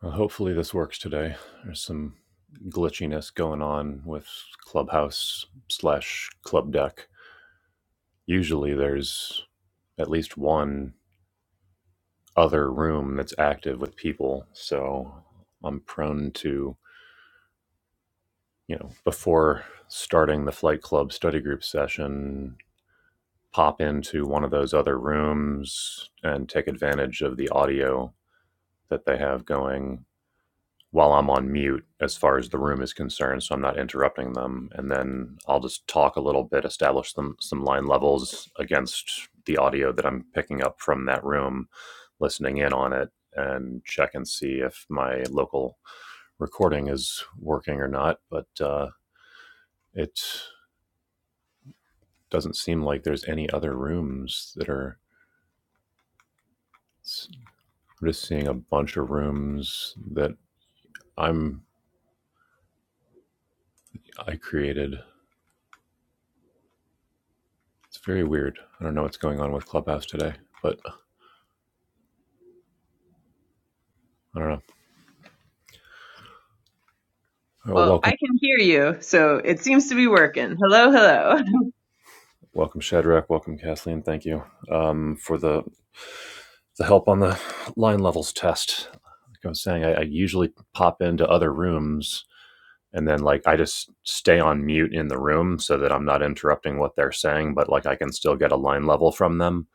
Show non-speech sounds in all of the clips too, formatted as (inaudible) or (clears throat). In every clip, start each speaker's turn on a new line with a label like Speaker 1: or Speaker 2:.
Speaker 1: Well, hopefully this works today. There's some glitchiness going on with Clubhouse slash Club Deck. Usually there's at least one other room that's active with people, so I'm prone to, you know, before starting the Flight Club study group session, pop into one of those other rooms and take advantage of the audio that they have going while I'm on mute as far as the room is concerned, so I'm not interrupting them. And then I'll just talk a little bit, establish some some line levels against the audio that I'm picking up from that room, listening in on it, and check and see if my local recording is working or not. But uh, it doesn't seem like there's any other rooms that are. I'm just seeing a bunch of rooms that I'm I created. It's very weird. I don't know what's going on with Clubhouse today, but I don't know. Oh, well,
Speaker 2: Well, I
Speaker 1: welcome,
Speaker 2: can hear you, so it seems to be working. Hello, hello. (laughs)
Speaker 1: welcome Shadrach, welcome Kathleen. Thank you um, for the the help on the line levels test. Like I was saying, I, I usually pop into other rooms and then like I just stay on mute in the room so that I'm not interrupting what they're saying, but like I can still get a line level from them,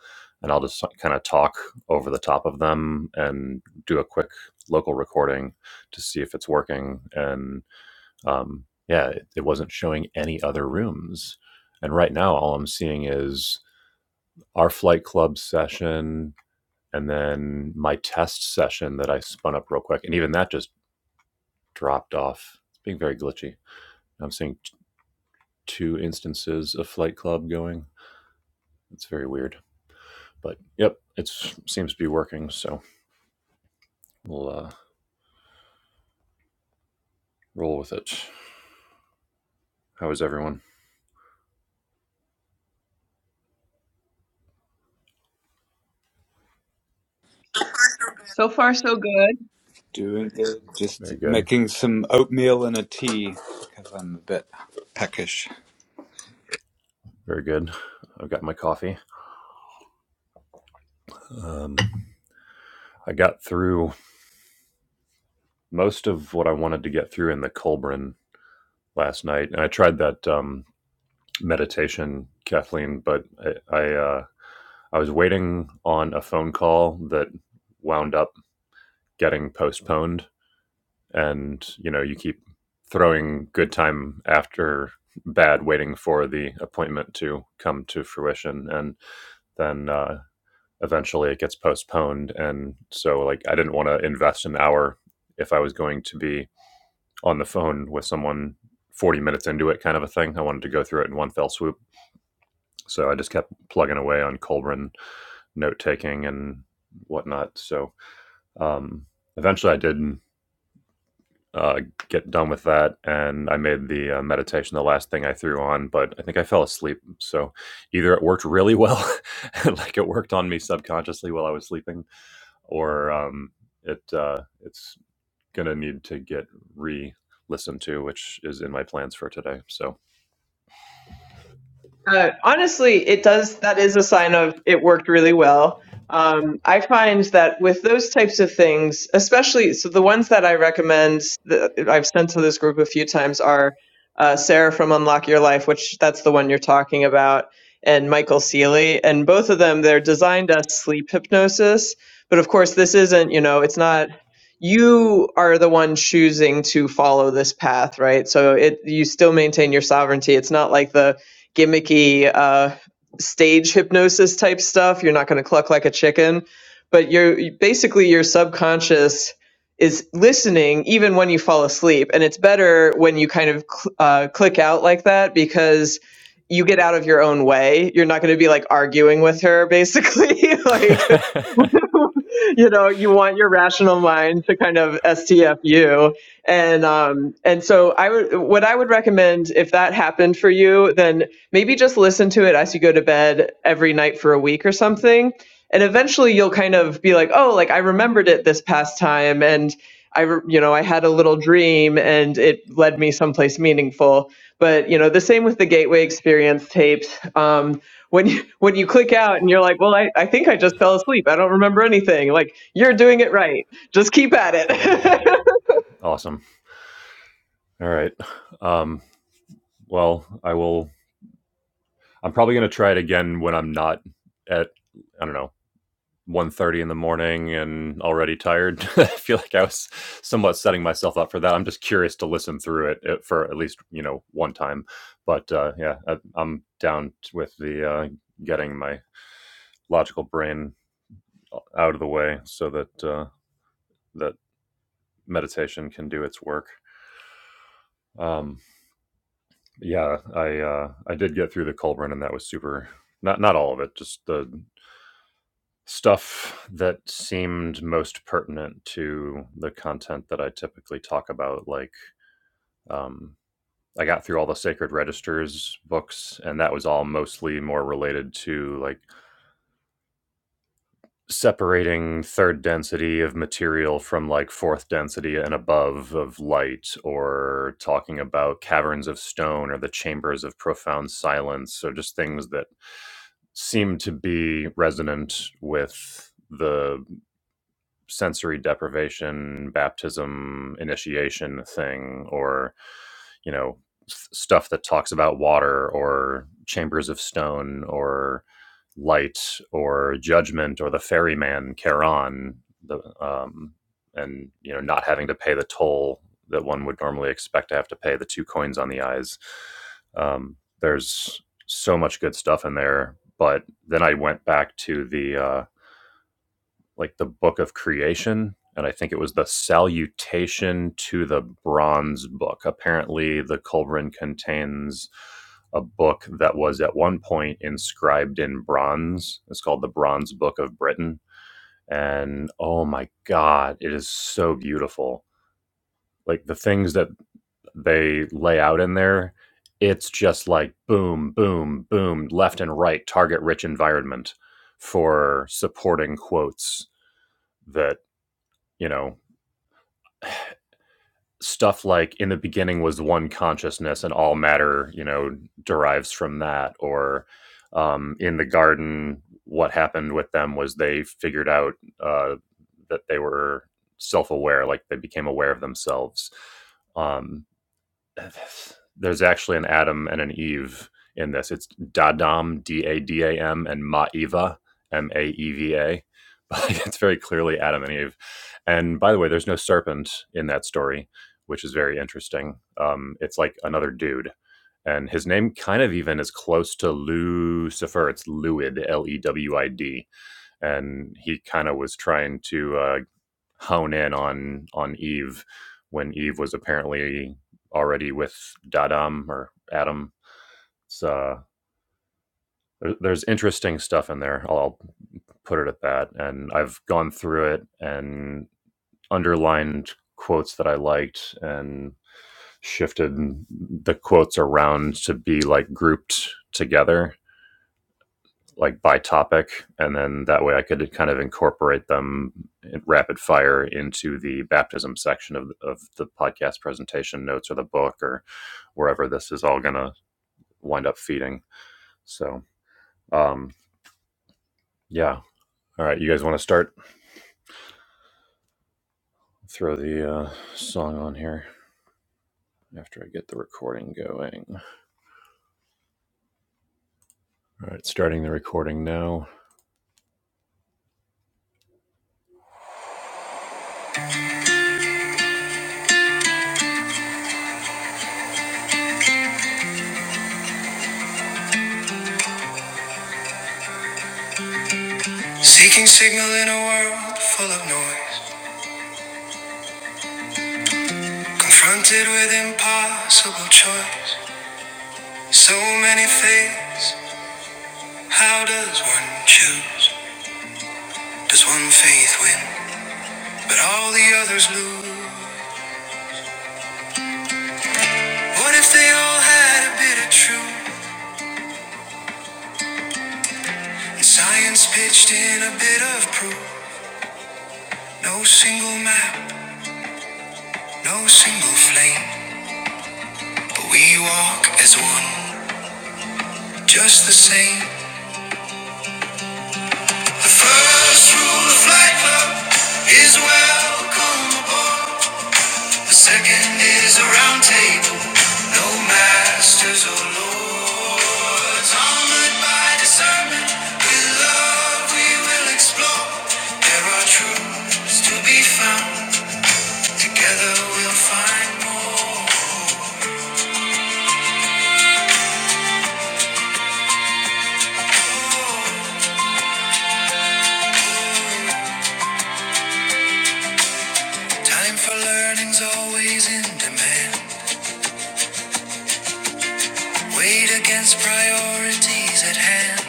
Speaker 1: and I'll just kind of talk over the top of them and do a quick local recording to see if it's working. and. Um, yeah, it, it wasn't showing any other rooms. And right now, all I'm seeing is our flight club session and then my test session that I spun up real quick. And even that just dropped off. It's being very glitchy. I'm seeing t- two instances of flight club going. It's very weird. But yep, it seems to be working. So we'll uh, roll with it. How is everyone?
Speaker 2: So far, so good.
Speaker 3: Doing good. Just
Speaker 1: Very good.
Speaker 3: making some oatmeal and a tea because I'm a bit peckish.
Speaker 1: Very good. I've got my coffee. Um, I got through most of what I wanted to get through in the Colburn last night, and I tried that um, meditation, Kathleen, but I I, uh, I was waiting on a phone call that wound up getting postponed, and you know you keep throwing good time after bad, waiting for the appointment to come to fruition, and then uh, eventually it gets postponed, and so like I didn't want to invest an hour if I was going to be on the phone with someone 40 minutes into it, kind of a thing. I wanted to go through it in one fell swoop. So I just kept plugging away on Colburn note taking and whatnot. So um, eventually I did uh, get done with that and I made the uh, meditation the last thing I threw on, but I think I fell asleep. So either it worked really well, (laughs) like it worked on me subconsciously while I was sleeping, or um, it uh, it's going to need to get re listened to, which is in my plans for today. So
Speaker 2: Uh, honestly, it does. That is a sign of it worked really well. Um, I find that with those types of things, especially so the ones that I recommend that I've sent to this group a few times are uh, Sarah from Unlock Your Life, which that's the one you're talking about, and Michael Seeley. And both of them, they're designed as sleep hypnosis. But of course, this isn't, you know, it's not you are the one choosing to follow this path, right? So it you still maintain your sovereignty. It's not like the gimmicky uh, stage hypnosis type stuff. You're not going to cluck like a chicken, but you're basically your subconscious is listening even when you fall asleep, and it's better when you kind of cl- uh, click out like that because you get out of your own way. You're not going to be like arguing with her, basically. (laughs) like
Speaker 1: (laughs)
Speaker 2: you know, you want your rational mind to kind of STFU. And um, and so I would what I would recommend if that happened for you, then maybe just listen to it as you go to bed every night for a week or something. And eventually you'll kind of be like, oh, like I remembered it this past time and I, re- you know, I had a little dream and it led me someplace meaningful. But you know, the same with the Gateway Experience tapes. Um, when you when you click out and you're like, well, I, I think I just fell asleep. I don't remember anything. Like you're doing it right. Just keep at it. (laughs)
Speaker 1: awesome. All right. Um, well, I will. I'm probably going to try it again when I'm not at. I don't know. one thirty in the morning and already tired (laughs) i feel like i was somewhat setting myself up for that i'm just curious to listen through it uh, for at least you know one time but uh, yeah I, i'm down with the uh, getting my logical brain out of the way so that uh, that meditation can do its work um, Yeah, I uh, I did get through the Culverin, and that was super. Not not all of it, just the stuff that seemed most pertinent to the content that I typically talk about. Like, um, I got through all the Sacred Registers books, and that was all mostly more related to like separating third density of material from like fourth density and above of light or talking about caverns of stone or the chambers of profound silence or just things that seem to be resonant with the sensory deprivation baptism initiation thing or you know stuff that talks about water or chambers of stone or light or judgment or the ferryman Charon, the um, and you know not having to pay the toll that one would normally expect to have to pay the two coins on the eyes. Um, there's so much good stuff in there, but then I went back to the uh, like the book of creation and i think it was the salutation to the bronze book apparently the culverin contains a book that was at one point inscribed in bronze it's called the bronze book of britain and oh my god it is so beautiful like the things that they lay out in there it's just like boom boom boom left and right target rich environment for supporting quotes that you know stuff like in the beginning was one consciousness and all matter you know derives from that or um, in the garden what happened with them was they figured out uh, that they were self-aware like they became aware of themselves um, (sighs) there's actually an Adam and an Eve in this. It's Dadam, D A D A M, and Maeva, M A E V A. (laughs) But It's very clearly Adam and Eve. And by the way, there's no serpent in that story, which is very interesting. Um, it's like another dude. And his name kind of even is close to Lucifer. It's Lewid, L E W I D. And he kind of was trying to uh, hone in on on Eve when Eve was apparently already with Dadam or Adam. So there's interesting stuff in there. I'll put it at that. And I've gone through it and underlined quotes that I liked and shifted the quotes around to be like grouped together like by topic, and then that way I could kind of incorporate them in rapid fire into the baptism section of of the podcast presentation notes or the book or wherever this is all gonna wind up feeding. So, um, yeah. All right, you guys want to start? Throw the uh, song on here after I get the recording going. All right, starting the recording now. Seeking signal in a world full of noise, confronted with impossible choice. So many things How does one choose? Does one faith win? But all the others lose. What if they all had a bit of truth? And science pitched in a bit of proof. No single map, no single flame. But we walk as one, just the same. The first rule of Flight Club is welcome aboard. The second is a round table, no masters or lords. Armored by discernment, with love we will explore. There are truths to be found, together we'll find more. Time for learning's always in demand. Weight against priorities at hand.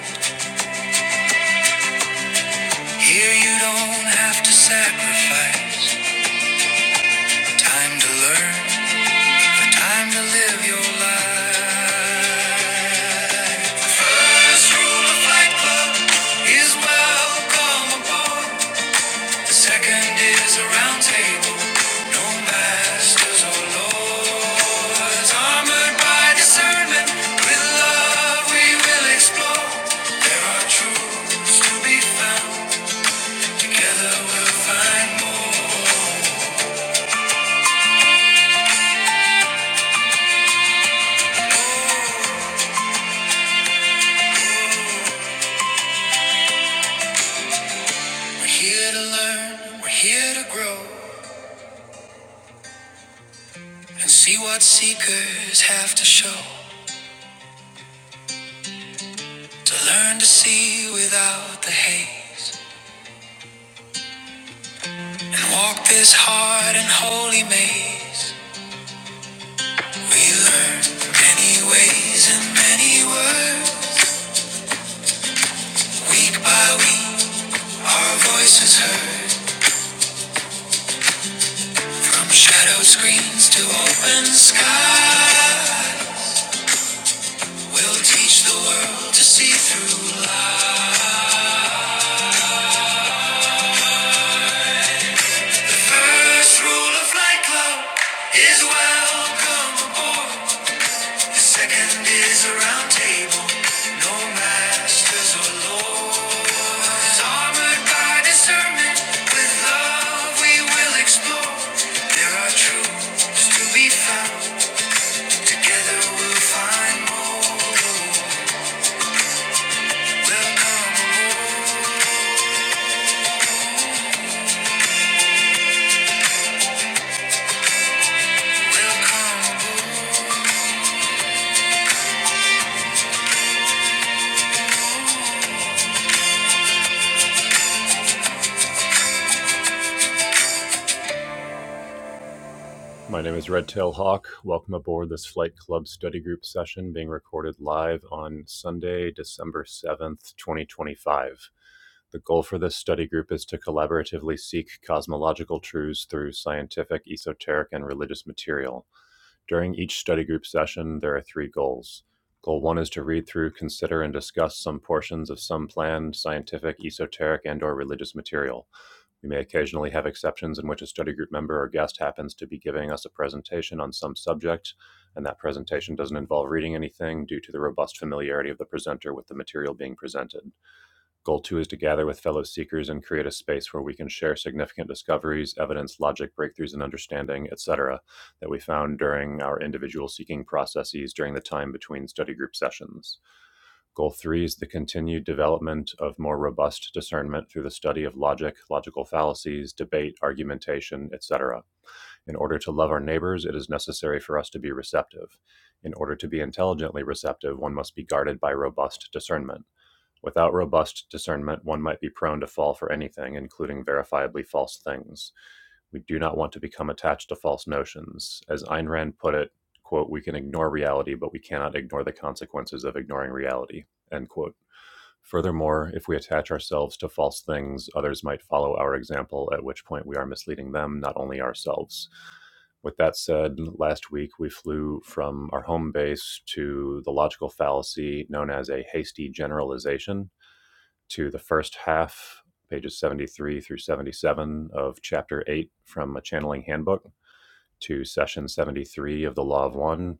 Speaker 1: Here you don't have to sacrifice. Time to learn, time to live your life. Here to learn, we're here to grow, and see what seekers have to show. To learn to see without the haze. And walk this hard and holy maze. We learn many ways and many words. Week by week, our voices heard. From shadow screens to open sky. We'll teach the world to see through life. First rule of light club is welcome aboard. The Second is a round table, no masters or lords. Armored by discernment, with love we will explore. There are truths to be found, together we'll find more. Welcome aboard, welcome aboard. My name is Redtail Hawk. Welcome aboard this Flight Club study group session being recorded live on Sunday, December 7th, 2025. The goal for this study group is to collaboratively seek cosmological truths through scientific, esoteric, and religious material. During each study group session, there are three goals. Goal one is to read through, consider, and discuss some portions of some planned scientific, esoteric, and/or religious material. We may occasionally have exceptions in which a study group member or guest happens to be giving us a presentation on some subject, and that presentation doesn't involve reading anything due to the robust familiarity of the presenter with the material being presented. Goal two is to gather with fellow seekers and create a space where we can share significant discoveries, evidence, logic, breakthroughs and understanding, etc., that we found during our individual seeking processes during the time between study group sessions. Goal three is the continued development of more robust discernment through the study of logic, logical fallacies, debate, argumentation, etc. In order to love our neighbors, it is necessary for us to be receptive. In order to be intelligently receptive, one must be guarded by robust discernment. Without robust discernment, one might be prone to fall for anything, including verifiably false things. We do not want to become attached to false notions. As Ayn Rand put it, quote, we can ignore reality, but we cannot ignore the consequences of ignoring reality, end quote. Furthermore, if we attach ourselves to false things, others might follow our example, at which point we are misleading them, not only ourselves. With that said, last week we flew from our home base to the logical fallacy known as a hasty generalization, to the first half, pages 73 through 77 of Chapter 8 from a channeling handbook, to session 73 of the Law of One,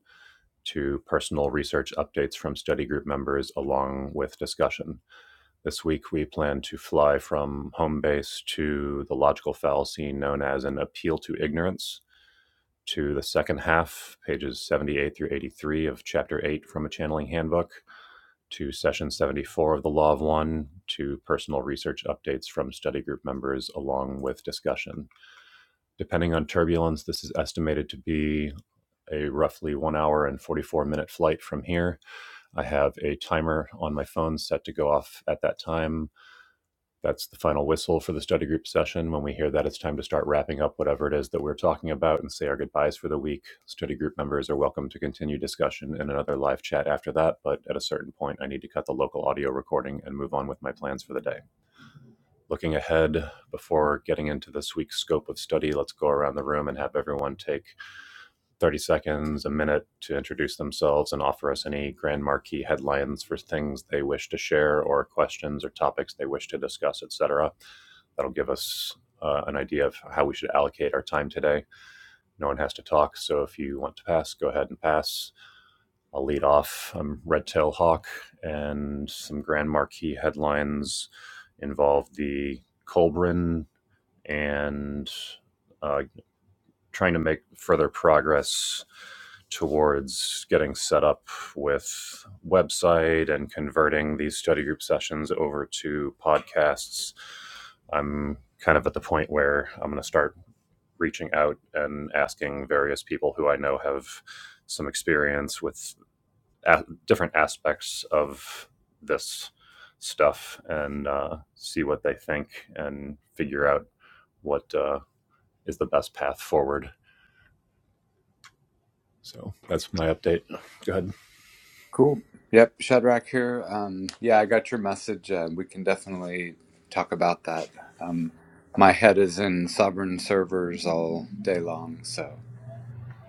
Speaker 1: to personal research updates from study group members along with discussion. This week, we plan to fly from home base to the logical fallacy known as an appeal to ignorance, to the second half, pages 78 through 83 of Chapter 8 from a channeling handbook, to session 74 of the Law of One, to personal research updates from study group members, along with discussion. Depending on turbulence, this is estimated to be a roughly one hour and 44 minute flight from here. I have a timer on my phone set to go off at that time. That's the final whistle for the study group session. When we hear that, it's time to start wrapping up whatever it is that we're talking about and say our goodbyes for the week. Study group members are welcome to continue discussion in another live chat after that, but at a certain point, I need to cut the local audio recording and move on with my plans for the day. Looking ahead, before getting into this week's scope of study, let's go around the room and have everyone take 30 seconds, a minute to introduce themselves and offer us any grand marquee headlines for things they wish to share or questions or topics they wish to discuss, etc. That'll give us uh, an idea of how we should allocate our time today. No one has to talk, so if you want to pass, go ahead and pass. I'll lead off. I'm Red Tail Hawk, and some grand marquee headlines involve the Colbrin and uh, trying to make further progress towards getting set up with website and converting these study group sessions over to podcasts. I'm kind of at the point where I'm going to start reaching out and asking various people who I know have some experience with a- different aspects of this stuff and uh, see what they think and figure out what uh, is the best path forward. So that's my update. Go ahead.
Speaker 3: Cool. Yep, Shadrach here. Um, yeah, I got your message. Uh, we can definitely talk about that. Um, my head is in sovereign servers all day long, so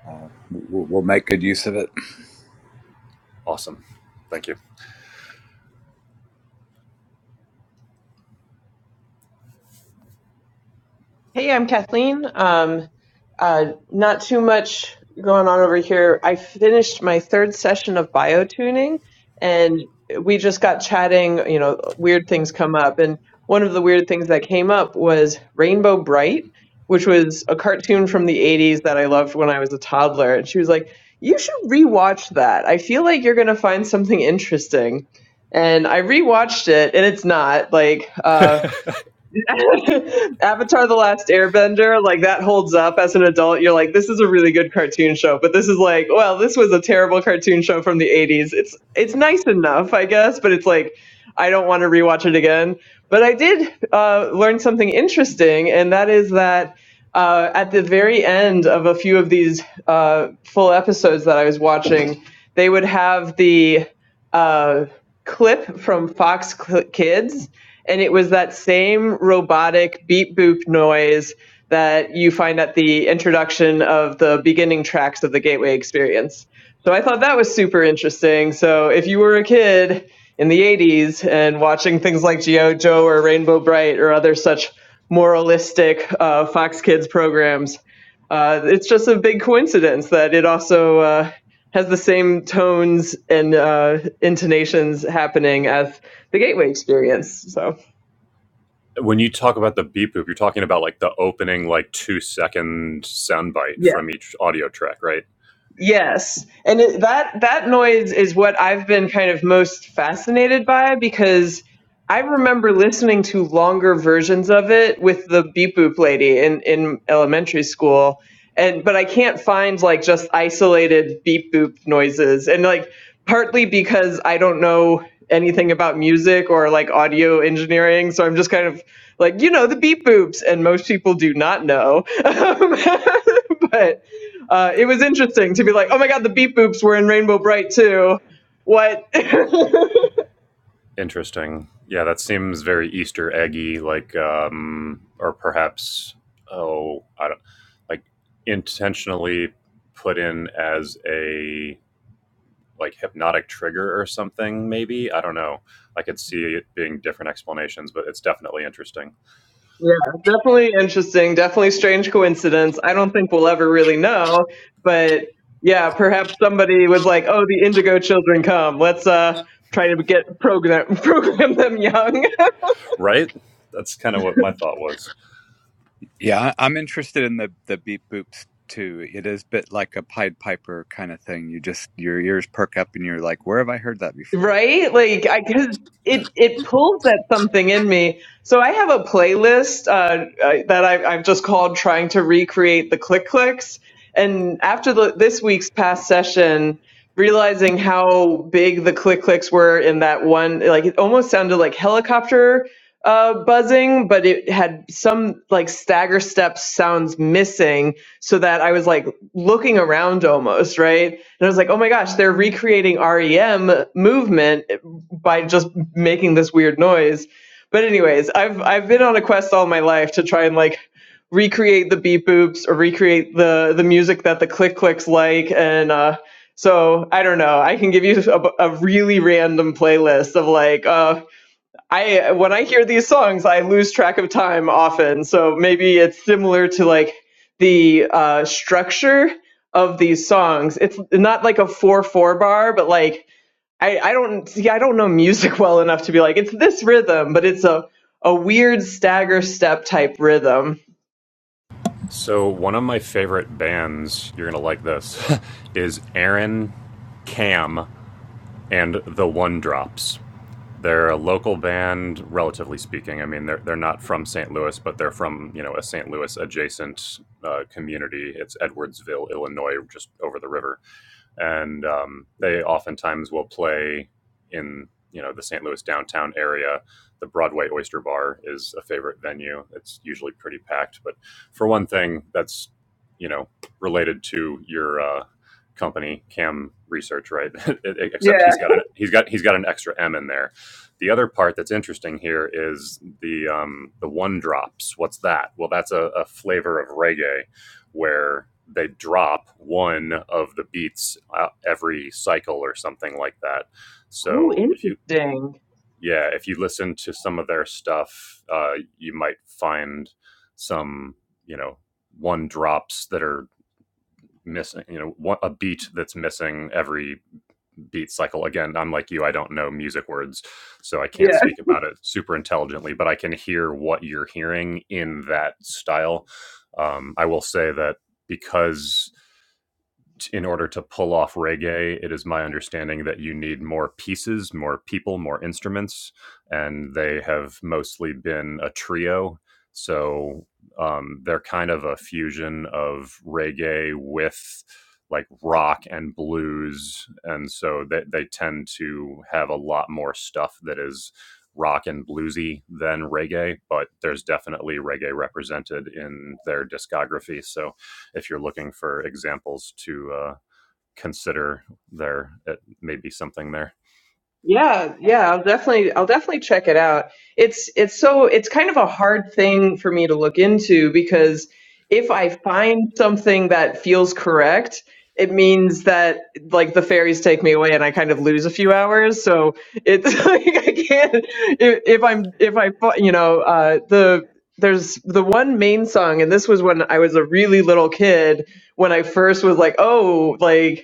Speaker 3: uh, we'll, we'll make good use of it.
Speaker 1: Awesome. Thank you.
Speaker 2: Hey, I'm Kathleen. Um, uh, not too much going on over here. I finished my third session of biotuning and we just got chatting, you know, weird things come up. And one of the weird things that came up was Rainbow Bright, which was a cartoon from the 80s that I loved when I was a toddler. And she was like, You should rewatch that. I feel like you're going to find something interesting. And I rewatched it and it's not like, uh, (laughs) Avatar: The Last Airbender, like that holds up as an adult. You're like, this is a really good cartoon show, but this is like, well, this was a terrible cartoon show from the '80s. It's it's nice enough, I guess, but it's like, I don't want to rewatch it again. But I did uh, learn something interesting, and that is that uh, at the very end of a few of these uh, full episodes that I was watching, they would have the uh, clip from Fox Cl- Kids and it was that same robotic beep boop noise that you find at the introduction of the beginning tracks of the gateway experience so i thought that was super interesting so if you were a kid in the 80s and watching things like geo joe or rainbow bright or other such moralistic uh, fox kids programs uh, it's just a big coincidence that it also uh, has the same tones and uh, intonations happening as the gateway experience so
Speaker 1: When you talk about the beep boop, you're talking about like the opening like two second soundbite
Speaker 2: Yeah.
Speaker 1: from each audio track, right?
Speaker 2: Yes. And it, that that noise is what I've been kind of most fascinated by because I remember listening to longer versions of it with the beep boop lady in in elementary school and but I can't find like just isolated beep boop noises and like partly because I don't know anything about music or like audio engineering so I'm just kind of like you know the beep boops and most people do not know. (laughs) but uh, it was interesting to be like, oh my god, the beep boops were in Rainbow Bright too. What? (laughs) yeah,
Speaker 1: Interesting. Yeah, that seems very Easter eggy, like um or perhaps oh, I don't like intentionally put in as a like hypnotic trigger or something maybe i don't know i could see it being different explanations but it's definitely interesting
Speaker 2: definitely interesting. Definitely strange coincidence. I don't think we'll ever really know, but yeah, perhaps somebody was like, oh, the Indigo Children come. Let's uh try to get program (laughs) program them young.
Speaker 1: right that's kind of what my thought was
Speaker 3: Yeah, I- I'm interested in the the beep boops too. It is a bit like a Pied Piper kind of thing. You just your ears perk up and you're like, where have I heard that before?
Speaker 2: Right? Like I cuz it it pulls at something in me. So I have a playlist uh I- that I I've just called trying to recreate the click clicks and after the this week's past session realizing how big the click clicks were in that one like it almost sounded like helicopter uh, buzzing, but it had some like stagger step sounds missing, so that I was like looking around almost, right? And I was like, oh my gosh, they're recreating REM movement by just making this weird noise. But anyways, I've I've been on a quest all my life to try and like recreate the beep boops or recreate the the music that the click clicks like and uh so I don't know. I can give you a, a really random playlist of like uh, I when I hear these songs, I lose track of time often. So maybe it's similar to like the uh, structure of these songs. It's not like a four four bar, but like I, I don't see I don't know music (laughs) well enough to be like it's this rhythm, but it's a a weird stagger step type rhythm.
Speaker 1: so one of my favorite bands you're gonna like this (laughs) is aaron cam and the one drops They're a local band, relatively speaking. I mean, they're they're not from St. Louis, but they're from you know a St. Louis adjacent uh, community. It's Edwardsville, Illinois, just over the river and um, they oftentimes will play in you know the St. Louis downtown area. The Broadway Oyster Bar is a favorite venue. It's usually pretty packed, but for one thing, that's you know related to your uh, company Cam Research, right? (laughs)
Speaker 2: Yeah.
Speaker 1: Except he's got an he's got he's got an extra M in there. The other part that's interesting here is the um, the one drops. What's that? Well, that's a, a flavor of reggae where they drop one of the beats uh, every cycle or something like that.
Speaker 2: Oh,
Speaker 1: So if you
Speaker 2: interesting.
Speaker 1: yeah, if you listen to some of their stuff, uh, you might find some you know one drops that are missing you know one, a beat that's missing every beat cycle again i'm like you i don't know music words so i can't speak about it super intelligently but i can hear what you're hearing in that style um, i will say that because in order to pull off reggae, it is my understanding that you need more pieces, more people, more instruments, and they have mostly been a trio. So um, they're kind of a fusion of reggae with like rock and blues, and so they they tend to have a lot more stuff that is rock and bluesy than reggae, but there's definitely reggae represented in their discography. So if you're looking for examples to uh, consider there it may be something there
Speaker 2: Yeah, yeah, I'll definitely I'll definitely check it out. It's it's so it's kind of a hard thing for me to look into because if I find something that feels correct, it means that like the fairies take me away and I kind of lose a few hours. So it's (laughs) like I can't if, if I'm if I fi- you know uh the there's the one main song and this was when I was a really little kid when I first was like, "Oh, like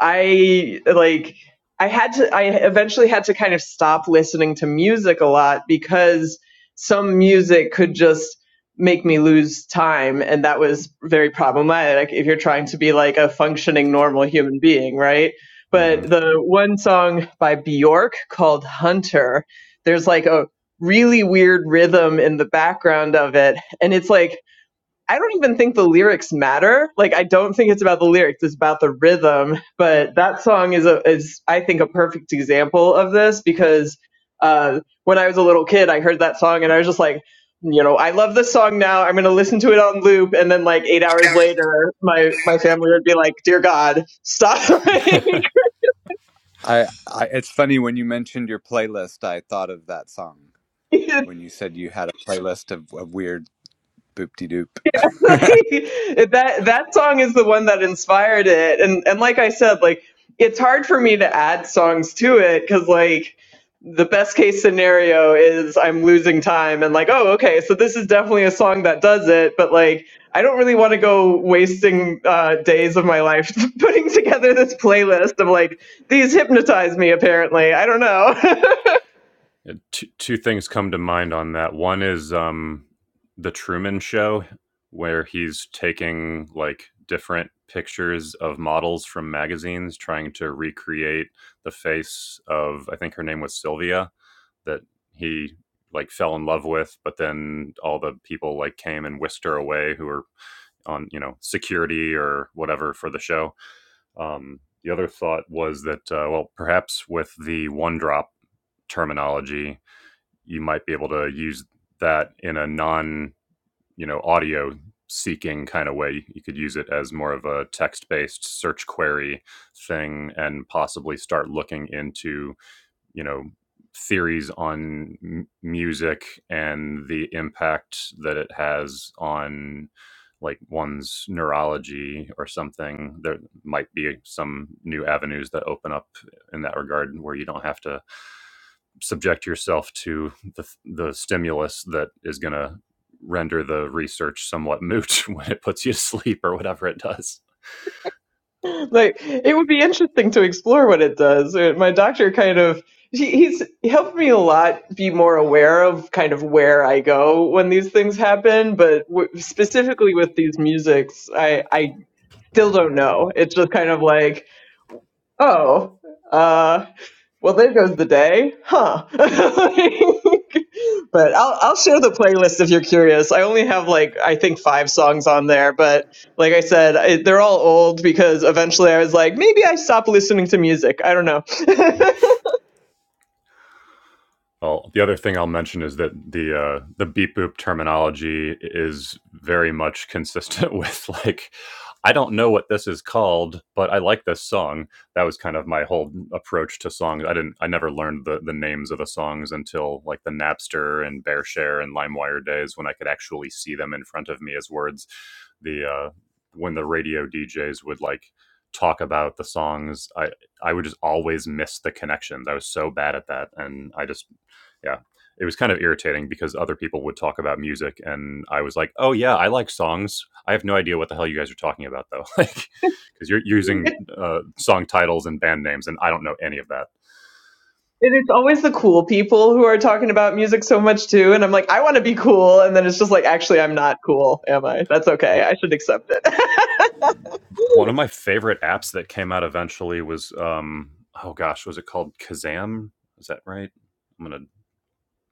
Speaker 2: I like I had to I eventually had to kind of stop listening to music a lot because some music could just make me lose time and that was very problematic like, if you're trying to be like a functioning normal human being, right?
Speaker 1: mm-hmm.
Speaker 2: But the one song by Bjork called Hunter, there's like a really weird rhythm in the background of it and it's like I don't even think the lyrics matter. Like I don't think it's about the lyrics, it's about the rhythm. But that song is a is I think a perfect example of this because uh when I was a little kid I heard that song and I was just like, you know, I love this song now. I'm gonna listen to it on loop and then like eight hours later my my family would be like, Dear God, stop (laughs) Like,
Speaker 3: I, I it's funny when you mentioned your playlist, I thought of that song
Speaker 2: (laughs)
Speaker 3: when you said you had a playlist of, of weird boop de doop. (laughs)
Speaker 2: Exactly. (laughs) that that song is the one that inspired it and and like i said like it's hard for me to add songs to it because like the best case scenario is i'm losing time and like oh okay so this is definitely a song that does it but like i don't really want to go wasting uh, days of my life (laughs) putting together this playlist of like these hypnotize me apparently i don't know (laughs)
Speaker 1: It- two, two things come to mind on that one is um, the truman show where he's taking like different pictures of models from magazines trying to recreate the face of i think her name was sylvia that he like fell in love with but then all the people like came and whisked her away who were on you know security or whatever for the show Um, the other thought was that, uh, well, perhaps with the one drop terminology, you might be able to use that in a non, you know, audio seeking kind of way. You could use it as more of a text based search query thing and possibly start looking into you know theories on m- music and the impact that it has on like one's neurology or something there might be some new avenues that open up in that regard where you don't have to subject yourself to the, the stimulus that is going to render the research somewhat moot (laughs) when it puts you to sleep or whatever it does
Speaker 2: (laughs) Like it would be interesting to explore what it does. Uh, My doctor kind of he, he's helped me a lot be more aware of kind of where I go when these things happen, but w- specifically with these musics, I I still don't know. It's just kind of like, oh, uh, well, there goes the day, huh? (laughs) but I'll I'll share the playlist if you're curious. I only have like I think five songs on there, but like I said, I, they're all old because eventually I was like, maybe I stop listening to music. I don't know. (laughs)
Speaker 1: Well, the other thing I'll mention is that the uh, the beep boop terminology is very much consistent (laughs) with like I don't know what this is called, but I like this song. That was kind of my whole approach to songs. I didn't I never learned the, the names of the songs until like the Napster and Bearshare and LimeWire days when I could actually see them in front of me as words. The uh, when the radio DJs would like talk about the songs, I I would just always miss the connections. I was so bad at that, and I just yeah. It was kind of irritating because other people would talk about music and I was like, "Oh yeah, I like songs. I have no idea what the hell you guys are talking about though." (laughs) Like cuz you're using
Speaker 2: It-
Speaker 1: uh, song titles and band names and I don't know any of that.
Speaker 2: it's always the cool people who are talking about music so much too, and I'm like, I want to be cool, and then it's just like, actually, I'm not cool, am I? That's okay.
Speaker 1: W-
Speaker 2: I should accept it. (laughs)
Speaker 1: One of my favorite apps that came out eventually was um oh gosh, was it called Kazam? Is that right? I'm going to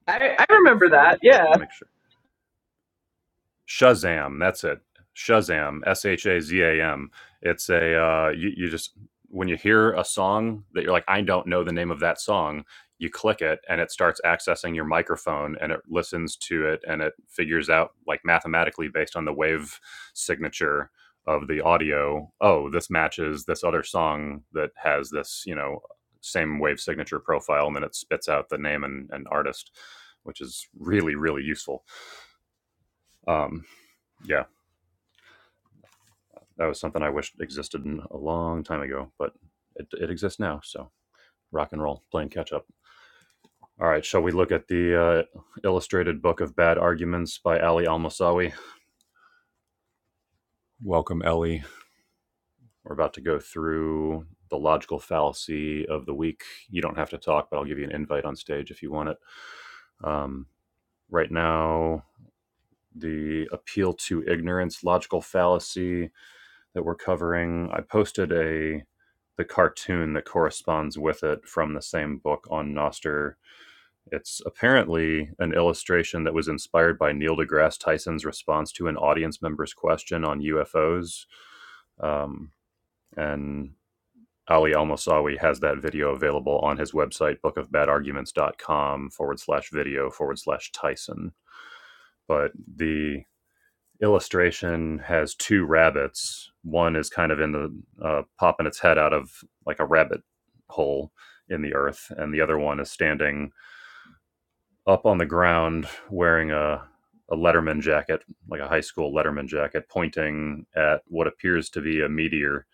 Speaker 2: I, I
Speaker 1: put on my
Speaker 2: remember
Speaker 1: phone real
Speaker 2: that.
Speaker 1: quick
Speaker 2: Yeah.
Speaker 1: and make sure. Shazam. That's it. Shazam. S H A Z A M. It's a uh, you, you just when you hear a song that you're like, I don't know the name of that song. You click it, and it starts accessing your microphone, and it listens to it, and it figures out like mathematically based on the wave signature of the audio. Oh, this matches this other song that has this, you know, same wave signature profile, and then it spits out the name and, and artist, which is really really useful. Um, yeah That was something I wished existed a long time ago, but it, it exists now. So rock and roll, playing catch up. All right, shall we look at the uh, illustrated book of bad arguments by Ali Almasawi? Welcome, Ellie. We're about to go through the logical fallacy of the week. You don't have to talk, but I'll give you an invite on stage if you want it. Um, right now, the appeal to ignorance, logical fallacy, that we're covering. I posted a the cartoon that corresponds with it from the same book on Noster. It's apparently an illustration that was inspired by Neil deGrasse Tyson's response to an audience member's question on UFOs. Um, and Ali Al Mosawi has that video available on his website, bookofbadarguments.com forward slash video forward slash Tyson. But the illustration has two rabbits. One is kind of in the uh, popping its head out of like a rabbit hole in the earth, and the other one is standing up on the ground wearing a a Letterman jacket, like a high school Letterman jacket, pointing at what appears to be a meteor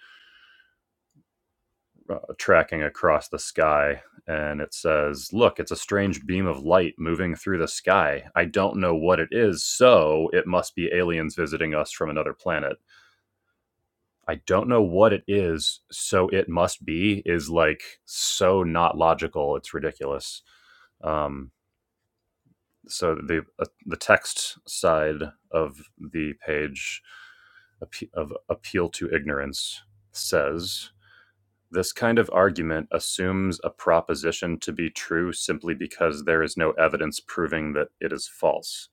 Speaker 1: uh, tracking across the sky. And it says, Look, it's a strange beam of light moving through the sky. I don't know what it is, so it must be aliens visiting us from another planet. I don't know what it is, so it must be is like so not logical. It's ridiculous. Um, so the uh, the text side of the page of appeal to ignorance says this kind of argument assumes a proposition to be true simply because there is no evidence proving that it is false.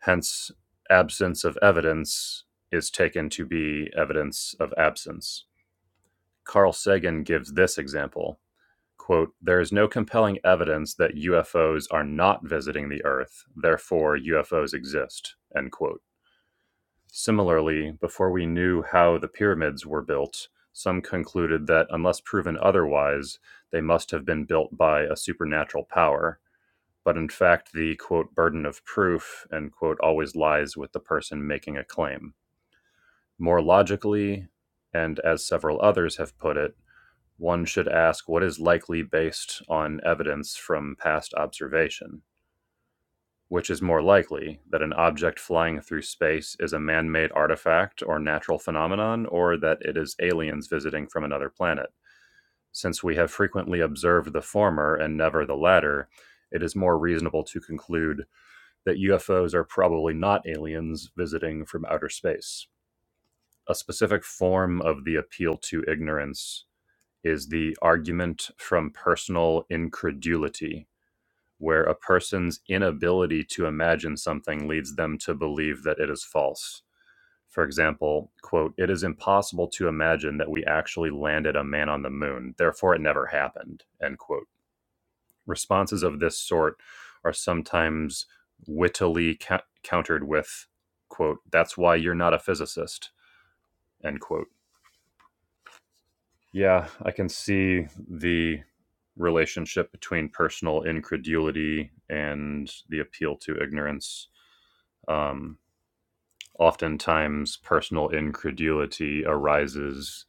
Speaker 1: Hence, absence of evidence is taken to be evidence of absence. Carl Sagan gives this example. Quote, there is no compelling evidence that UFOs are not visiting the Earth, therefore UFOs exist, end quote. Similarly, before we knew how the pyramids were built, some concluded that unless proven otherwise, they must have been built by a supernatural power. But in fact, the quote burden of proof end quote always lies with the person making a claim. More logically, and as several others have put it, one should ask what is likely based on evidence from past observation. Which is more likely, that an object flying through space is a man made artifact or natural phenomenon, or that it is aliens visiting from another planet? Since we have frequently observed the former and never the latter, it is more reasonable to conclude that UFOs are probably not aliens visiting from outer space. A specific form of the appeal to ignorance is the argument from personal incredulity, where a person's inability to imagine something leads them to believe that it is false. For example, quote, it is impossible to imagine that we actually landed a man on the moon, therefore it never happened, end quote. Responses of this sort are sometimes wittily cou- countered with, quote, that's why you're not a physicist, end quote Yeah, I can see the relationship between personal incredulity and the appeal to ignorance. Um, oftentimes, personal incredulity arises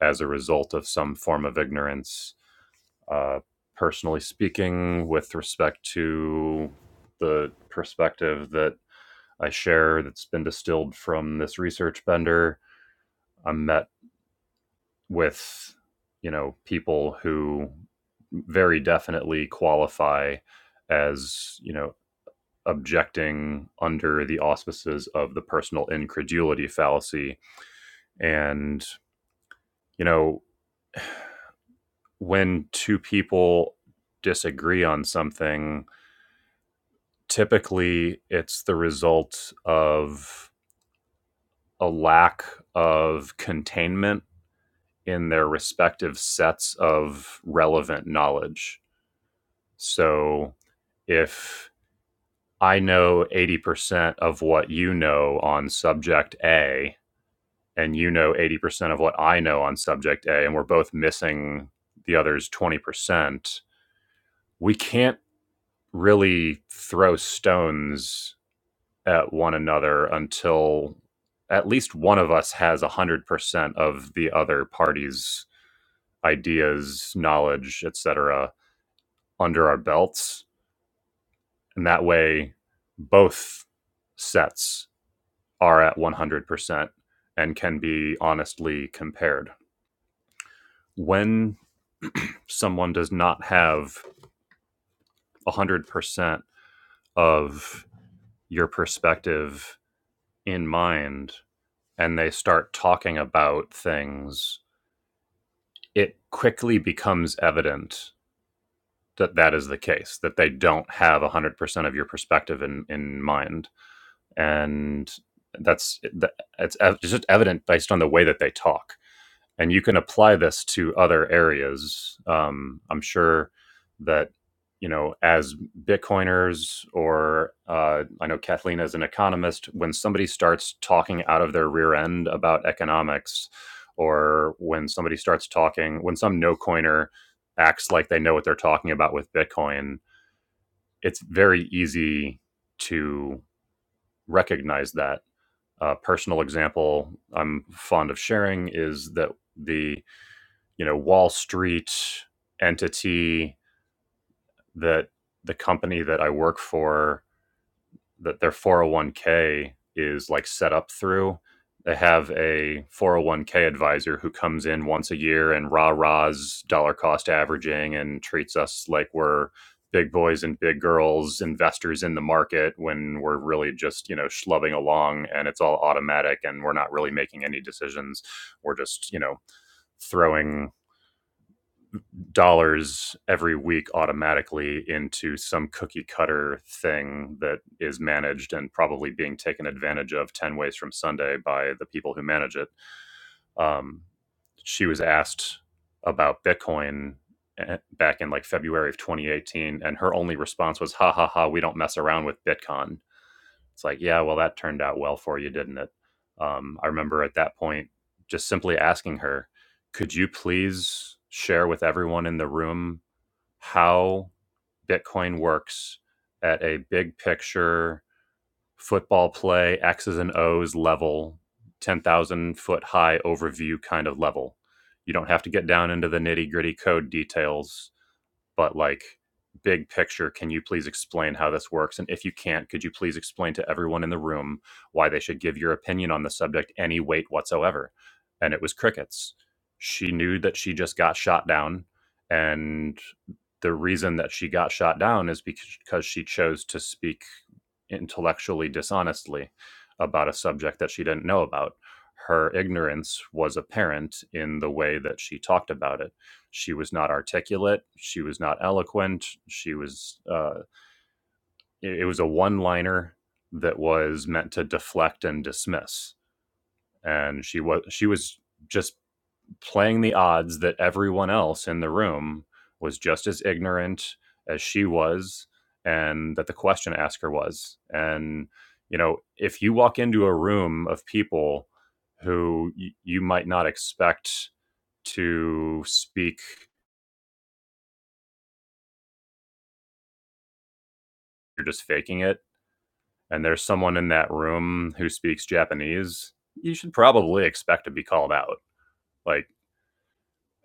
Speaker 1: as a result of some form of ignorance. Uh, personally speaking, with respect to the perspective that I share that's been distilled from this research bender, I'm met with you know people who very definitely qualify as you know objecting under the auspices of the personal incredulity fallacy and you know when two people disagree on something typically it's the result of a lack of containment in their respective sets of relevant knowledge So if I know 80% of what you know on subject A, and you know 80% of what I know on subject A, and we're both missing the other's 20%, we can't really throw stones at one another until at least one of us has 100% of the other party's ideas, knowledge, et cetera, under our belts and that way both sets are at 100% and can be honestly compared. When someone does not have 100% of your perspective in mind and they start talking about things, it quickly becomes evident that that is the case, that they don't have 100% of your perspective in, in mind. And that's it's it's just evident based on the way that they talk. and you can apply this to other areas. Um, I'm sure that you know, as Bitcoiners or uh, I know Kathleen is an economist, when somebody starts talking out of their rear end about economics, or when somebody starts talking, when some no coiner acts like they know what they're talking about with Bitcoin, it's very easy to recognize that. A personal example I'm fond of sharing is that the you know Wall Street entity that the company that I work for that their 401k is like set up through. They have a 401k advisor who comes in once a year and rah rahs dollar cost averaging and treats us like we're big boys and big girls, investors in the market when we're really just, you know, schlubbing along and it's all automatic and we're not really making any decisions. We're just, you know, throwing dollars every week automatically into some cookie cutter thing that is managed and probably being taken advantage of 10 ways from Sunday by the people who manage it. Um, she was asked about Bitcoin eh, back in like February of 2018, and her only response was, ha ha ha, we don't mess around with Bitcoin. It's like, yeah, well, that turned out well for you, didn't it? Um, I remember at that point just simply asking her, could you please share with everyone in the room how Bitcoin works at a big picture football play, X's and O's level, 10,000 foot high overview kind of level. You don't have to get down into the nitty gritty code details but like big picture can you please explain how this works and if you can't could you please explain to everyone in the room why they should give your opinion on the subject any weight whatsoever and it was crickets she knew that she just got shot down and the reason that she got shot down is because she chose to speak intellectually dishonestly about a subject that she didn't know about her ignorance was apparent in the way that she talked about it she was not articulate. She was not eloquent. She was, uh, it, it was a one liner that was meant to deflect and dismiss. And she was, she was just playing the odds that everyone else in the room was just as ignorant as she was and that the question asker was. And, you know, if you walk into a room of people who y- you might not expect to speak, you're just faking it and there's someone in that room who speaks Japanese, you should probably expect to be called out. Like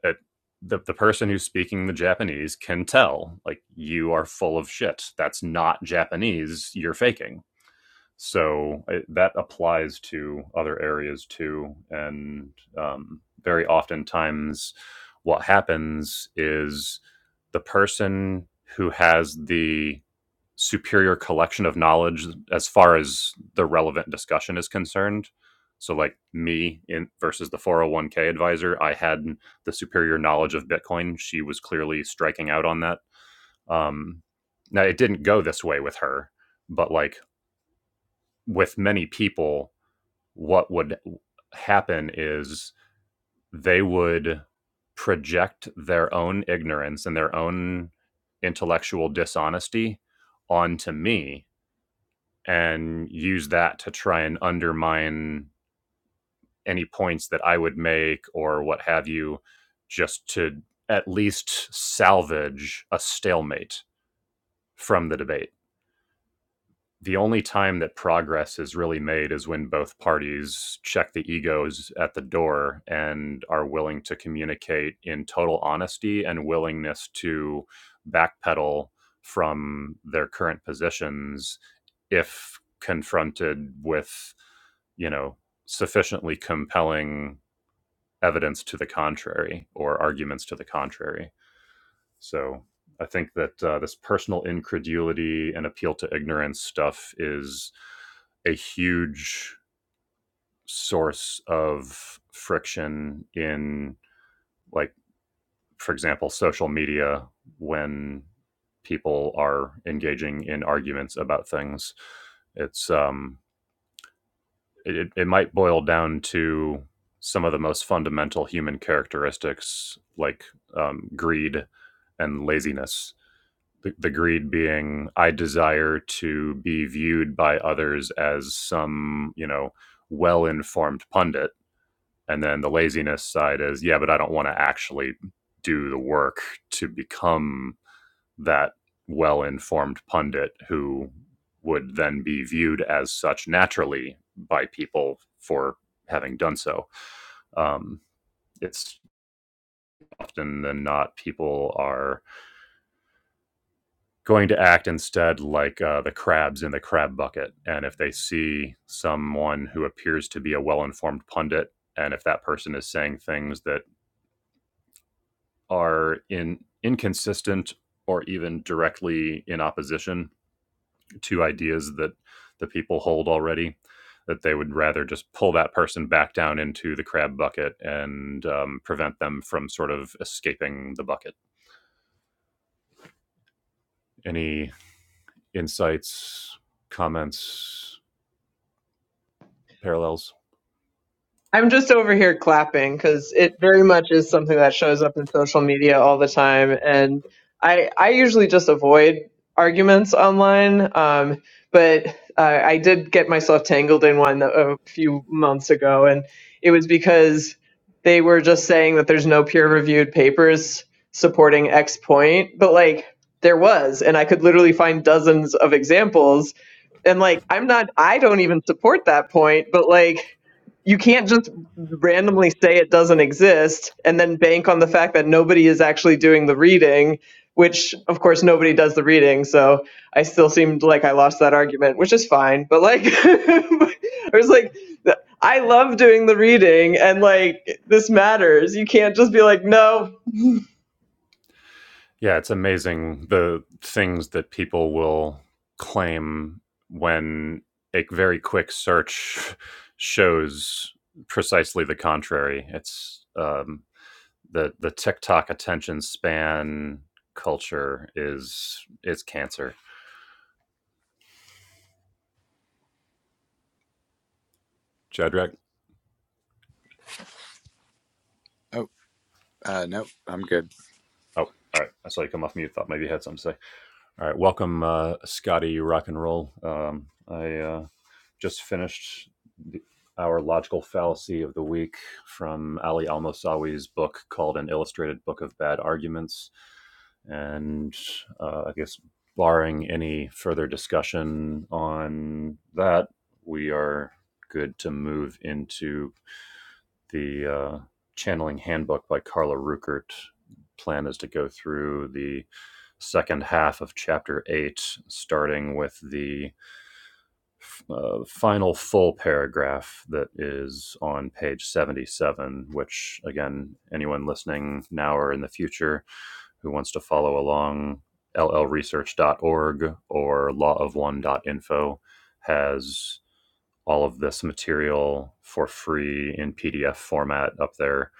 Speaker 1: it, the the person who's speaking the Japanese can tell like you are full of shit. That's not Japanese. You're faking. So it, that applies to other areas too, and um, very oftentimes, what happens is the person who has the superior collection of knowledge as far as the relevant discussion is concerned. So, like me in versus the 401k advisor, I had the superior knowledge of Bitcoin. She was clearly striking out on that. Um, now, it didn't go this way with her, but like with many people, what would happen is they would project their own ignorance and their own intellectual dishonesty onto me and use that to try and undermine any points that I would make or what have you, just to at least salvage a stalemate from the debate the only time that progress is really made is when both parties check the egos at the door and are willing to communicate in total honesty and willingness to backpedal from their current positions if confronted with, you know, sufficiently compelling evidence to the contrary or arguments to the contrary. So I think that uh, this personal incredulity and appeal to ignorance stuff is a huge source of friction in, like, for example, social media when people are engaging in arguments about things. It's um, it, it might boil down to some of the most fundamental human characteristics like um, greed and laziness the, the greed being i desire to be viewed by others as some you know well informed pundit and then the laziness side is yeah but i don't want to actually do the work to become that well informed pundit who would then be viewed as such naturally by people for having done so um, it's often than not people are going to act instead like uh, the crabs in the crab bucket. And if they see someone who appears to be a well informed pundit, and if that person is saying things that are in inconsistent or even directly in opposition to ideas that the people hold already, that they would rather just pull that person back down into the crab bucket and um, prevent them from sort of escaping the bucket. Any insights, comments, parallels?
Speaker 2: I'm just over here clapping because it very much is something that shows up in social media all the time, and I I usually just avoid arguments online. Um, but uh, I did get myself tangled in one a a few months ago, and it was because they were just saying that there's no peer-reviewed papers supporting X point, but like there was, and I could literally find dozens of examples and like i'm not i don't even support that point but like you can't just randomly say it doesn't exist and then bank on the fact that nobody is actually doing the reading which of course nobody does the reading so i still seemed like i lost that argument which is fine but like (laughs) i was like i love doing the reading and like this matters you can't just be like no
Speaker 1: Yeah, it's amazing the things that people will claim when a very quick search (laughs) shows precisely the contrary. It's um, the the TikTok attention span culture is is cancer. Shadrach,
Speaker 3: Oh, uh, no, I'm good.
Speaker 1: Oh, all right. I saw you come off mute. Thought maybe you had something to say. All right, welcome, uh, Scotty Rock and Roll. Um, I uh, just finished the, our logical fallacy of the week from Ali Al Mosawi's book called An Illustrated Book of Bad Arguments. And uh, I guess, barring any further discussion on that, we are good to move into the uh, Channeling Handbook by Carla Ruckert. Plan is to go through the second half of chapter eight, starting with the uh, final full paragraph that is on page 77, which, again, anyone listening now or in the future who wants to follow along, llresearch.org or lawofone.info has all of this material for free in PDF format up there.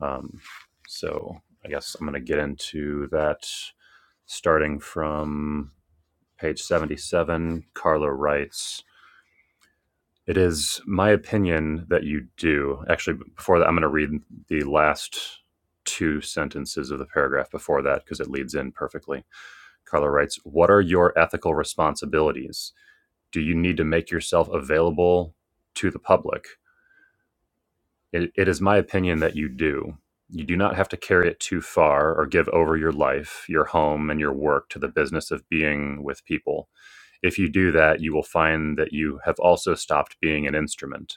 Speaker 1: Um, so I guess I'm going to get into that starting from page 77. Carla writes, it is my opinion that you do. Actually, before that, I'm going to read the last two sentences of the paragraph before that because it leads in perfectly. Carla writes What are your ethical responsibilities? Do you need to make yourself available to the public? It, it is my opinion that you do. You do not have to carry it too far or give over your life, your home, and your work to the business of being with people. If you do that, you will find that you have also stopped being an instrument.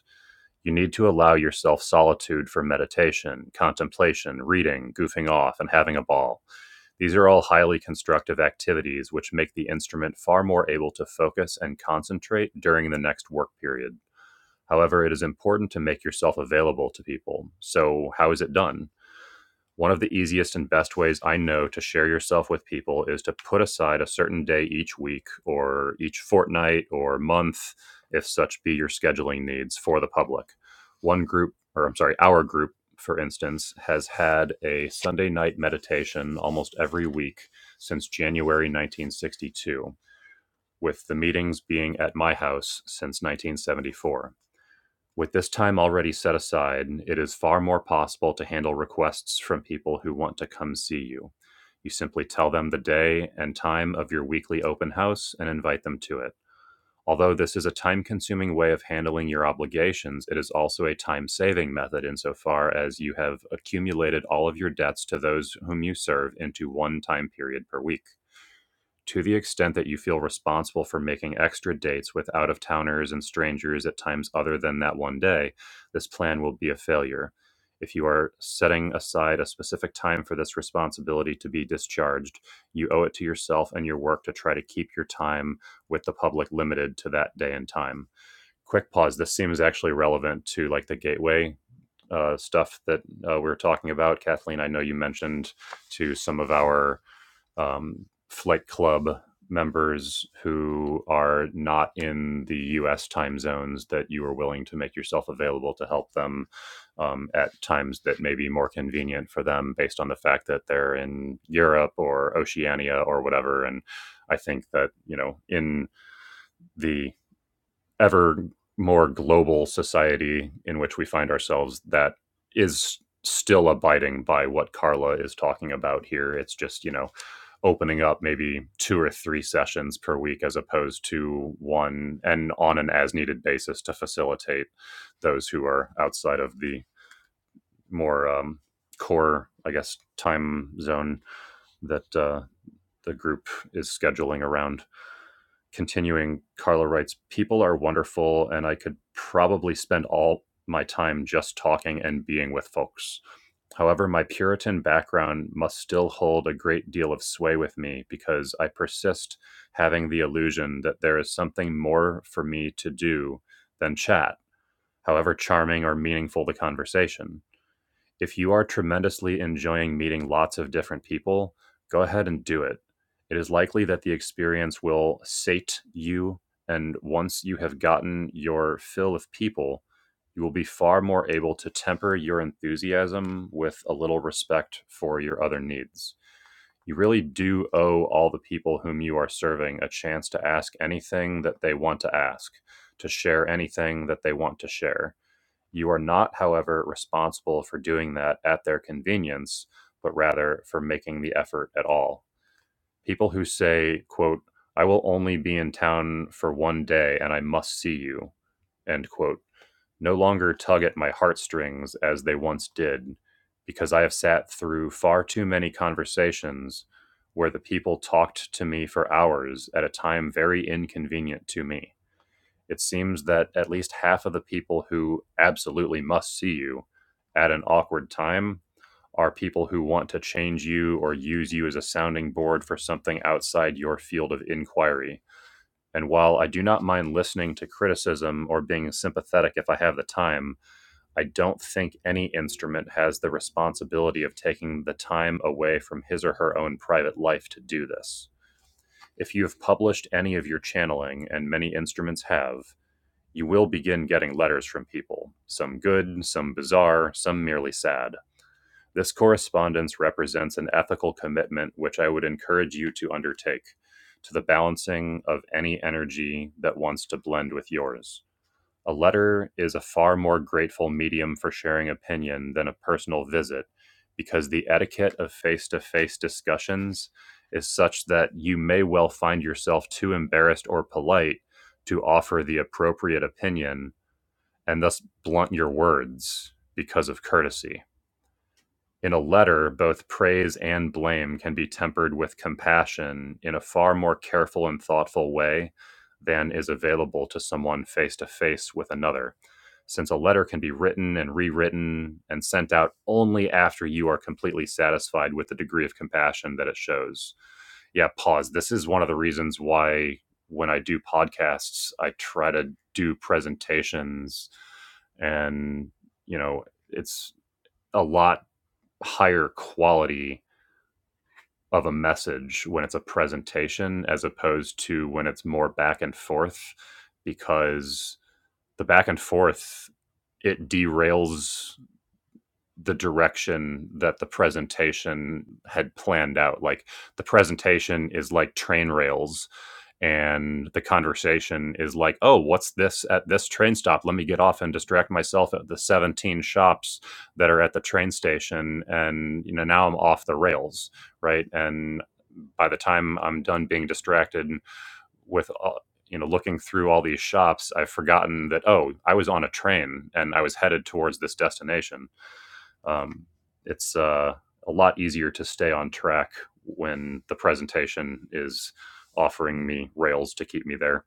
Speaker 1: You need to allow yourself solitude for meditation, contemplation, reading, goofing off, and having a ball. These are all highly constructive activities which make the instrument far more able to focus and concentrate during the next work period. However, it is important to make yourself available to people. So, how is it done? One of the easiest and best ways I know to share yourself with people is to put aside a certain day each week or each fortnight or month, if such be your scheduling needs, for the public. One group, or I'm sorry, our group, for instance, has had a Sunday night meditation almost every week since January 1962, with the meetings being at my house since 1974. With this time already set aside, it is far more possible to handle requests from people who want to come see you. You simply tell them the day and time of your weekly open house and invite them to it. Although this is a time consuming way of handling your obligations, it is also a time saving method insofar as you have accumulated all of your debts to those whom you serve into one time period per week to the extent that you feel responsible for making extra dates with out of towners and strangers at times other than that one day, this plan will be a failure. If you are setting aside a specific time for this responsibility to be discharged, you owe it to yourself and your work to try to keep your time with the public limited to that day and time. Quick pause. This seems actually relevant to like the gateway uh, stuff that uh, we were talking about. Kathleen, I know you mentioned to some of our um, flight club members who are not in the US time zones that you are willing to make yourself available to help them um, at times that may be more convenient for them based on the fact that they're in Europe or Oceania or whatever. And I think that, you know, in the ever more global society in which we find ourselves, that is still abiding by what Carla is talking about here. It's just, you know, opening up maybe two or three sessions per week as opposed to one and on an as needed basis to facilitate those who are outside of the more um, core, I guess, time zone that uh, the group is scheduling around continuing, Carla writes, People are wonderful, and I could probably spend all my time just talking and being with folks. However, my Puritan background must still hold a great deal of sway with me because I persist having the illusion that there is something more for me to do than chat, however charming or meaningful the conversation. If you are tremendously enjoying meeting lots of different people, go ahead and do it. It is likely that the experience will sate you, and once you have gotten your fill of people, you will be far more able to temper your enthusiasm with a little respect for your other needs. You really do owe all the people whom you are serving a chance to ask anything that they want to ask, to share anything that they want to share. You are not, however, responsible for doing that at their convenience, but rather for making the effort at all. People who say, quote, I will only be in town for one day and I must see you, end quote, no longer tug at my heartstrings as they once did, because I have sat through far too many conversations where the people talked to me for hours at a time very inconvenient to me it seems that at least half of the people who absolutely must see you at an awkward time are people who want to change you or use you as a sounding board for something outside your field of inquiry. And while I do not mind listening to criticism or being sympathetic if I have the time, I don't think any instrument has the responsibility of taking the time away from his or her own private life to do this. If you have published any of your channeling, and many instruments have, you will begin getting letters from people, some good, some bizarre, some merely sad. This correspondence represents an ethical commitment which I would encourage you to undertake to the balancing of any energy that wants to blend with yours. A letter is a far more grateful medium for sharing opinion than a personal visit because the etiquette of face to face discussions is such that you may well find yourself too embarrassed or polite to offer the appropriate opinion and thus blunt your words because of courtesy in a letter, both praise and blame can be tempered with compassion in a far more careful and thoughtful way than is available to someone face to face with another, since a letter can be written and rewritten and sent out only after you are completely satisfied with the degree of compassion that it shows. Yeah, pause. This is one of the reasons why when I do podcasts, I try to do presentations and, you know, it's a lot higher quality of a message when it's a presentation as opposed to when it's more back and forth because the back and forth it derails the direction that the presentation had planned out. Like the presentation is like train rails, and the conversation is like, "Oh, what's this at this train stop? Let me get off and distract myself at the 17 shops that are at the train station." And you know, now I'm off the rails, right? And by the time I'm done being distracted with all, you know looking through all these shops, I've forgotten that oh, I was on a train and I was headed towards this destination um, it's uh, a lot easier to stay on track when the presentation is offering me rails to keep me there.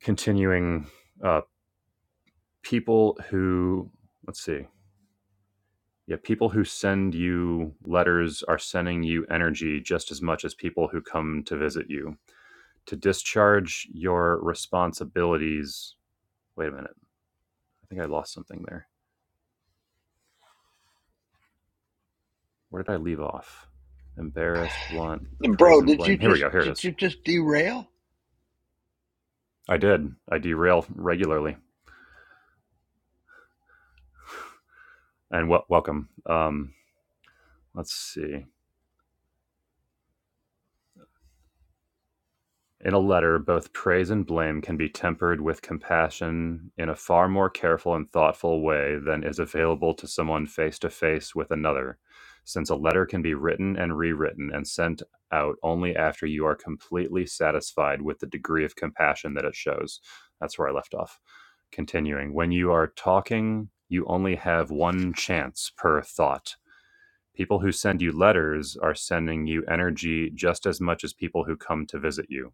Speaker 1: Continuing, uh, people who, let's see, yeah, people who send you letters are sending you energy just as much as people who come to visit you. To discharge your responsibilities. Wait a minute. I think I lost something there. Where did I leave off? Embarrassed, blunt, praise
Speaker 4: Bro,
Speaker 1: and
Speaker 4: did
Speaker 1: blame.
Speaker 4: you
Speaker 1: Here we
Speaker 4: just
Speaker 1: go. Here it
Speaker 4: did
Speaker 1: is.
Speaker 4: you just derail?
Speaker 1: I did. I derail regularly. And wel- welcome. Um, let's see. In a letter, both praise and blame can be tempered with compassion in a far more careful and thoughtful way than is available to someone face to face with another, since a letter can be written and rewritten and sent out only after you are completely satisfied with the degree of compassion that it shows. That's where I left off. Continuing, when you are talking, you only have one chance per thought People who send you letters are sending you energy just as much as people who come to visit you.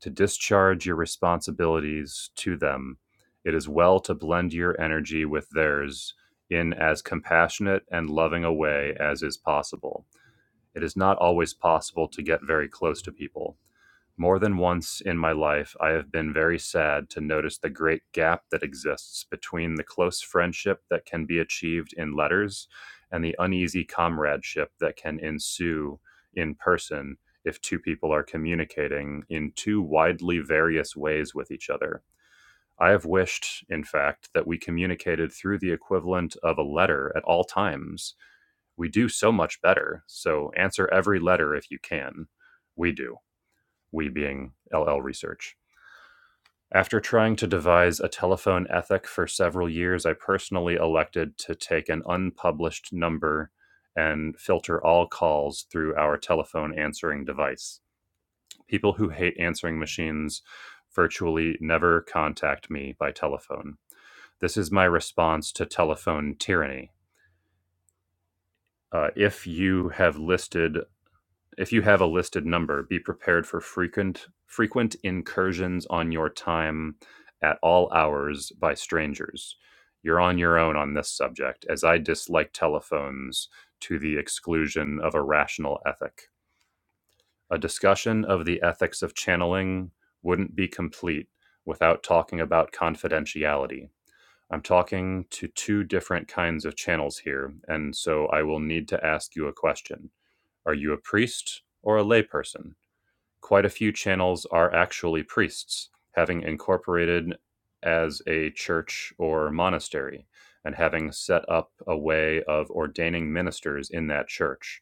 Speaker 1: To discharge your responsibilities to them, it is well to blend your energy with theirs in as compassionate and loving a way as is possible. It is not always possible to get very close to people. More than once in my life, I have been very sad to notice the great gap that exists between the close friendship that can be achieved in letters and the uneasy comradeship that can ensue in person if two people are communicating in two widely various ways with each other. I have wished, in fact, that we communicated through the equivalent of a letter at all times. We do so much better, so answer every letter if you can. We do we being LL Research. After trying to devise a telephone ethic for several years, I personally elected to take an unpublished number and filter all calls through our telephone answering device. People who hate answering machines virtually never contact me by telephone. This is my response to telephone tyranny. Uh, if you have listed if you have a listed number, be prepared for frequent frequent incursions on your time at all hours by strangers. You're on your own on this subject, as I dislike telephones to the exclusion of a rational ethic. A discussion of the ethics of channeling wouldn't be complete without talking about confidentiality. I'm talking to two different kinds of channels here, and so I will need to ask you a question. Are you a priest or a layperson? Quite a few channels are actually priests, having incorporated as a church or monastery, and having set up a way of ordaining ministers in that church.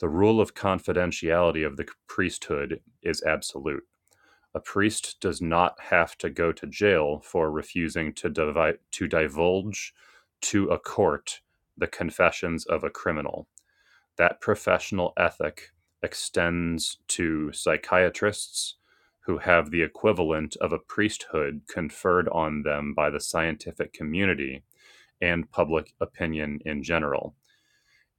Speaker 1: The rule of confidentiality of the priesthood is absolute. A priest does not have to go to jail for refusing to, divi- to divulge to a court the confessions of a criminal that professional ethic extends to psychiatrists who have the equivalent of a priesthood conferred on them by the scientific community and public opinion in general.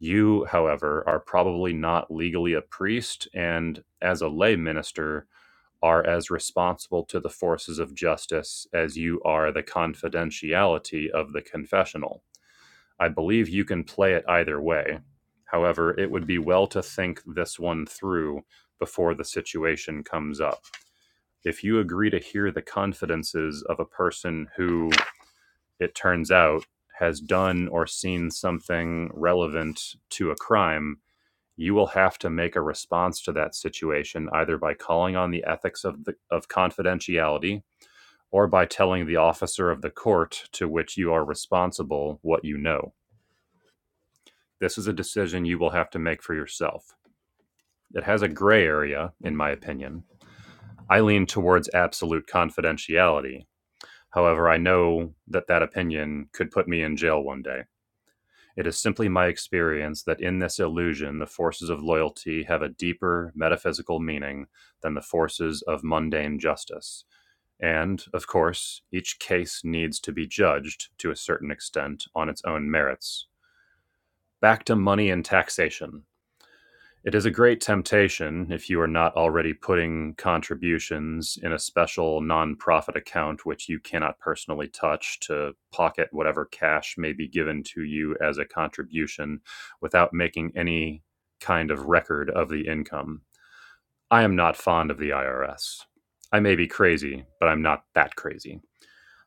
Speaker 1: You, however, are probably not legally a priest and, as a lay minister, are as responsible to the forces of justice as you are the confidentiality of the confessional I believe you can play it either way. However, it would be well to think this one through before the situation comes up. If you agree to hear the confidences of a person who, it turns out, has done or seen something relevant to a crime, you will have to make a response to that situation either by calling on the ethics of, the, of confidentiality or by telling the officer of the court to which you are responsible what you know. This is a decision you will have to make for yourself. It has a gray area, in my opinion. I lean towards absolute confidentiality. However, I know that that opinion could put me in jail one day. It is simply my experience that in this illusion, the forces of loyalty have a deeper metaphysical meaning than the forces of mundane justice. And, of course, each case needs to be judged, to a certain extent, on its own merits. Back to money and taxation. It is a great temptation if you are not already putting contributions in a special nonprofit account which you cannot personally touch to pocket whatever cash may be given to you as a contribution without making any kind of record of the income. I am not fond of the IRS. I may be crazy, but I'm not that crazy.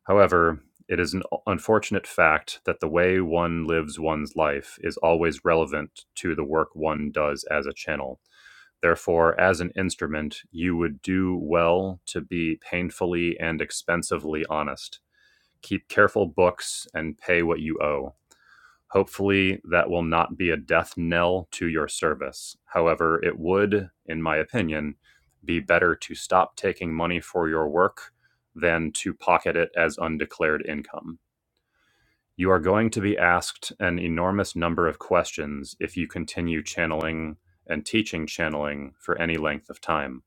Speaker 1: However, it is an unfortunate fact that the way one lives one's life is always relevant to the work one does as a channel. Therefore, as an instrument, you would do well to be painfully and expensively honest. Keep careful books and pay what you owe. Hopefully, that will not be a death knell to your service. However, it would, in my opinion, be better to stop taking money for your work than to pocket it as undeclared income. You are going to be asked an enormous number of questions if you continue channeling and teaching channeling for any length of time.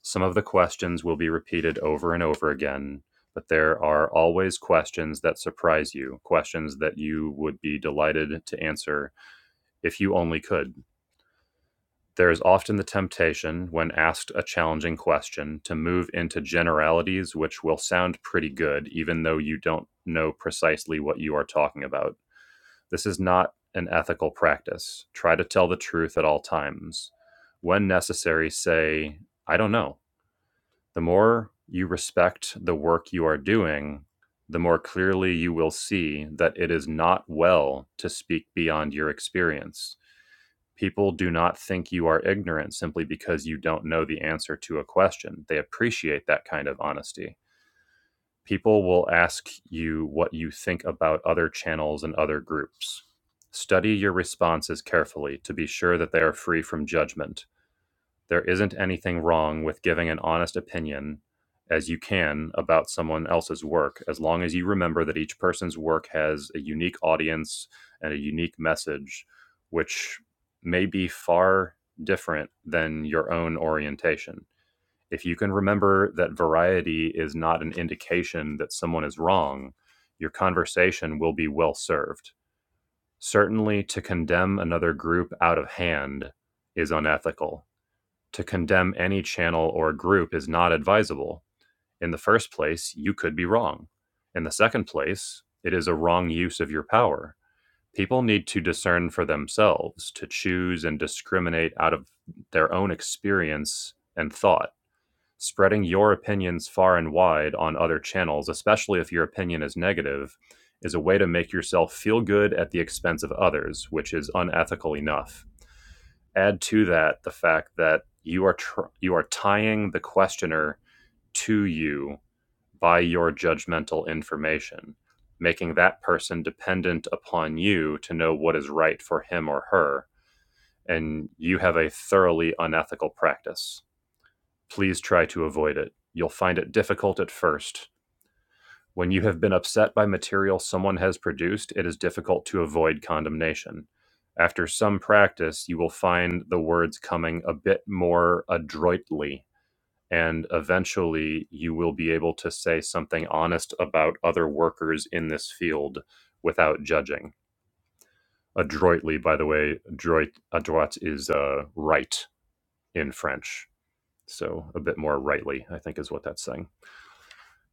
Speaker 1: Some of the questions will be repeated over and over again, but there are always questions that surprise you, questions that you would be delighted to answer if you only could. There is often the temptation, when asked a challenging question, to move into generalities which will sound pretty good, even though you don't know precisely what you are talking about. This is not an ethical practice. Try to tell the truth at all times. When necessary, say, I don't know. The more you respect the work you are doing, the more clearly you will see that it is not well to speak beyond your experience People do not think you are ignorant simply because you don't know the answer to a question. They appreciate that kind of honesty. People will ask you what you think about other channels and other groups. Study your responses carefully to be sure that they are free from judgment there isn't anything wrong with giving an honest opinion as you can about someone else's work, as long as you remember that each person's work has a unique audience and a unique message, which may be far different than your own orientation. If you can remember that variety is not an indication that someone is wrong, your conversation will be well served. Certainly, to condemn another group out of hand is unethical to condemn any channel or group is not advisable. In the first place, you could be wrong. In the second place, it is a wrong use of your power. People need to discern for themselves, to choose and discriminate out of their own experience and thought Spreading your opinions far and wide on other channels, especially if your opinion is negative, is a way to make yourself feel good at the expense of others, which is unethical enough. Add to that the fact that you are tr- you are tying the questioner to you by your judgmental information, making that person dependent upon you to know what is right for him or her, and you have a thoroughly unethical practice. Please try to avoid it. You'll find it difficult at first. When you have been upset by material someone has produced, it is difficult to avoid condemnation. After some practice, you will find the words coming a bit more adroitly, and eventually you will be able to say something honest about other workers in this field without judging. Adroitly, by the way, droit, adroit is uh, right in French. So a bit more rightly, I think, is what that's saying.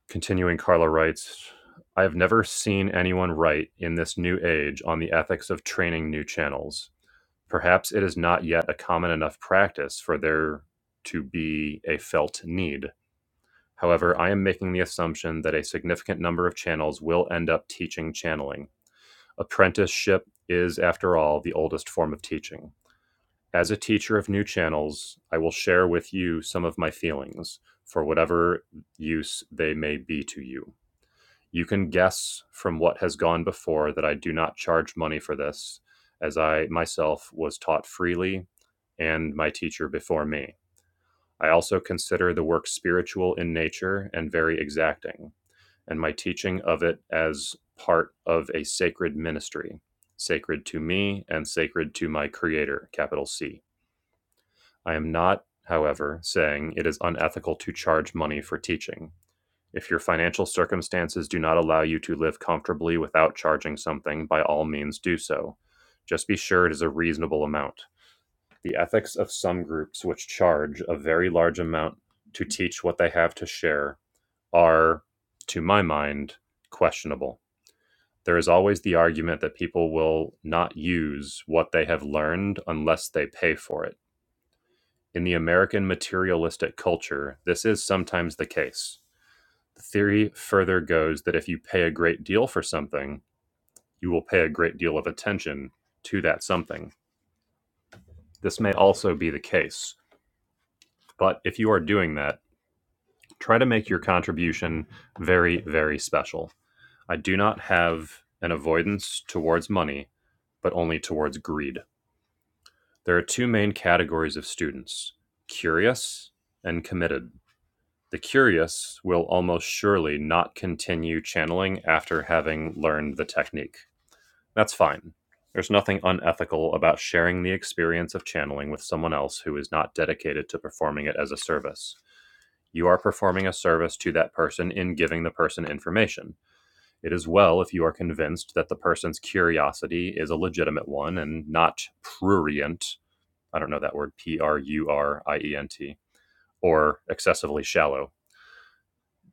Speaker 1: Continuing, Carla writes I have never seen anyone write in this new age on the ethics of training new channels. Perhaps it is not yet a common enough practice for there to be a felt need. However, I am making the assumption that a significant number of channels will end up teaching channeling. Apprenticeship is, after all, the oldest form of teaching. As a teacher of new channels, I will share with you some of my feelings, for whatever use they may be to you. You can guess from what has gone before that I do not charge money for this, as I myself was taught freely and my teacher before me. I also consider the work spiritual in nature and very exacting, and my teaching of it as part of a sacred ministry, sacred to me and sacred to my Creator, capital C. I am not, however, saying it is unethical to charge money for teaching. If your financial circumstances do not allow you to live comfortably without charging something, by all means do so. Just be sure it is a reasonable amount. The ethics of some groups which charge a very large amount to teach what they have to share are, to my mind, questionable. There is always the argument that people will not use what they have learned unless they pay for it. In the American materialistic culture, this is sometimes the case. The theory further goes that if you pay a great deal for something, you will pay a great deal of attention to that something. This may also be the case, but if you are doing that, try to make your contribution very, very special. I do not have an avoidance towards money, but only towards greed. There are two main categories of students curious and committed. The curious will almost surely not continue channeling after having learned the technique. That's fine. There's nothing unethical about sharing the experience of channeling with someone else who is not dedicated to performing it as a service. You are performing a service to that person in giving the person information. It is well if you are convinced that the person's curiosity is a legitimate one and not prurient. I don't know that word, P R U R I E N T, or excessively shallow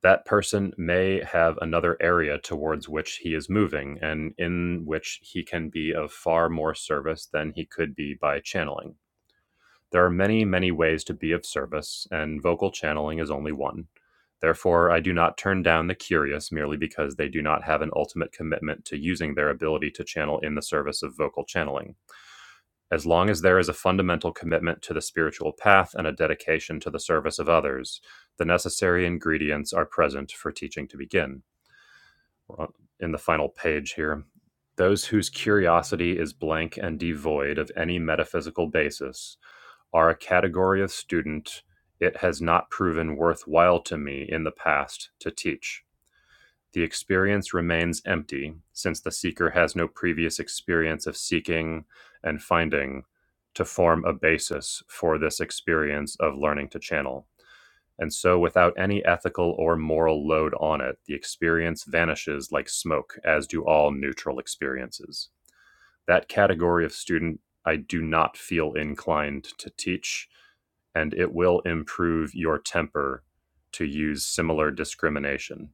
Speaker 1: that person may have another area towards which he is moving and in which he can be of far more service than he could be by channeling. There are many, many ways to be of service, and vocal channeling is only one. Therefore, I do not turn down the curious merely because they do not have an ultimate commitment to using their ability to channel in the service of vocal channeling as long as there is a fundamental commitment to the spiritual path and a dedication to the service of others, the necessary ingredients are present for teaching to begin. Well, In the final page here, those whose curiosity is blank and devoid of any metaphysical basis are a category of student it has not proven worthwhile to me in the past to teach. The experience remains empty, since the seeker has no previous experience of seeking and finding to form a basis for this experience of learning to channel. And so, without any ethical or moral load on it, the experience vanishes like smoke, as do all neutral experiences. That category of student I do not feel inclined to teach, and it will improve your temper to use similar discrimination.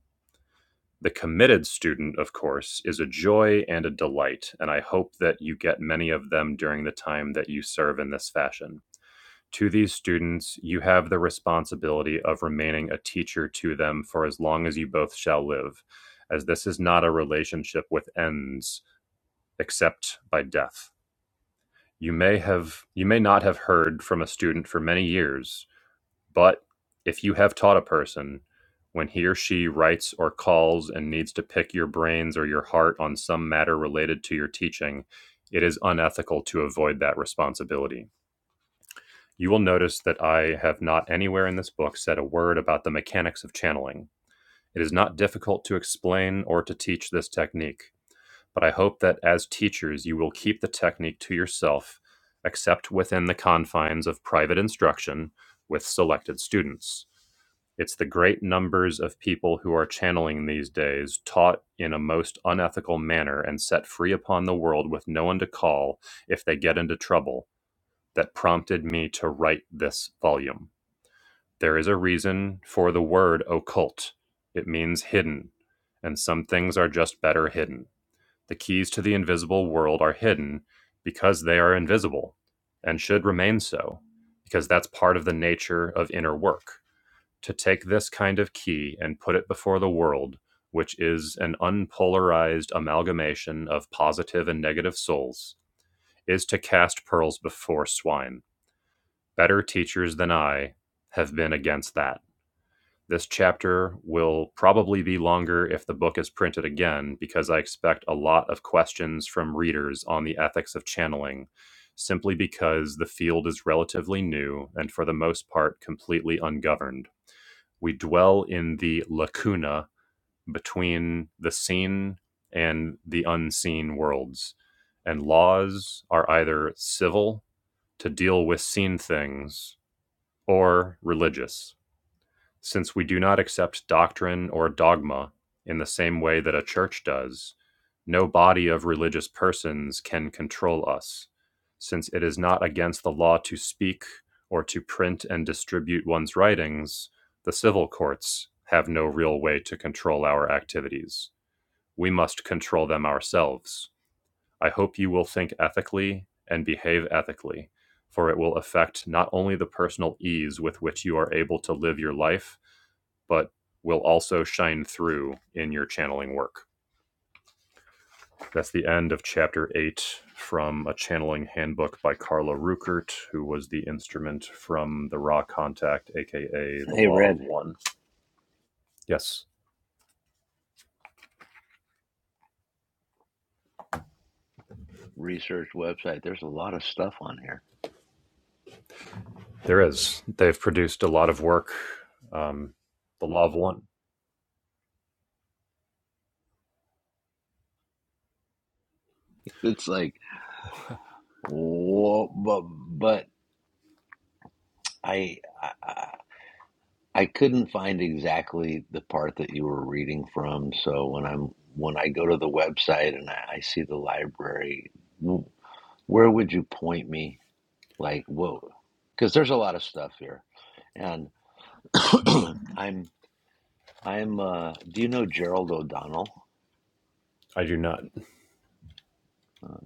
Speaker 1: The committed student, of course, is a joy and a delight, and I hope that you get many of them during the time that you serve in this fashion. To these students, you have the responsibility of remaining a teacher to them for as long as you both shall live, as this is not a relationship with ends except by death. You may have you may not have heard from a student for many years, but if you have taught a person when he or she writes or calls and needs to pick your brains or your heart on some matter related to your teaching, it is unethical to avoid that responsibility. You will notice that I have not anywhere in this book said a word about the mechanics of channeling. It is not difficult to explain or to teach this technique, but I hope that as teachers you will keep the technique to yourself, except within the confines of private instruction with selected students. It's the great numbers of people who are channeling these days, taught in a most unethical manner and set free upon the world with no one to call if they get into trouble, that prompted me to write this volume. There is a reason for the word occult. It means hidden, and some things are just better hidden. The keys to the invisible world are hidden because they are invisible and should remain so, because that's part of the nature of inner work to take this kind of key and put it before the world, which is an unpolarized amalgamation of positive and negative souls, is to cast pearls before swine. Better teachers than I have been against that. This chapter will probably be longer if the book is printed again, because I expect a lot of questions from readers on the ethics of channeling, simply because the field is relatively new and for the most part completely ungoverned we dwell in the lacuna between the seen and the unseen worlds. And laws are either civil to deal with seen things or religious since we do not accept doctrine or dogma in the same way that a church does, no body of religious persons can control us, since it is not against the law to speak or to print and distribute one's writings, the civil courts have no real way to control our activities. We must control them ourselves. I hope you will think ethically and behave ethically, for it will affect not only the personal ease with which you are able to live your life, but will also shine through in your channeling work. That's the end of chapter eight from a channeling handbook by Carla Ruckert, who was the instrument from the Raw Contact, aka the
Speaker 4: Hey,
Speaker 1: Law of
Speaker 4: Red
Speaker 1: One. Yes,
Speaker 4: research website. There's a lot of stuff on here.
Speaker 1: there is. They've produced a lot of work. Um, the Law of One.
Speaker 4: It's like, whoa, but but I I, I couldn't find exactly the part that you were reading from. So when I'm when I go to the website and I, I see the library, w- where would you point me? Like, whoa, because there's a lot of stuff here, and (coughs) (clears throat) I'm I'm. Uh, do you know Gerald O'Donnell?
Speaker 1: I do not
Speaker 4: Uh,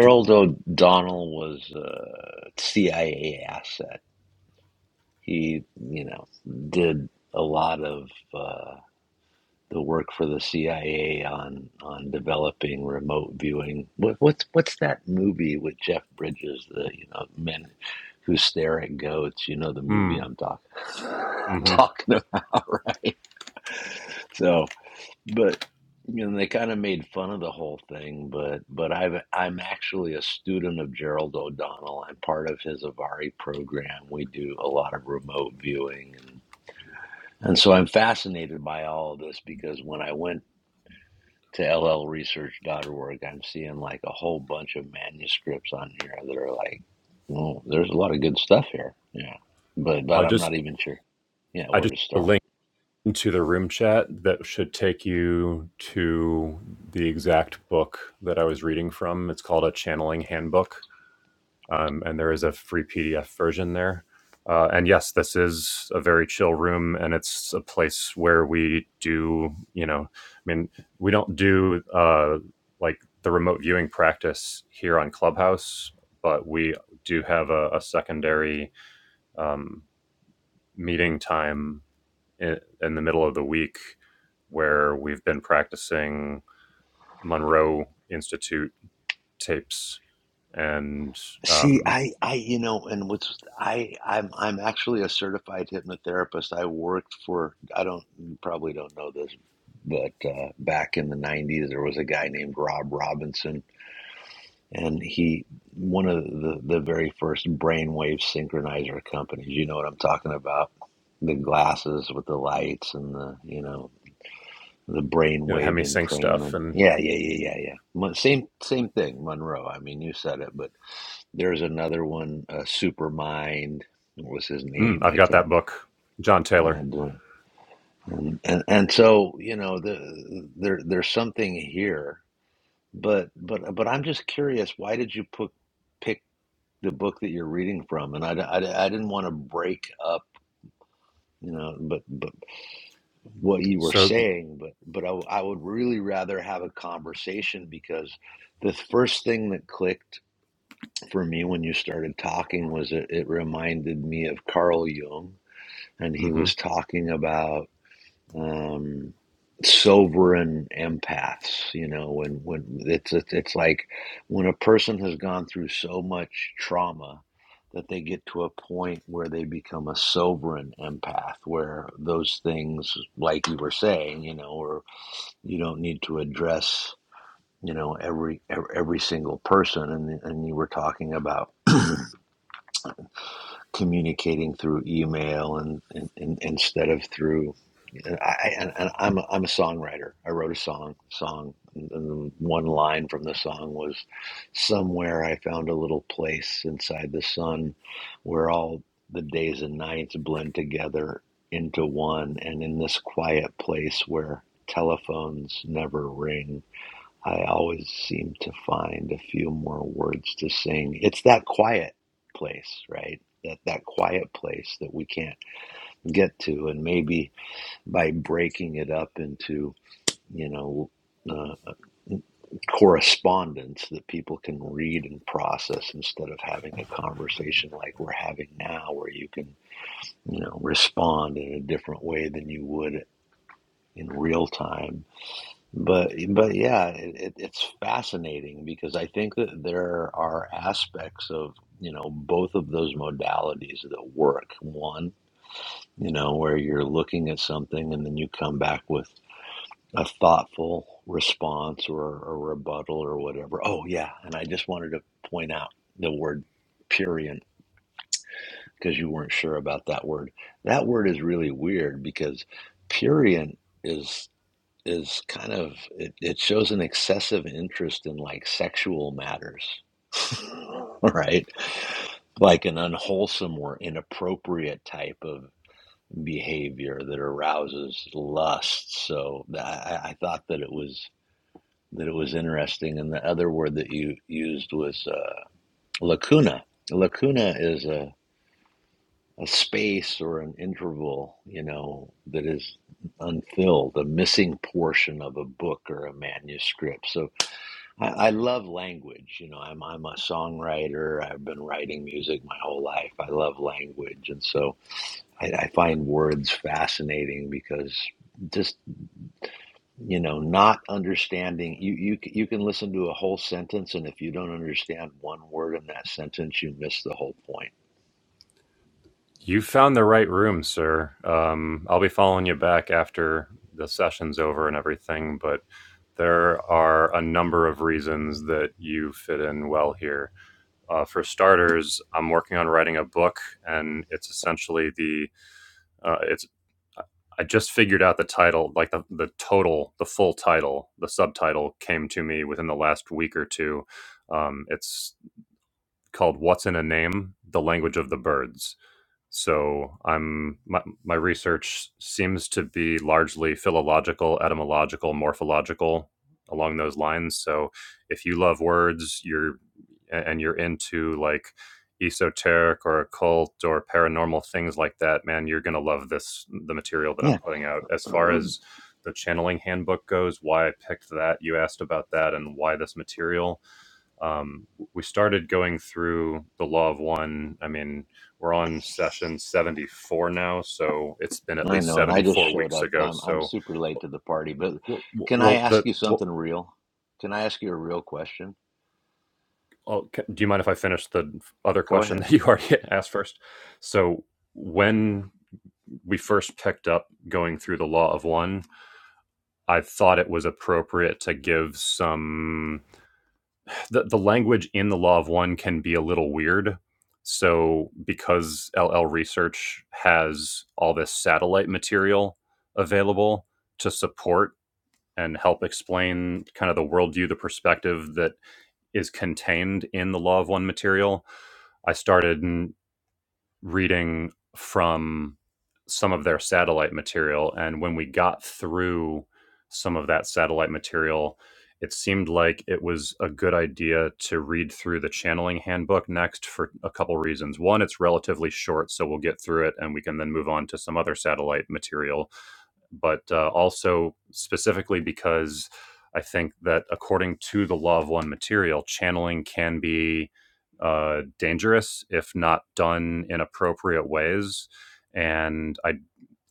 Speaker 1: do.
Speaker 4: O'Donnell was a CIA asset. He, you know, did a lot of uh, the work for the CIA on on developing remote viewing. What, what's what's that movie with Jeff Bridges, the you know men who stare at goats? You know the movie
Speaker 1: Mm,
Speaker 4: I'm talking (laughs)
Speaker 1: hmm
Speaker 4: talking about, right? So but you know they kind of made fun of the whole thing but but i've i'm actually a student of gerald o'donnell i'm part of his avari program we do a lot of remote viewing and and so i'm fascinated by all of this because when i went to llresearch.org i'm seeing like a whole bunch of manuscripts on here that are like well there's a lot of good stuff here yeah but but
Speaker 1: I
Speaker 4: i'm not
Speaker 1: just
Speaker 4: even sure yeah
Speaker 1: I
Speaker 4: where
Speaker 1: just
Speaker 4: to
Speaker 1: The link.
Speaker 4: start
Speaker 1: into the room chat that should take you to the exact book that I was reading from. It's called A Channeling Handbook, um, and there is a free PDF version there. Uh, and yes, this is a very chill room, and it's a place where we do, you know, I mean, we don't do uh, like the remote viewing practice here on Clubhouse, but we do have a, a secondary um, meeting time in, in the middle of the week where we've been practicing Monroe Institute tapes and
Speaker 4: See,
Speaker 1: um,
Speaker 4: I, I, you know, and what's I, I'm, I'm actually a certified hypnotherapist. I worked for, I don't, you probably don't know this, but uh, back in the '90s, there was a guy named Rob Robinson, and he, one of the the very first brainwave synchronizer companies. You know what I'm talking about? The glasses with the lights and the, you know, the
Speaker 1: you know, the
Speaker 4: brainwave
Speaker 1: HemiSync stuff.
Speaker 4: entrainment.
Speaker 1: And
Speaker 4: Yeah, yeah, yeah, yeah, yeah. Mon- Same, same thing, Monroe. I mean, you said it, but. There's another one, uh, Supermind. What was his
Speaker 1: mm,
Speaker 4: name?
Speaker 1: I've
Speaker 4: I
Speaker 1: got
Speaker 4: can't.
Speaker 1: that book, John
Speaker 4: Yeah,
Speaker 1: Taylor.
Speaker 4: boy. And, and and so you know, the, there there's something here, but but but I'm just curious. Why did you put pick the book that you're reading from? And I, I, I didn't want to break up, you know, but but what you were
Speaker 1: So
Speaker 4: saying, but but I, I would really rather have a conversation because the first thing that clicked for me when you started talking was it, it reminded me of Carl Jung and he
Speaker 1: hmm
Speaker 4: was talking about um, sovereign empaths. You know, when when it's, it's it's like when a person has gone through so much trauma that they get to a point where they become a sovereign empath, where those things, like you were saying, you know, or you don't need to address. You know every every single person, and and you were talking about communicating through email and, and, and instead of through. And I, and, and I'm a, I'm a songwriter. I wrote a song song, and and one line from the song was, "Somewhere I found a little place inside the sun, where all the days and nights blend together into one, and in this quiet place where telephones never ring." I always seem to find a few more words to sing. It's that quiet place, right? That that quiet place that we can't get to, and maybe by breaking it up into you know uh, correspondence that people can read and process instead of having a conversation like we're having now, where you can you know respond in a different way than you would in real time But but yeah, it, it, it's fascinating because I think that there are aspects of, you know, both of those modalities that work. One, you know, where you're looking at something and then you come back with a thoughtful response or a rebuttal or whatever. Oh yeah, and I just wanted to point out the word purient because you weren't sure about that word. That word is really weird because purient is is kind of it, it shows an excessive interest in like sexual matters (laughs) right like an unwholesome or inappropriate type of behavior that arouses lust so i, I thought that it was that it was interesting and the other word that you used was uh, lacuna lacuna is a a space or an interval, you know, that is unfilled, a missing portion of a book or a manuscript. So I, I love language. You know, I'm I'm a songwriter. I've been writing music my whole life. I love language, and so I, I find words fascinating because just you know, not understanding you you c- you can listen to a whole sentence, and if you don't understand one word in that sentence, you miss the whole point.
Speaker 1: you found the right room, sir. Um, I'll be following you back after the session's over and everything, but there are a number of reasons that you fit in well here. Uh, for starters, I'm working on writing a book, and it's essentially the Uh, it's I just figured out the title, like the, the total, the full title, the subtitle came to me within the last week or two. Um, it's called "What's in a Name: The Language of the Birds." So I'm my, my research seems to be largely philological, etymological, morphological along those lines. So if you love words, you're a- and you're into like esoteric or occult or paranormal things like that, man, you're gonna love this the material that
Speaker 4: Yeah,
Speaker 1: I'm putting out. As far
Speaker 4: Um,
Speaker 1: as the channeling handbook goes, why I picked that, you asked about that and why this material um, we started going through the law of one. I mean, we're on session 74 now, so it's been at
Speaker 4: I
Speaker 1: least
Speaker 4: know. And I just
Speaker 1: 74
Speaker 4: showed
Speaker 1: weeks
Speaker 4: up.
Speaker 1: ago.
Speaker 4: I'm I'm
Speaker 1: So,
Speaker 4: super late to the party, but
Speaker 1: well,
Speaker 4: can I
Speaker 1: well
Speaker 4: ask
Speaker 1: the
Speaker 4: you
Speaker 1: well,
Speaker 4: something real? Can I ask you a real question?
Speaker 1: I'll- do you mind if I finish the other
Speaker 4: Go
Speaker 1: question (laughs)
Speaker 4: ahead.
Speaker 1: that you already (laughs) asked first? So, when we first picked up going through the law of one, I thought it was appropriate to give some the, the language in the law of one can be a little weird. So because LL Research has all this satellite material available to support and help explain kind of the worldview, the perspective that is contained in the law of one material, I started reading from some of their satellite material. And when we got through some of that satellite material, it seemed like it was a good idea to read through the channeling handbook next for a couple reasons. One, it's relatively short, so we'll get through it and we can then move on to some other satellite material but uh, also specifically because I think that according to the law of one material, channeling can be uh, dangerous if not done in appropriate ways. And I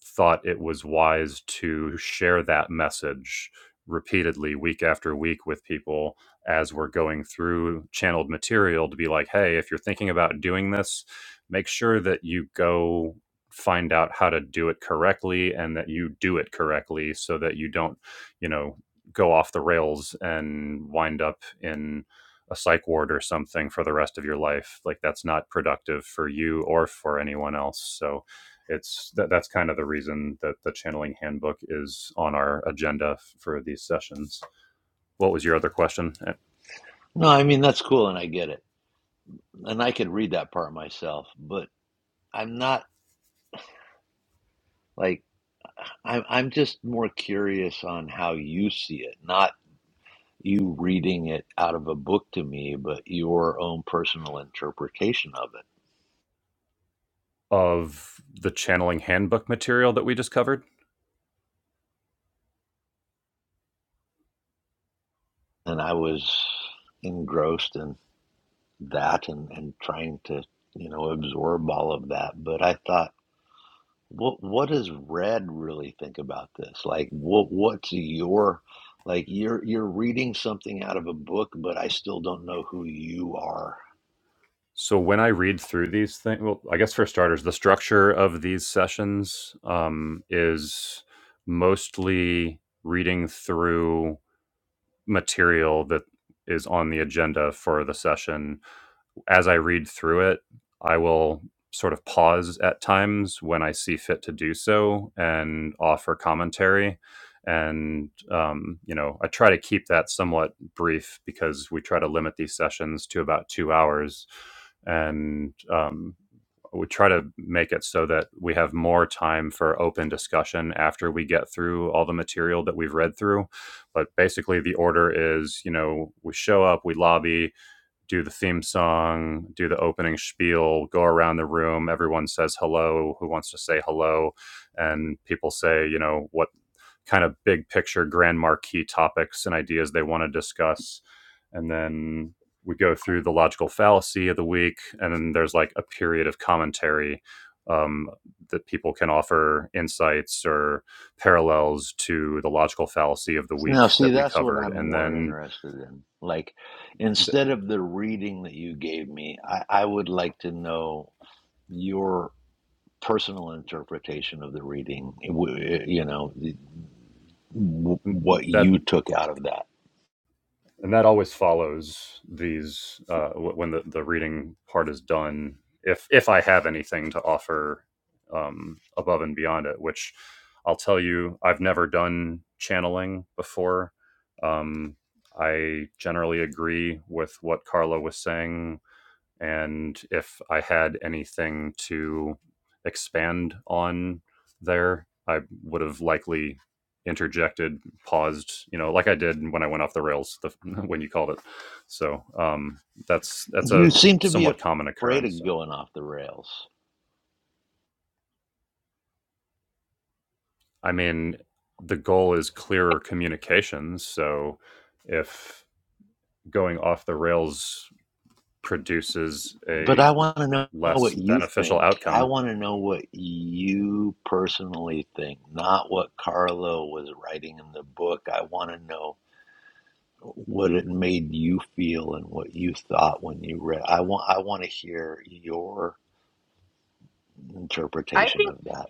Speaker 1: thought it was wise to share that message repeatedly week after week with people as we're going through channeled material to be like hey if you're thinking about doing this make sure that you go find out how to do it correctly and that you do it correctly so that you don't you know go off the rails and wind up in a psych ward or something for the rest of your life like that's not productive for you or for anyone else so it's that, that's kind of the reason that the channeling handbook is on our agenda f- for these sessions. What was your other question Uh,
Speaker 4: No, I mean that's cool, and I get it. and I could read that part myself, but I'm not like I'm I'm just more curious on how you see it, not you reading it out of a book to me, but your own personal interpretation of it.
Speaker 1: of the channeling handbook material that we just covered?
Speaker 4: And I was engrossed in that and, and trying to, you know, absorb all of that. But I thought, what what does Red really think about this? Like what what's your like you're you're reading something out of a book, but I still don't know who you are
Speaker 1: So when I read through these things, well, I guess for starters, the structure of these sessions um, is mostly reading through material that is on the agenda for the session as I read through it, I will sort of pause at times when I see fit to do so and offer commentary. And, um, you know, I try to keep that somewhat brief because we try to limit these sessions to about two hours. And um, we try to make it so that we have more time for open discussion after we get through all the material that we've read through. But basically, the order is, you know, we show up, we lobby, do the theme song, do the opening spiel, go around the room. Everyone says hello, who wants to say hello. And people say, you know, what kind of big picture, grand marquee topics and ideas they want to discuss. And then we go through the logical fallacy of the week. And then there's like a period of commentary um, that people can offer insights or parallels to the logical fallacy of the week
Speaker 4: Now, see,
Speaker 1: that we
Speaker 4: that's what
Speaker 1: covered.
Speaker 4: I'm
Speaker 1: And
Speaker 4: more
Speaker 1: then
Speaker 4: interested in. Like,
Speaker 1: th-
Speaker 4: instead of the reading that you gave me, I, I would like to know your personal interpretation of the reading, eh, w- eh, you know, the- w- what
Speaker 1: that's
Speaker 4: you took out of that.
Speaker 1: and that always follows these uh, when the, the reading part is done if if i have anything to offer um, above and beyond it which i'll tell you i've never done channeling before um, i generally agree with what carla was saying and if I had anything to expand on there, I would have likely interjected, paused, you know, like I did when I went off the rails the, (laughs) when you called it. So um, that's that's a
Speaker 4: You seem to be
Speaker 1: somewhat common
Speaker 4: afraid
Speaker 1: occurrence.
Speaker 4: of going off the rails,
Speaker 1: I mean, the goal is clearer communications. So if going off the rails produces
Speaker 4: but
Speaker 1: a
Speaker 4: I want to know
Speaker 1: less
Speaker 4: what you
Speaker 1: beneficial
Speaker 4: think. I
Speaker 1: outcome
Speaker 4: want to know what you personally think, not what Carlo was writing in the book. I want to know. what it made you feel and what you thought when you read. I want I want to hear your
Speaker 2: I think.
Speaker 4: interpretation of that.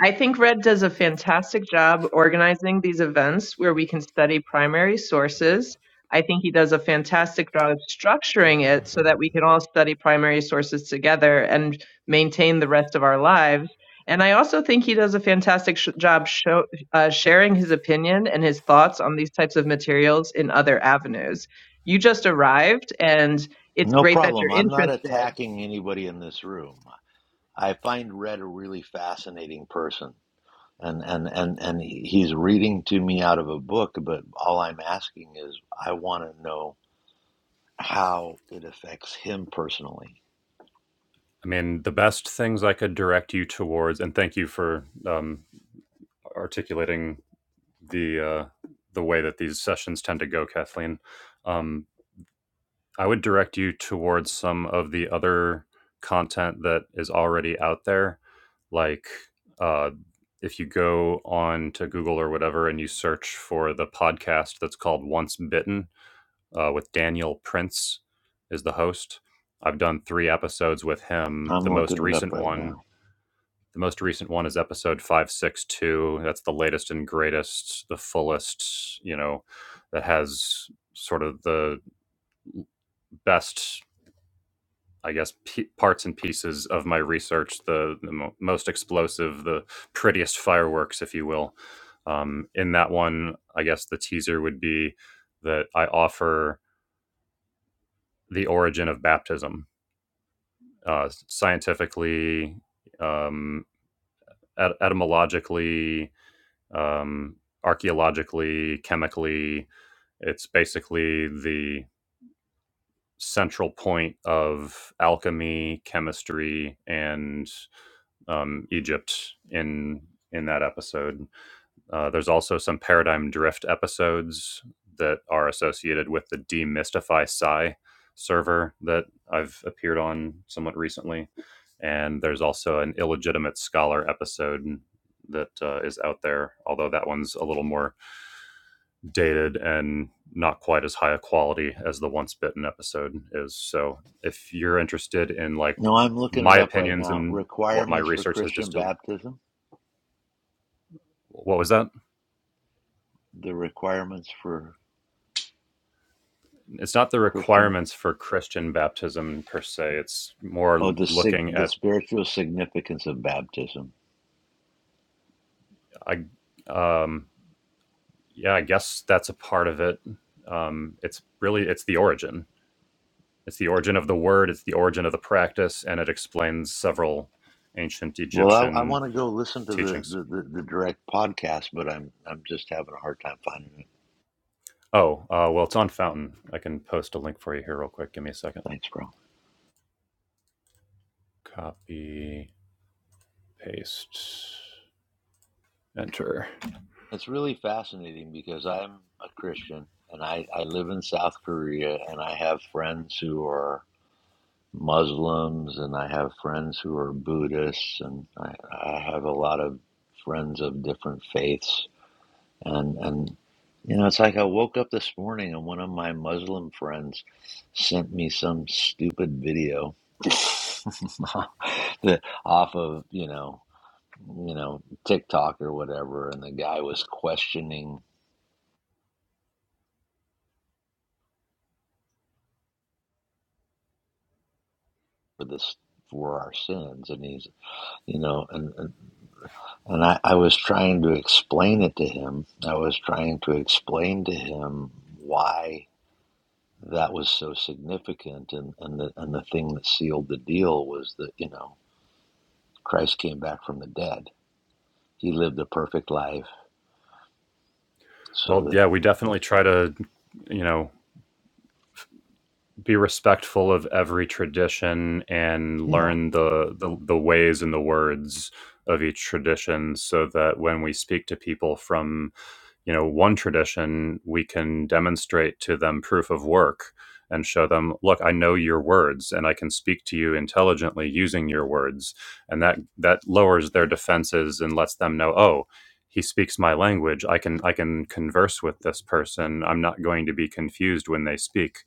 Speaker 2: I think Red does a fantastic job organizing these events where we can study primary sources. I think he does a fantastic job of structuring it so that we can all study primary sources together and maintain the rest of our lives. And I also think he does a fantastic sh- job show, uh, sharing his opinion and his thoughts on these types of materials in other avenues. You just arrived, and it's
Speaker 4: No
Speaker 2: great that
Speaker 4: problem.
Speaker 2: you're
Speaker 4: I'm not
Speaker 2: interested
Speaker 4: attacking anybody in this room. I find Red a really fascinating person. And, and, and, and he's reading to me out of a book, but all I'm asking is I want to know how it affects him personally.
Speaker 1: I mean, the best things I could direct you towards, and thank you for um, articulating the uh, the way that these sessions tend to go, Kathleen. Um, I would direct you towards some of the other content that is already out there, like uh, if you go on to Google or whatever and you search for the podcast that's called Once Bitten uh, with Daniel Prince is the host. I've done three episodes with him.
Speaker 4: I'm
Speaker 1: The most
Speaker 4: looking it up
Speaker 1: recent
Speaker 4: right
Speaker 1: one
Speaker 4: now.
Speaker 1: The most recent one is episode 562. That's the latest and greatest, the fullest, you know, that has sort of the best, I guess, p- parts and pieces of my research, the, the mo- most explosive, the prettiest fireworks, if you will. Um, in that one, I guess the teaser would be that I offer the origin of baptism uh, scientifically, um, et- etymologically, um, archaeologically, chemically. It's basically the central point of alchemy, chemistry, and um, Egypt in in that episode. Uh, there's also some paradigm drift episodes that are associated with the demystify psi server that I've appeared on somewhat recently, and there's also an illegitimate scholar episode that uh, is out there, although that one's a little more dated and not quite as high a quality as the once bitten episode is so if you're interested in like
Speaker 4: No, I'm looking
Speaker 1: my
Speaker 4: it up right
Speaker 1: opinions
Speaker 4: now.
Speaker 1: and what my
Speaker 4: Requirements for
Speaker 1: research has
Speaker 4: Christian
Speaker 1: distilled
Speaker 4: baptism,
Speaker 1: what was that
Speaker 4: the requirements for
Speaker 1: it's not the
Speaker 4: Christian?
Speaker 1: requirements for christian baptism per se it's
Speaker 4: Oh,
Speaker 1: more
Speaker 4: the sig-
Speaker 1: looking
Speaker 4: the
Speaker 1: at
Speaker 4: spiritual significance of baptism.
Speaker 1: i um yeah i guess that's a part of it um it's really it's the origin it's the origin of the word it's the origin of the practice and it explains several ancient
Speaker 4: Well, I, I
Speaker 1: egyptian
Speaker 4: want to go listen to the,
Speaker 1: teachings
Speaker 4: the, the, the direct podcast, but I'm I'm just having a hard time finding it.
Speaker 1: Oh, uh, well, it's on Fountain. I can post a link for you here real quick. Give me a second.
Speaker 4: Thanks, bro.
Speaker 1: Copy, paste, enter.
Speaker 4: It's really fascinating because I'm a Christian and I, I live in South Korea and I have friends who are Muslims and I have friends who are Buddhists and I, I have a lot of friends of different faiths And, and you know, it's like I woke up this morning and one of my Muslim friends sent me some stupid video (laughs) that off of you know you know TikTok or whatever, and the guy was questioning for this for our sins, and he's you know and and, and I, I was trying to explain it to him. I was trying to explain to him why. that was so significant and and the and the thing that sealed the deal was that you know Christ came back from the dead. He lived a perfect life so
Speaker 1: Well,
Speaker 4: that
Speaker 1: yeah, we definitely try to, you know, be respectful of every tradition and
Speaker 4: yeah
Speaker 1: learn the, the the ways and the words of each tradition so that when we speak to people from you know one tradition we can demonstrate to them proof of work and show them look i know your words and i can speak to you intelligently using your words and that that lowers their defenses and lets them know oh he speaks my language i can i can converse with this person i'm not going to be confused when they speak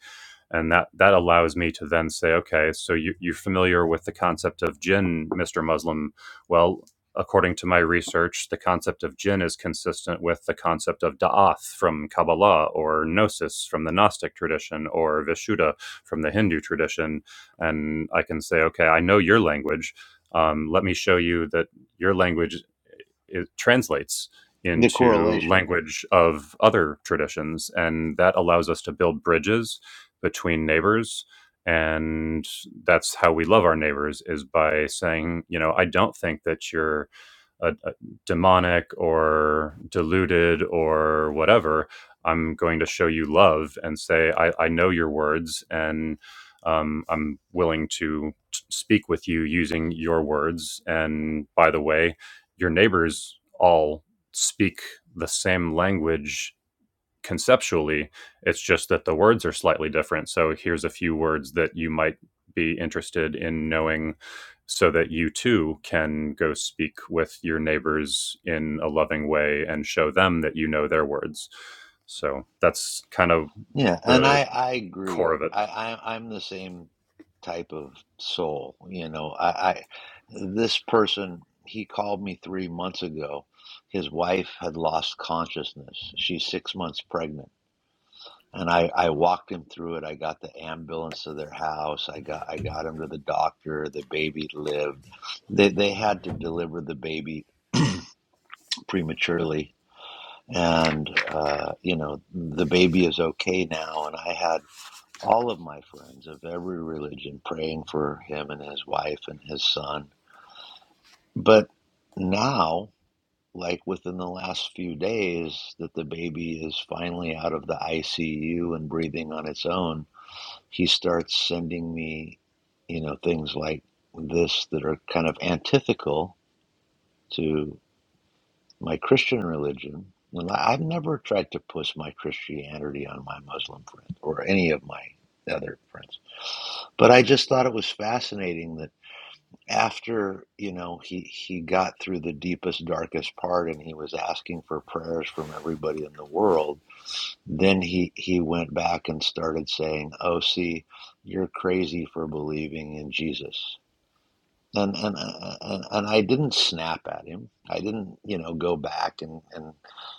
Speaker 1: and that that allows me to then say okay so you, you're familiar with the concept of jinn mr muslim well according to my research, the concept of jinn is consistent with the concept of da'ath from Kabbalah or gnosis from the Gnostic tradition or Vishuddha from the Hindu tradition. And I can say, okay, I know your language. Um, let me show you that your language it translates
Speaker 4: the
Speaker 1: into
Speaker 4: correlation
Speaker 1: language of other traditions. And that allows us to build bridges between neighbors and that's how we love our neighbors is by saying you know i don't think that you're a, a demonic or deluded or whatever i'm going to show you love and say i, I know your words and um, i'm willing to t- speak with you using your words and by the way your neighbors all speak the same language conceptually. It's just that the words are slightly different. So here's a few words that you might be interested in knowing so that you too can go speak with your neighbors in a loving way and show them that you know their words. So that's kind of
Speaker 4: yeah and
Speaker 1: the
Speaker 4: I I
Speaker 1: core
Speaker 4: agree
Speaker 1: of it.
Speaker 4: I, I I'm the same type of soul you know I, I this person he called me three months ago his wife had lost consciousness she's six months pregnant and I, I walked him through it. I got the ambulance to their house. I got I got him to the doctor. The baby lived. They they had to deliver the baby prematurely, and uh, you know the baby is okay now. And I had all of my friends of every religion praying for him and his wife and his son. But now, like within the last few days, that the baby is finally out of the ICU and breathing on its own he starts sending me, you know, things like this that are kind of antithetical to my Christian religion. And I- I've never tried to push my Christianity on my Muslim friend or any of my other friends. But I just thought it was fascinating that after, you know, he, he got through the deepest, darkest part and he was asking for prayers from everybody in the world Then he, he went back and started saying, "Oh, see, you're crazy for believing in Jesus." And and and, and I didn't snap at him. I didn't, you know, go back and, and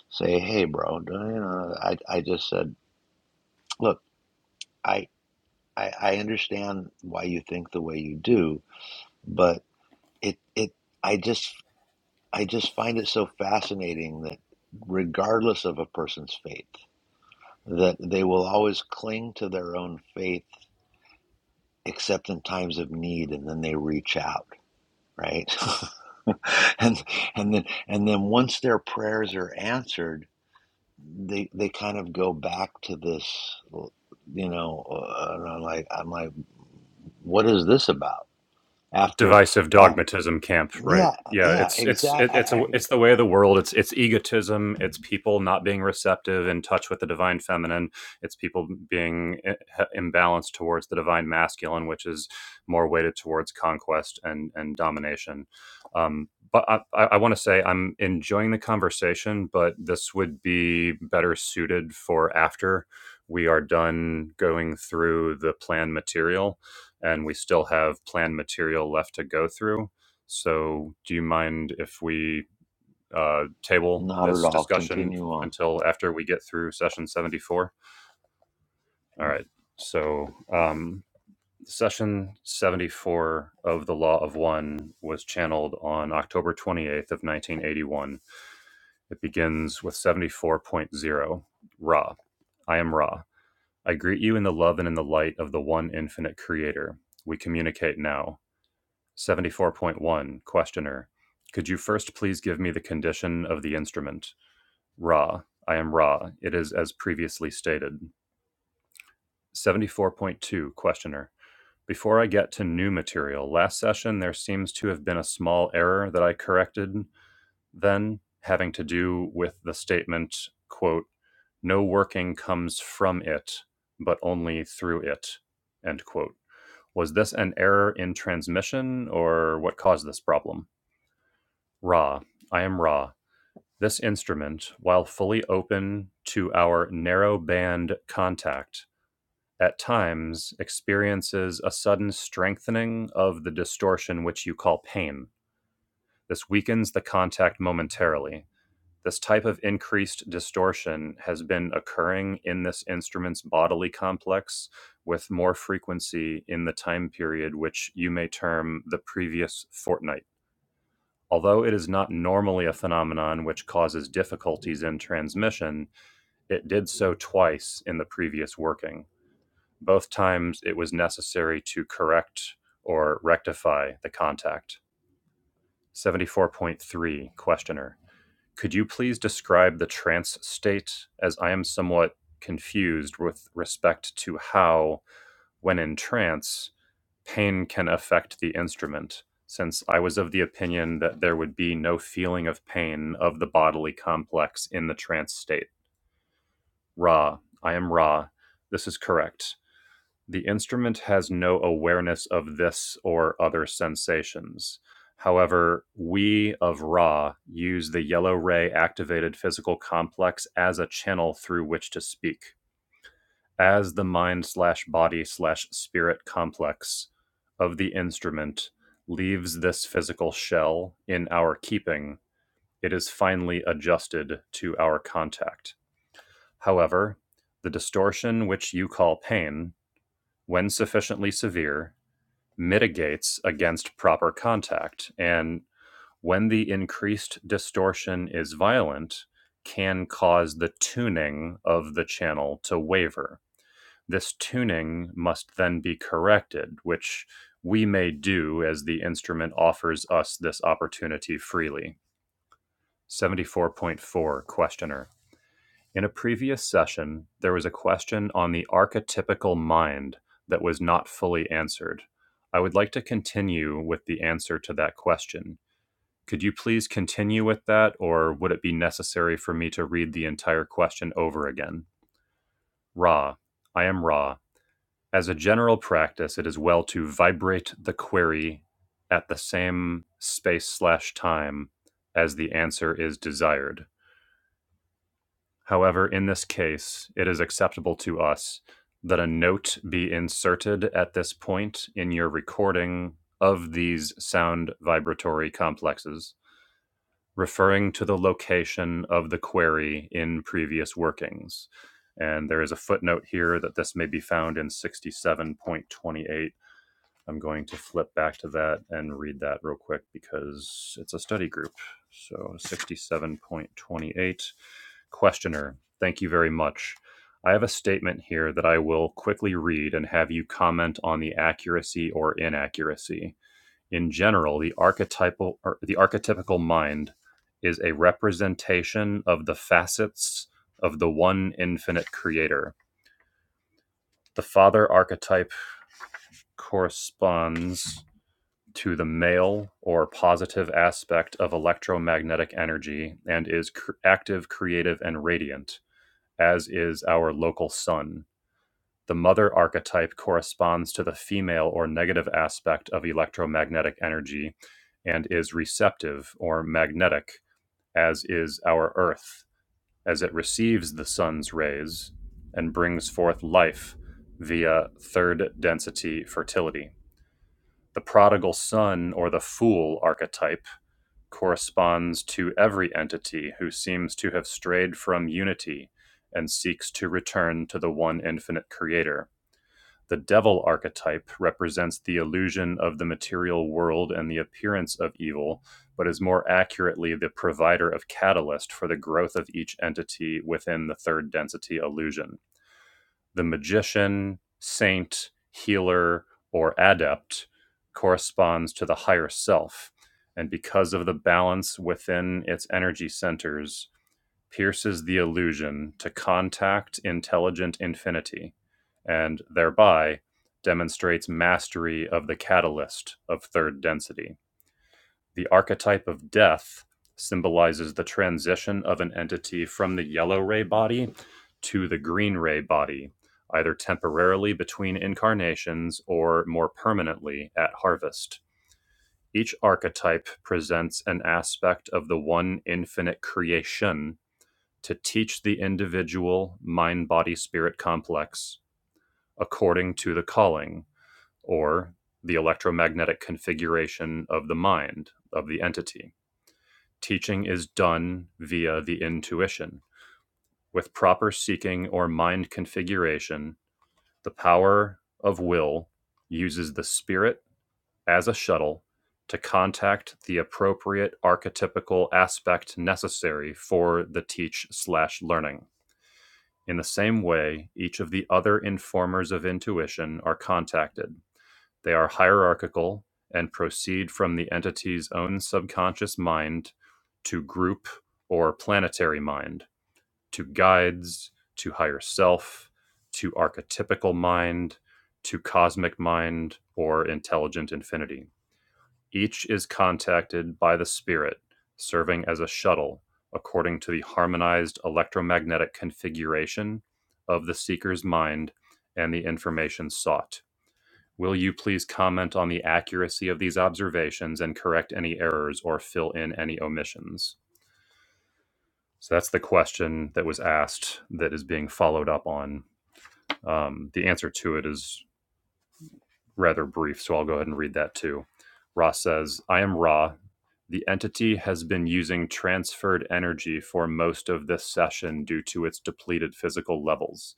Speaker 4: say, "Hey, bro," you know. I I just said, "Look, I, I I understand why you think the way you do, but it it I just I just find it so fascinating that regardless of a person's faith, that they will always cling to their own faith except in times of need and then they reach out right (laughs) and and then and then once their prayers are answered they they kind of go back to this you know uh, and i'm like i'm like what is this about after
Speaker 1: divisive
Speaker 4: uh,
Speaker 1: dogmatism camp right
Speaker 4: yeah
Speaker 1: yeah
Speaker 4: yeah
Speaker 1: it's it's it, it's a
Speaker 4: exactly
Speaker 1: it's the way of the world it's it's egotism it's people not being receptive in touch with the divine feminine it's people being i- imbalanced towards the divine masculine which is more weighted towards conquest and and domination um but i i, I want to say i'm enjoying the conversation but this would be better suited for after we are done going through the plan material and we still have plan material left to go through. So, do you mind if we uh, table
Speaker 4: not at
Speaker 1: this
Speaker 4: all
Speaker 1: discussion
Speaker 4: continue on
Speaker 1: until after we get through session 74? All right. So, um, session 74 of the Law of One was channeled on October 28th of 1981. It begins with seventy-four point zero Ra. I am Ra. I greet you in the love and in the light of the one infinite creator. We communicate now. 74.1 Questioner. Could you first please give me the condition of the instrument? Ra. I am Ra. It is as previously stated. 74.2 Questioner. Before I get to new material, last session there seems to have been a small error that I corrected then, having to do with the statement, quote, no working comes from it, but only through it, end quote. Was this an error in transmission or what caused this problem? Ra, I am Ra. This instrument, while fully open to our narrow band contact, at times experiences a sudden strengthening of the distortion which you call pain. This weakens the contact momentarily. This type of increased distortion has been occurring in this instrument's bodily complex with more frequency in the time period which you may term the previous fortnight. Although it is not normally a phenomenon which causes difficulties in transmission, it did so twice in the previous working. Both times it was necessary to correct or rectify the contact. 74.3 Questioner. Could you please describe the trance state as I am somewhat confused with respect to how, when in trance, pain can affect the instrument, since I was of the opinion that there would be no feeling of pain of the bodily complex in the trance state. Ra, I am Ra. This is correct. The instrument has no awareness of this or other sensations. However, we of Ra use the yellow ray activated physical complex as a channel through which to speak as the mind slash body slash spirit complex of the instrument leaves this physical shell in our keeping, it is finally adjusted to our contact. However, the distortion which you call pain, when sufficiently severe, mitigates against proper contact, and when the increased distortion is violent, can cause the tuning of the channel to waver this tuning must then be corrected, which we may do as the instrument offers us this opportunity freely. 74.4 Questioner. In a previous session, there was a question on the archetypical mind that was not fully answered. I would like to continue with the answer to that question. Could you please continue with that, or would it be necessary for me to read the entire question over again? Ra, I am Ra, As a general practice, it is well to vibrate the query at the same space slash time as the answer is desired. However, in this case, it is acceptable to us that a note be inserted at this point in your recording of these sound vibratory complexes, referring to the location of the query in previous workings. And there is a footnote here that this may be found in 67.28 I'm going to flip back to that and read that real quick because it's a study group. So 67.28. Questioner, thank you very much. I have a statement here that I will quickly read and have you comment on the accuracy or inaccuracy. In general, the archetypal or the archetypical mind is a representation of the facets of the one infinite creator. The father archetype corresponds to the male or positive aspect of electromagnetic energy and is cr- active, creative, and radiant, as is our local sun. The mother archetype corresponds to the female or negative aspect of electromagnetic energy and is receptive or magnetic, as is our earth, as it receives the sun's rays and brings forth life via third density fertility the prodigal son or the fool archetype corresponds to every entity who seems to have strayed from unity and seeks to return to the one infinite creator. The devil archetype represents the illusion of the material world and the appearance of evil, but is more accurately the provider of catalyst for the growth of each entity within the third density illusion the magician, saint, healer, or adept corresponds to the higher self, and because of the balance within its energy centers, pierces the illusion to contact intelligent infinity, and thereby demonstrates mastery of the catalyst of third density. The archetype of death symbolizes the transition of an entity from the yellow ray body to the green ray body, either temporarily between incarnations or more permanently at harvest. Each archetype presents an aspect of the one infinite creation to teach the individual mind body spirit complex according to the calling or the electromagnetic configuration of the mind of the entity. Teaching is done via the intuition. With proper seeking or mind configuration, the power of will uses the spirit as a shuttle to contact the appropriate archetypical aspect necessary for the teach slash learning. In the same way, each of the other informers of intuition are contacted they are hierarchical and proceed from the entity's own subconscious mind to group or planetary mind, to guides, to higher self, to archetypical mind, to cosmic mind, or intelligent infinity. Each is contacted by the spirit, serving as a shuttle according to the harmonized electromagnetic configuration of the seeker's mind and the information sought Will you please comment on the accuracy of these observations and correct any errors or fill in any omissions? So that's the question that was asked that is being followed up on. Um, the answer to it is rather brief, so I'll go ahead and read that too. Ra says, I am Ra. The entity has been using transferred energy for most of this session due to its depleted physical levels.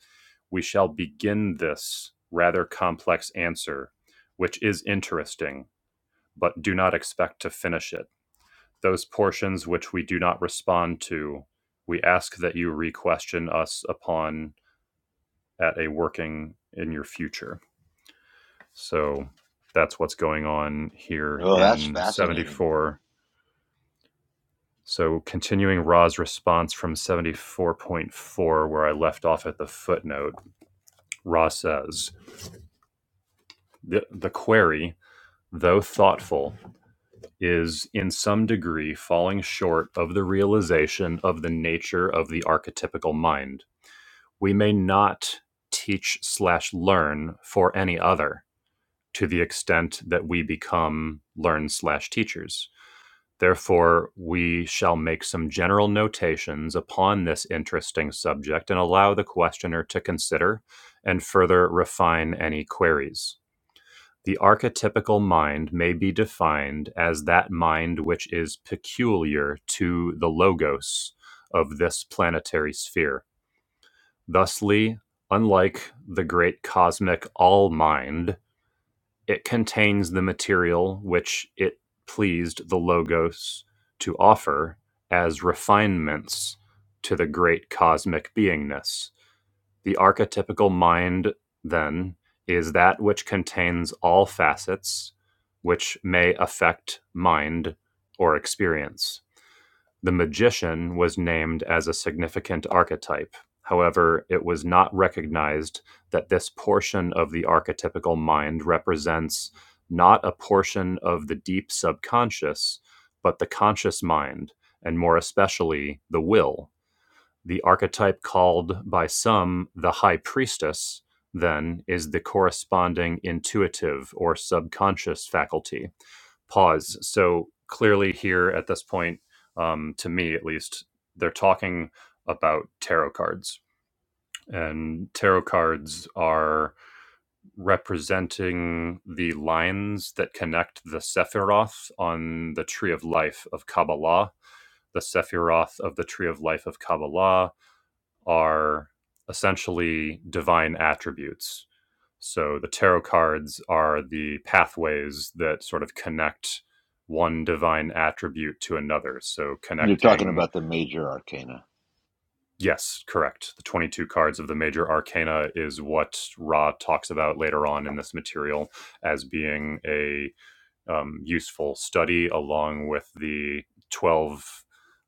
Speaker 1: We shall begin this rather complex answer, which is interesting but do not expect to finish it. Those portions which we do not respond to, we ask that you re-question us upon at a working in your future. So that's what's going on here
Speaker 4: oh that's
Speaker 1: in
Speaker 4: fascinating
Speaker 1: 74. So continuing Ra's response from 74.4, where I left off at the footnote, Ra says, the, the query, though thoughtful, is in some degree falling short of the realization of the nature of the archetypical mind. We may not teach slash learn for any other to the extent that we become learn slash teachers. Therefore, we shall make some general notations upon this interesting subject and allow the questioner to consider and further refine any queries. The archetypical mind may be defined as that mind which is peculiar to the logos of this planetary sphere. Thusly, unlike the great cosmic all mind, it contains the material which it pleased the logos to offer as refinements to the great cosmic beingness the archetypical mind, then, is that which contains all facets which may affect mind or experience. The magician was named as a significant archetype. However, it was not recognized that this portion of the archetypical mind represents not a portion of the deep subconscious, but the conscious mind, and more especially the will. The archetype called by some the high priestess, then, is the corresponding intuitive or subconscious faculty. Pause. So clearly, here at this point, um, to me at least, they're talking about tarot cards. And tarot cards are representing the lines that connect the Sephiroth on the Tree of Life of Kabbalah, the Sephiroth of the Tree of Life of Kabbalah, are essentially divine attributes. So the tarot cards are the pathways that sort of connect one divine attribute to another. So
Speaker 4: you're talking
Speaker 1: connecting,
Speaker 4: about the major arcana
Speaker 1: yes, correct. The 22 cards of the major arcana is what Ra talks about later on in this material as being a um, useful study along with the 12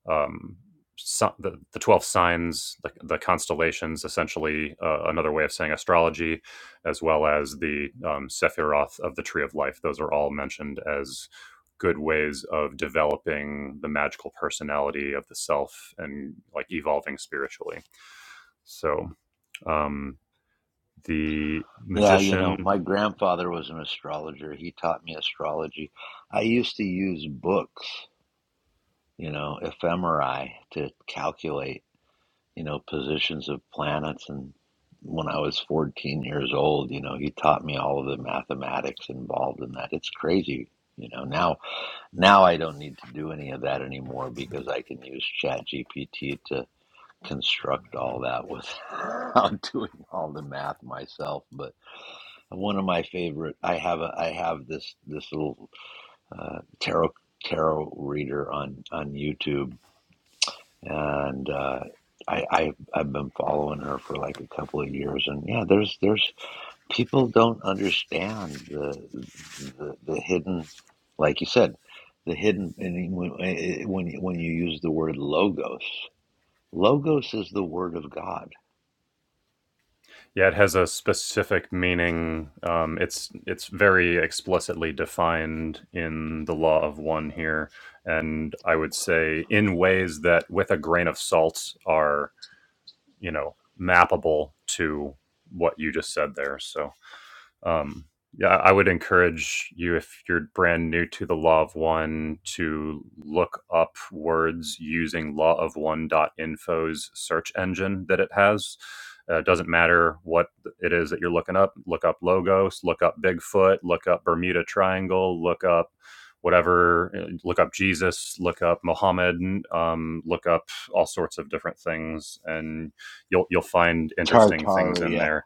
Speaker 1: um, si- the, the 12 signs the, the constellations essentially uh, another way of saying astrology as well as the um, sephiroth of the tree of life those are all mentioned as good ways of developing the magical personality of the self and like evolving spiritually so um, the
Speaker 4: Yeah, you know,
Speaker 1: magician
Speaker 4: my grandfather was an astrologer. He taught me astrology. I used to use books, you know, ephemerae to calculate, you know, positions of planets. And when I was 14 years old, you know, he taught me all of the mathematics involved in that. It's crazy. You know, now now I don't need to do any of that anymore because I can use Chat GPT to construct all that without (laughs) doing all the math myself. But one of my favorite. I have a. I have this this little uh, tarot tarot reader on on YouTube, and uh, I, I I've been following her for like a couple of years. And yeah, there's there's people don't understand the the, the hidden, like you said, the hidden. And when eh, eh, when you- when you use the word logos, logos is the word of God.
Speaker 1: Yeah, it has a specific meaning. Um, it's it's very explicitly defined in the law of one here, and I would say in ways that, with a grain of salt, are you know mappable to what you just said there. So um, yeah, I would encourage you if you're brand new to the Law of One to look up words using Law of One dot Info's search engine that it has. Uh, it doesn't matter what it is that you're looking up. Look up logos. Look up Bigfoot. Look up Bermuda Triangle. Look up whatever. uh, Look up Jesus. Look up Muhammad. Um, look up all sorts of different things, and you'll you'll find interesting things in
Speaker 4: Tartaria
Speaker 1: there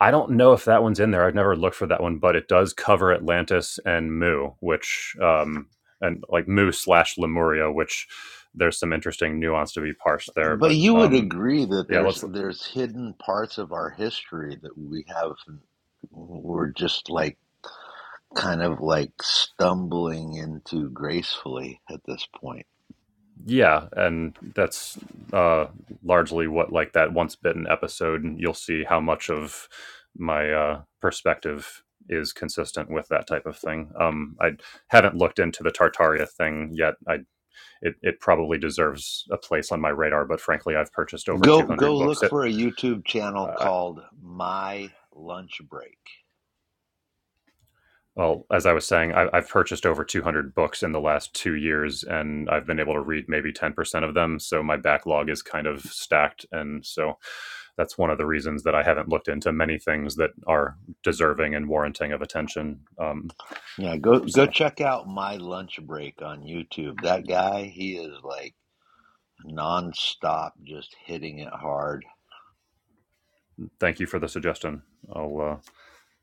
Speaker 1: I don't know if that one's in there. I've never looked for that one, but it does cover Atlantis and Mu, which um, and like Mu slash Lemuria, which there's some interesting nuance to be parsed there.
Speaker 4: But
Speaker 1: But
Speaker 4: you would
Speaker 1: um,
Speaker 4: agree that
Speaker 1: yeah,
Speaker 4: there's
Speaker 1: let's
Speaker 4: there's hidden parts of our history that we have we're just like kind of like stumbling into gracefully at this point.
Speaker 1: yeah, and that's uh, largely what like that once bitten episode. You'll see how much of my uh, perspective is consistent with that type of thing. Um, I haven't looked into the Tartaria thing yet. I it, it probably deserves a place on my radar. But frankly, I've purchased over
Speaker 4: Go
Speaker 1: 200
Speaker 4: go
Speaker 1: books.
Speaker 4: look
Speaker 1: At,
Speaker 4: for a YouTube channel
Speaker 1: uh,
Speaker 4: called My Lunch Break.
Speaker 1: well, as I was saying, I, I've purchased over 200 books in the last two years, and I've been able to read maybe 10% of them. So my backlog is kind of stacked. And so that's one of the reasons that I haven't looked into many things that are deserving and warranting of attention. Um,
Speaker 4: Yeah, go go
Speaker 1: so
Speaker 4: check out My Lunch Break on YouTube. That guy, he is like nonstop just hitting it hard
Speaker 1: thank you for the suggestion. I'll uh,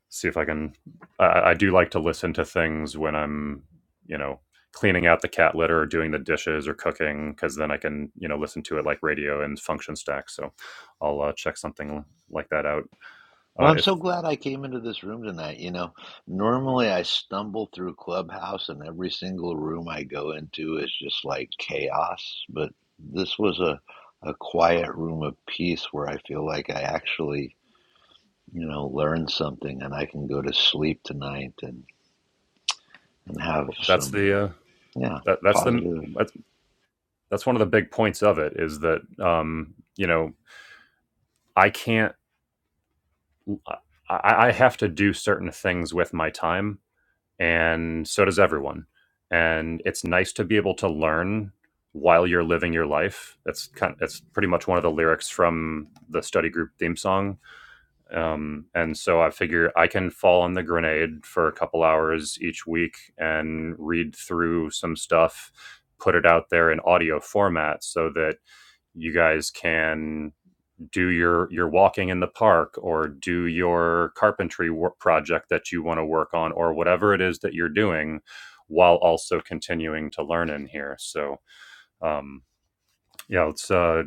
Speaker 1: see if I can. I, I do like to listen to things when I'm, you know, cleaning out the cat litter or doing the dishes or cooking, because then I can, you know, listen to it like radio and function stack. So I'll uh, check something like that out. Uh,
Speaker 4: Well, I'm
Speaker 1: if
Speaker 4: so glad I came into this room tonight. You know, normally I stumble through Clubhouse, and every single room I go into is just like chaos. But this was a, a quiet room of peace where I feel like I actually, you know, learned something and I can go to sleep tonight and, and have
Speaker 1: well, that's
Speaker 4: some,
Speaker 1: the uh,
Speaker 4: yeah,
Speaker 1: that, that's the
Speaker 4: positive.
Speaker 1: that's, that's one of the big points of it is that um, you know I can't I, I have to do certain things with my time and so does everyone. And it's nice to be able to learn while you're living your life. That's kind. of, That's pretty much one of the lyrics from the study group theme song. Um, and so I figure I can fall on the grenade for a couple hours each week and read through some stuff, put it out there in audio format, so that you guys can do your your walking in the park or do your carpentry work project that you want to work on or whatever it is that you're doing while also continuing to learn in here so um yeah let's uh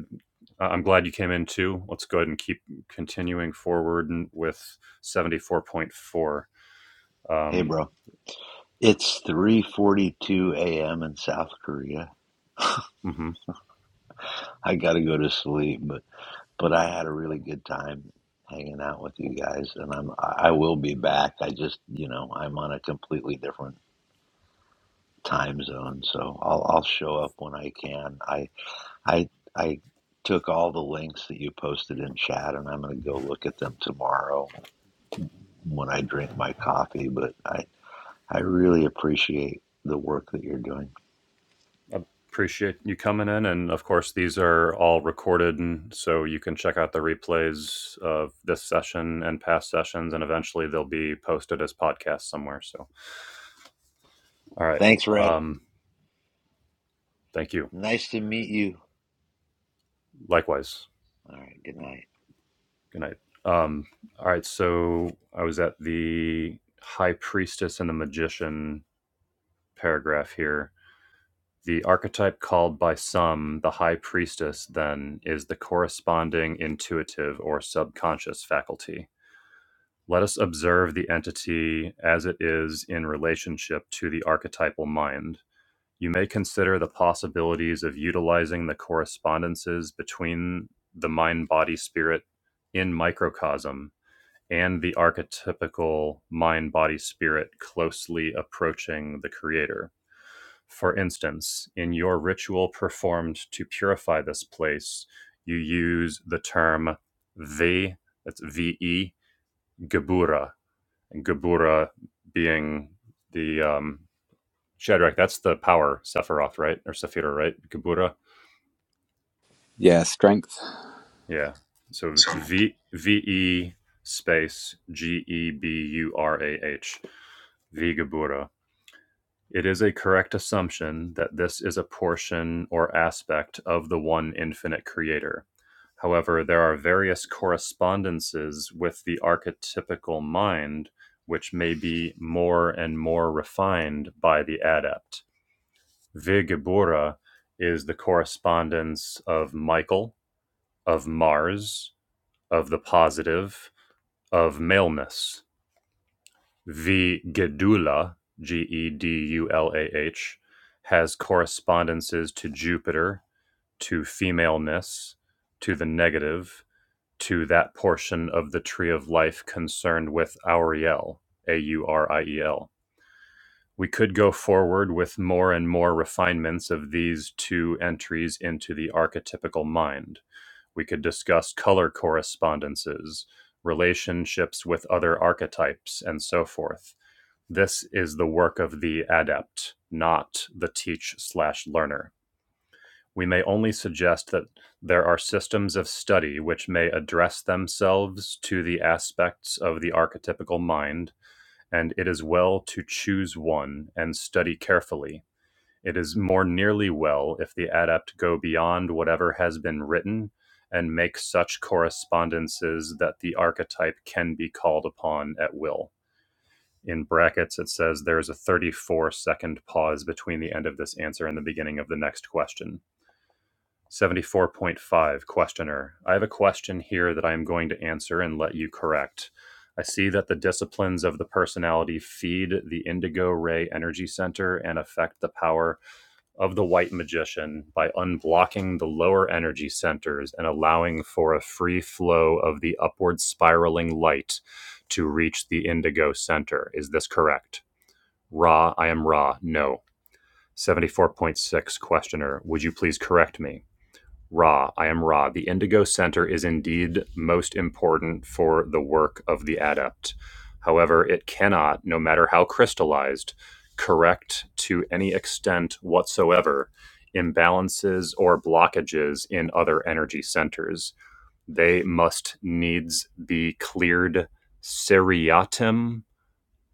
Speaker 1: I- am glad you came in too let's go ahead and keep continuing forward and with 74.4
Speaker 4: Hey,
Speaker 1: um
Speaker 4: bro. It's 3:42 a.m. in South Korea.
Speaker 1: mhm.
Speaker 4: I got to go to sleep, but but I had a really good time hanging out with you guys, and I'm I I will be back. I just you know I'm on a completely different time zone, so I'll I'll show up when I can. I I I took all the links that you posted in chat, and I'm going to go look at them tomorrow when I drink my coffee. But I I really appreciate the work that you're doing.
Speaker 1: Appreciate you coming in. And of course, these are all recorded. And so you can check out the replays of this session and past sessions. And eventually they'll be posted as podcasts somewhere. So, all right.
Speaker 4: Thanks, Red.
Speaker 1: Um, thank you.
Speaker 4: Nice to meet you.
Speaker 1: Likewise.
Speaker 4: All right, good night.
Speaker 1: Good night. Um, all right. So I was at the High Priestess and the Magician paragraph here. The archetype called by some the High Priestess, then, is the corresponding intuitive or subconscious faculty Let us observe the entity as it is in relationship to the archetypal mind. You may consider the possibilities of utilizing the correspondences between the mind body spirit in microcosm and the archetypical mind body spirit closely approaching the creator. For instance, in your ritual performed to purify this place, you use the term ve, that's V E, Gebura and Gebura being the um, Shadrach. That's the power Sephiroth, right, or Sephira, right? Gebura,
Speaker 3: yeah, strength.
Speaker 1: yeah. So V V E space G E B U R A H V Geburah. It is a correct assumption that this is a portion or aspect of the one infinite creator. However, there are various correspondences with the archetypical mind, which may be more and more refined by the adept. Vigebura is the correspondence of Michael, of Mars, of the positive, of maleness V. Gedula G E D U L A H has correspondences to Jupiter, to femaleness, to the negative, to that portion of the tree of life concerned with Auriel, A U R I E L. We could go forward with more and more refinements of these two entries into the archetypical mind. We could discuss color correspondences, relationships with other archetypes, and so forth this is the work of the adept, not the teach slash learner. We may only suggest that there are systems of study which may address themselves to the aspects of the archetypical mind, and it is well to choose one and study carefully. It is more nearly well if the adept go beyond whatever has been written and make such correspondences that the archetype can be called upon at will in brackets it says there is a 34 second pause between the end of this answer and the beginning of the next question 74.5 questioner i have a question here that i am going to answer and let you correct i see that the disciplines of the personality feed the indigo ray energy center and affect the power of the white magician by unblocking the lower energy centers and allowing for a free flow of the upward spiraling light to reach the indigo center is this correct Ra, I am Ra, no. 74.6 Questioner, would you please correct me? Ra, I am Ra. The Indigo Center is indeed most important for the work of the adept. However, it cannot, no matter how crystallized, correct to any extent whatsoever imbalances or blockages in other energy centers. They must needs be cleared seriatim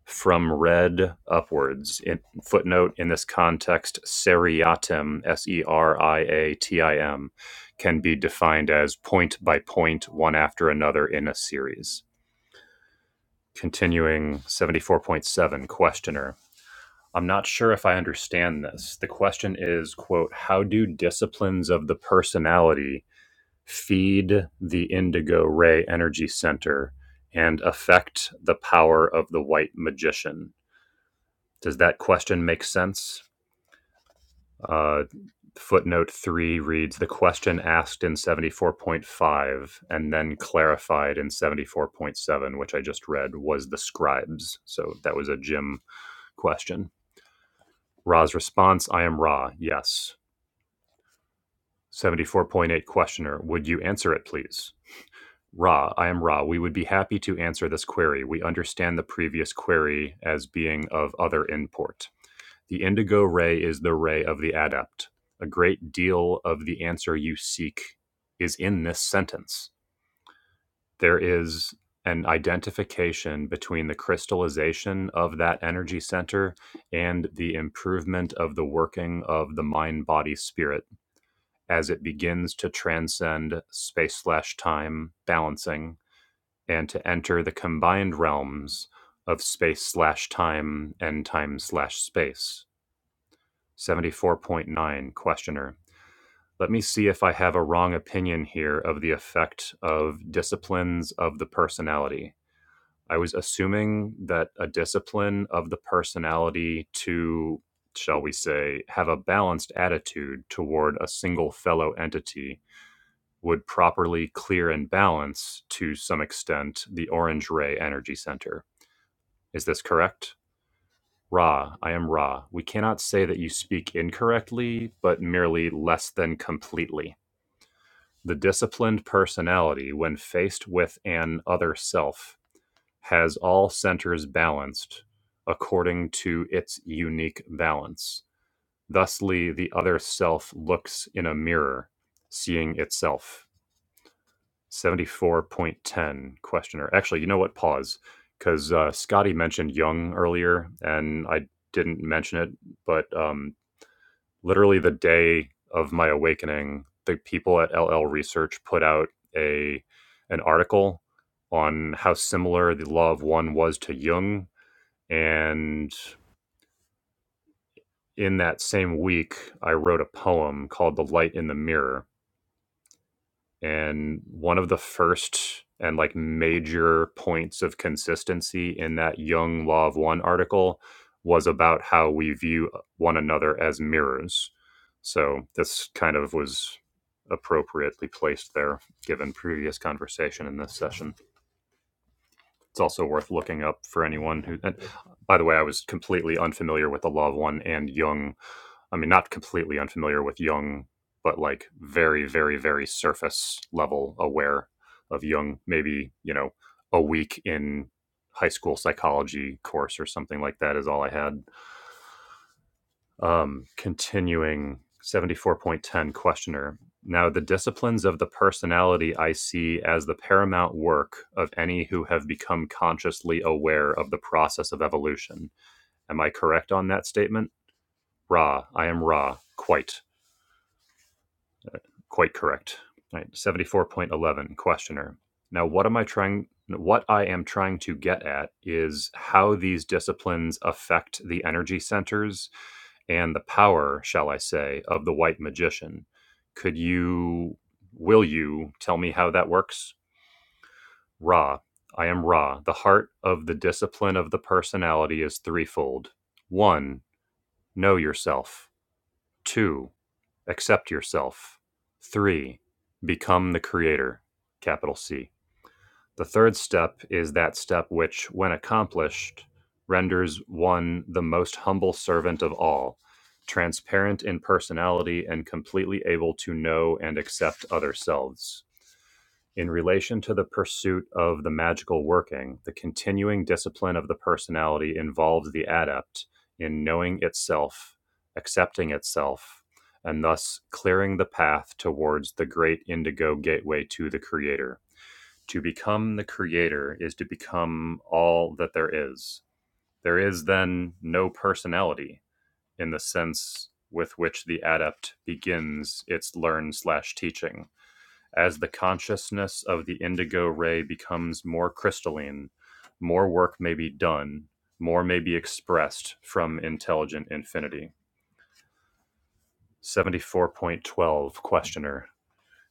Speaker 1: from red upwards. In, footnote in this context, seriatim, S E R I A T I M, can be defined as point by point, one after another in a series. Continuing 74.7, questioner. I'm not sure if I understand this. The question is, quote, how do disciplines of the personality feed the indigo ray energy center and affect the power of the white magician? Does that question make sense? Uh, footnote three reads the question asked in 74.5 and then clarified in 74.7, which I just read, was the scribes. So that was a Jim question. Ra's response I am Ra, yes. 74.8 questioner, would you answer it, please? Ra, I am Ra. We would be happy to answer this query. We understand the previous query as being of other import. The indigo ray is the ray of the adept. A great deal of the answer you seek is in this sentence. There is an identification between the crystallization of that energy center and the improvement of the working of the mind body spirit as it begins to transcend space slash time balancing and to enter the combined realms of space slash time and time slash space 74.9 Questioner. Let me see if I have a wrong opinion here of the effect of disciplines of the personality. I was assuming that a discipline of the personality to, shall we say, have a balanced attitude toward a single fellow entity would properly clear and balance to some extent the orange ray energy center. Is this correct? Ra, I am Ra. We cannot say that you speak incorrectly, but merely less than completely. The disciplined personality, when faced with an other self, has all centers balanced according to its unique balance. Thusly, the other self looks in a mirror, seeing itself. 74.10 questioner. Actually, you know what? Pause. Because uh, Scotty mentioned Jung earlier, and I didn't mention it, but um, literally the day of my awakening, the people at LL Research put out a an article on how similar the law of one was to Jung. And in that same week, I wrote a poem called The Light in the Mirror. and one of the first and like major points of consistency in that Young Law of One article was about how we view uh, one another as mirrors. So this kind of was appropriately placed there given previous conversation in this session. It's also worth looking up for anyone who. And by the way, I was completely unfamiliar with the Loved One and Jung. I mean, not completely unfamiliar with Jung, but like very, very, very surface level aware of Jung. Maybe you know a week in high school psychology course or something like that is all I had um, continuing 74.10 questioner. Now, the disciplines of the personality I see as the paramount work of any who have become consciously aware of the process of evolution. Am I correct on that statement? Ra, I am Ra, quite. Quite correct. All right, 74.11 questioner. Now what am I trying what I am trying to get at is how these disciplines affect the energy centers and the power, shall I say, of the white magician. Could you will you tell me how that works? Ra. I am Ra. The heart of the discipline of the personality is threefold. 1. Know yourself. 2. Accept yourself. 3. Become the creator. Capital C. The third step is that step which, when accomplished, renders one the most humble servant of all, transparent in personality and completely able to know and accept other selves in relation to the pursuit of the magical working, the continuing discipline of the personality involves the adept in knowing itself, accepting itself, and thus clearing the path towards the great indigo gateway to the creator. To become the creator is to become all that there is. There is then no personality in the sense with which the adept begins its learn slash teaching. As the consciousness of the indigo ray becomes more crystalline, more work may be done, more may be expressed from intelligent infinity. 74.12 Questioner.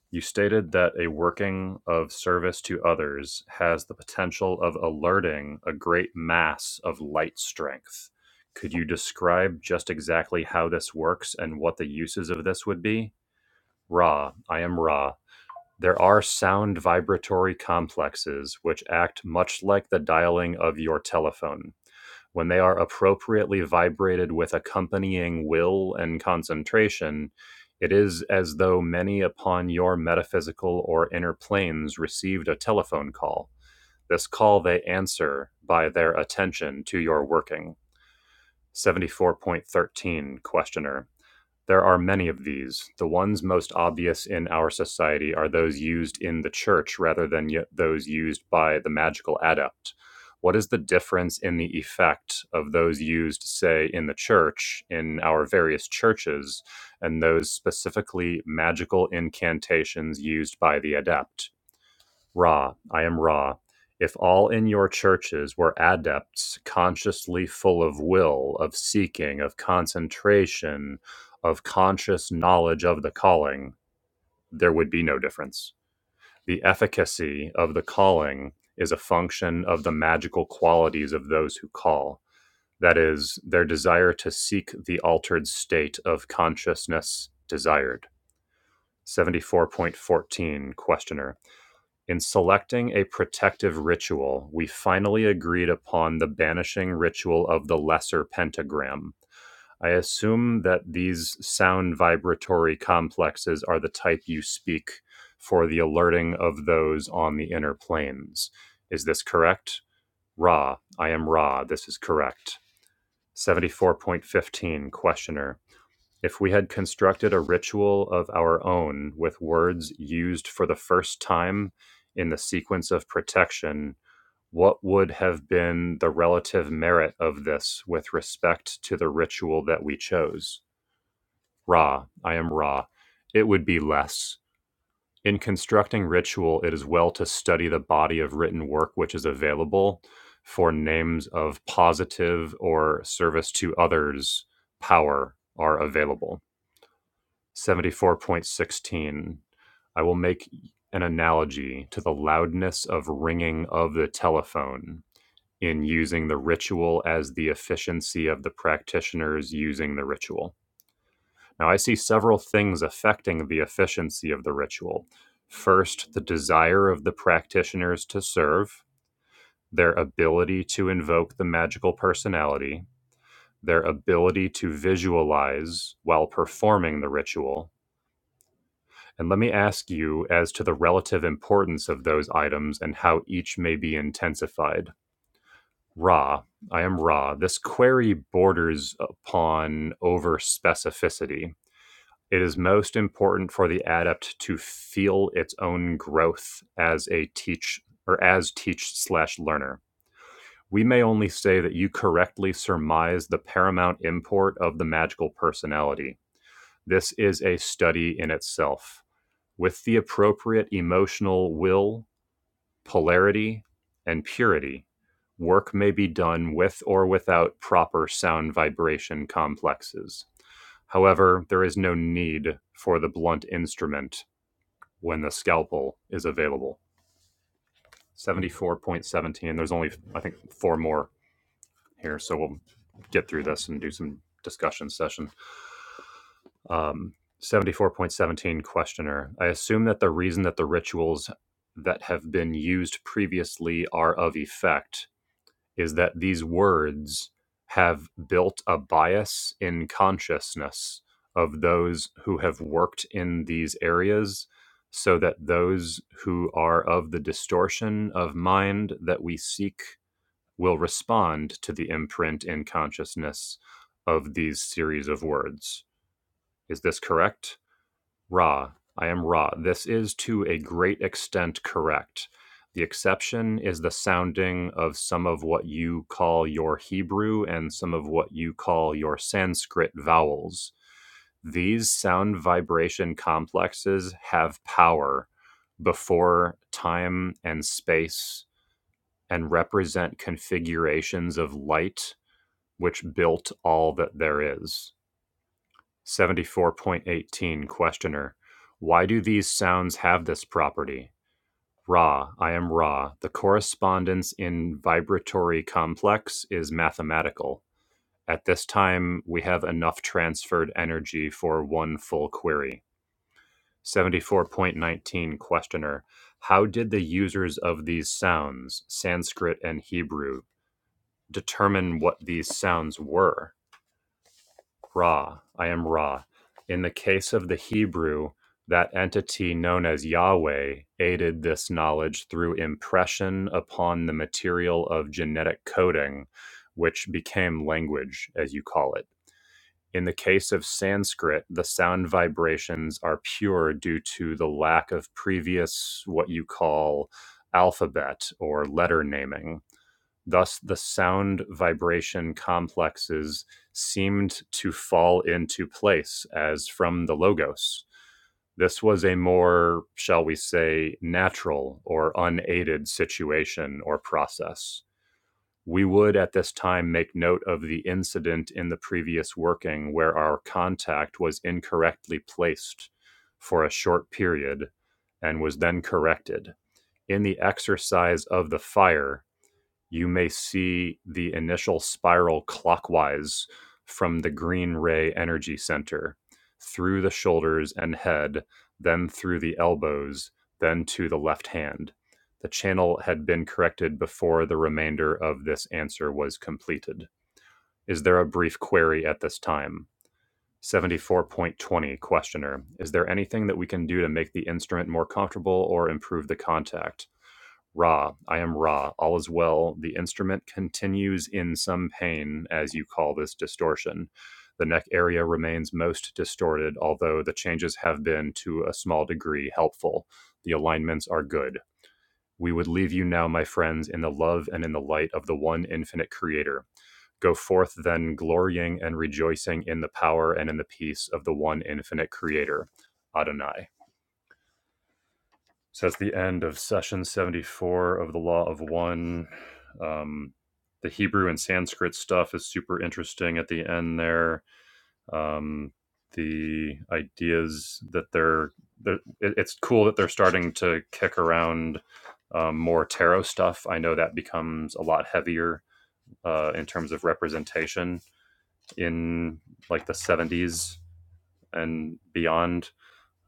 Speaker 1: You stated that a working of service to others has the potential of alerting a great mass of light strength. Could you describe just exactly how this works and what the uses of this would be? Ra, I am Ra. There are sound vibratory complexes which act much like the dialing of your telephone. When they are appropriately vibrated with accompanying will and concentration, it is as though many upon your metaphysical or inner planes received a telephone call. This call they answer by their attention to your working. 74.13 Questioner there are many of these. The ones most obvious in our society are those used in the church rather than y- those used by the magical adept. What is the difference in the effect of those used, say, in the church, in our various churches, and those specifically magical incantations used by the adept? Ra, I am Ra. If all in your churches were adepts, consciously full of will, of seeking, of concentration, of conscious knowledge of the calling, there would be no difference. The efficacy of the calling is a function of the magical qualities of those who call. That is, their desire to seek the altered state of consciousness desired. 74.14 Questioner. In selecting a protective ritual, we finally agreed upon the banishing ritual of the Lesser Pentagram. I assume that these sound vibratory complexes are the type you speak for the alerting of those on the inner planes. Is this correct? Ra, I am Ra, this is correct. 74.15 Questioner. If we had constructed a ritual of our own with words used for the first time in the sequence of protection, what would have been the relative merit of this with respect to the ritual that we chose? Ra, I am Ra. It would be less. In constructing ritual, it is well to study the body of written work which is available for names of positive or service to others power are available 74.16 I will make an analogy to the loudness of ringing of the telephone in using the ritual as the efficiency of the practitioners using the ritual. Now, I see several things affecting the efficiency of the ritual. First, the desire of the practitioners to serve, their ability to invoke the magical personality, their ability to visualize while performing the ritual, And let me ask you as to the relative importance of those items and how each may be intensified. Ra, I am Ra. This query borders upon over specificity. It is most important for the adept to feel its own growth as a teach or as teach slash learner. We may only say that you correctly surmise the paramount import of the magical personality. This is a study in itself with the appropriate emotional will, polarity, and purity, work may be done with or without proper sound vibration complexes. However, there is no need for the blunt instrument when the scalpel is available. 74.17, there's only, I think, four more here, so we'll get through this and do some discussion session. Um, 74.17 questioner. I assume that the reason that the rituals that have been used previously are of effect is that these words have built a bias in consciousness of those who have worked in these areas so that those who are of the distortion of mind that we seek will respond to the imprint in consciousness of these series of words. Is this correct? Ra. I am Ra. This is to a great extent correct. The exception is the sounding of some of what you call your Hebrew and some of what you call your Sanskrit vowels. These sound vibration complexes have power before time and space and represent configurations of light which built all that there is. 74.18 Questioner. Why do these sounds have this property? Ra, I am Ra. The correspondence in vibratory complex is mathematical. At this time, we have enough transferred energy for one full query. 74.19 Questioner. How did the users of these sounds, Sanskrit and Hebrew, determine what these sounds were? Ra. I am Ra. In the case of the Hebrew, that entity known as Yahweh aided this knowledge through impression upon the material of genetic coding, which became language, as you call it. In the case of Sanskrit, the sound vibrations are pure due to the lack of previous, what you call, alphabet or letter naming Thus, the sound vibration complexes seemed to fall into place as from the Logos. This was a more, shall we say, natural or unaided situation or process. We would at this time make note of the incident in the previous working where our contact was incorrectly placed for a short period and was then corrected. In the exercise of the fire, you may see the initial spiral clockwise from the green ray energy center through the shoulders and head, then through the elbows, then to the left hand. The channel had been corrected before the remainder of this answer was completed. Is there a brief query at this time? 74.20 Questioner Is there anything that we can do to make the instrument more comfortable or improve the contact? Ra, I am Ra, all is well. The instrument continues in some pain, as you call this distortion. The neck area remains most distorted, although the changes have been, to a small degree, helpful. The alignments are good. We would leave you now, my friends, in the love and in the light of the one infinite Creator. Go forth then, glorying and rejoicing in the power and in the peace of the one infinite Creator, Adonai. So that's the end of session 74 of the Law of One. Um, the Hebrew and Sanskrit stuff is super interesting at the end there. Um, the ideas that they're, they're it, it's cool that they're starting to kick around um, more tarot stuff. I know that becomes a lot heavier uh, in terms of representation in like the 70s and beyond.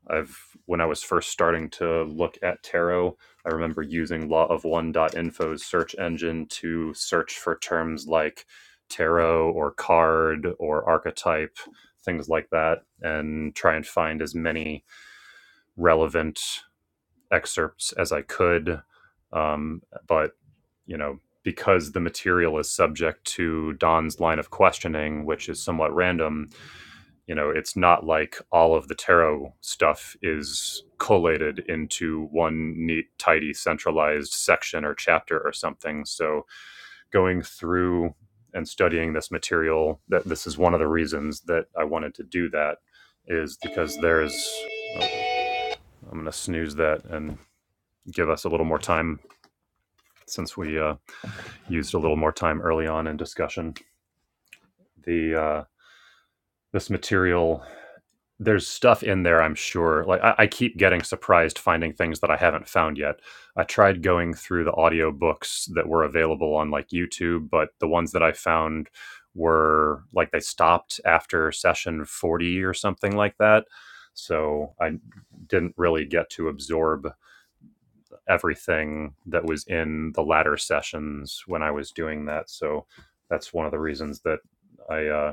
Speaker 1: I've when I was first starting to look at tarot, I remember using law of One dot info's search engine to search for terms like tarot or card or archetype, things like that, and try and find as many relevant excerpts as I could. Um, but you know, because the material is subject to Don's line of questioning, which is somewhat random, you know it's not like all of the tarot stuff is collated into one neat tidy centralized section or chapter or something so going through and studying this material that this is one of the reasons that i wanted to do that is because there's i'm going to snooze that and give us a little more time since we uh, used a little more time early on in discussion the uh, this material There's stuff in there, I'm sure. Like I, I keep getting surprised finding things that I haven't found yet. I tried going through the audiobooks that were available on like YouTube, but the ones that I found were like they stopped after session 40 or something like that. So I didn't really get to absorb everything that was in the latter sessions when I was doing that. So that's one of the reasons that I uh,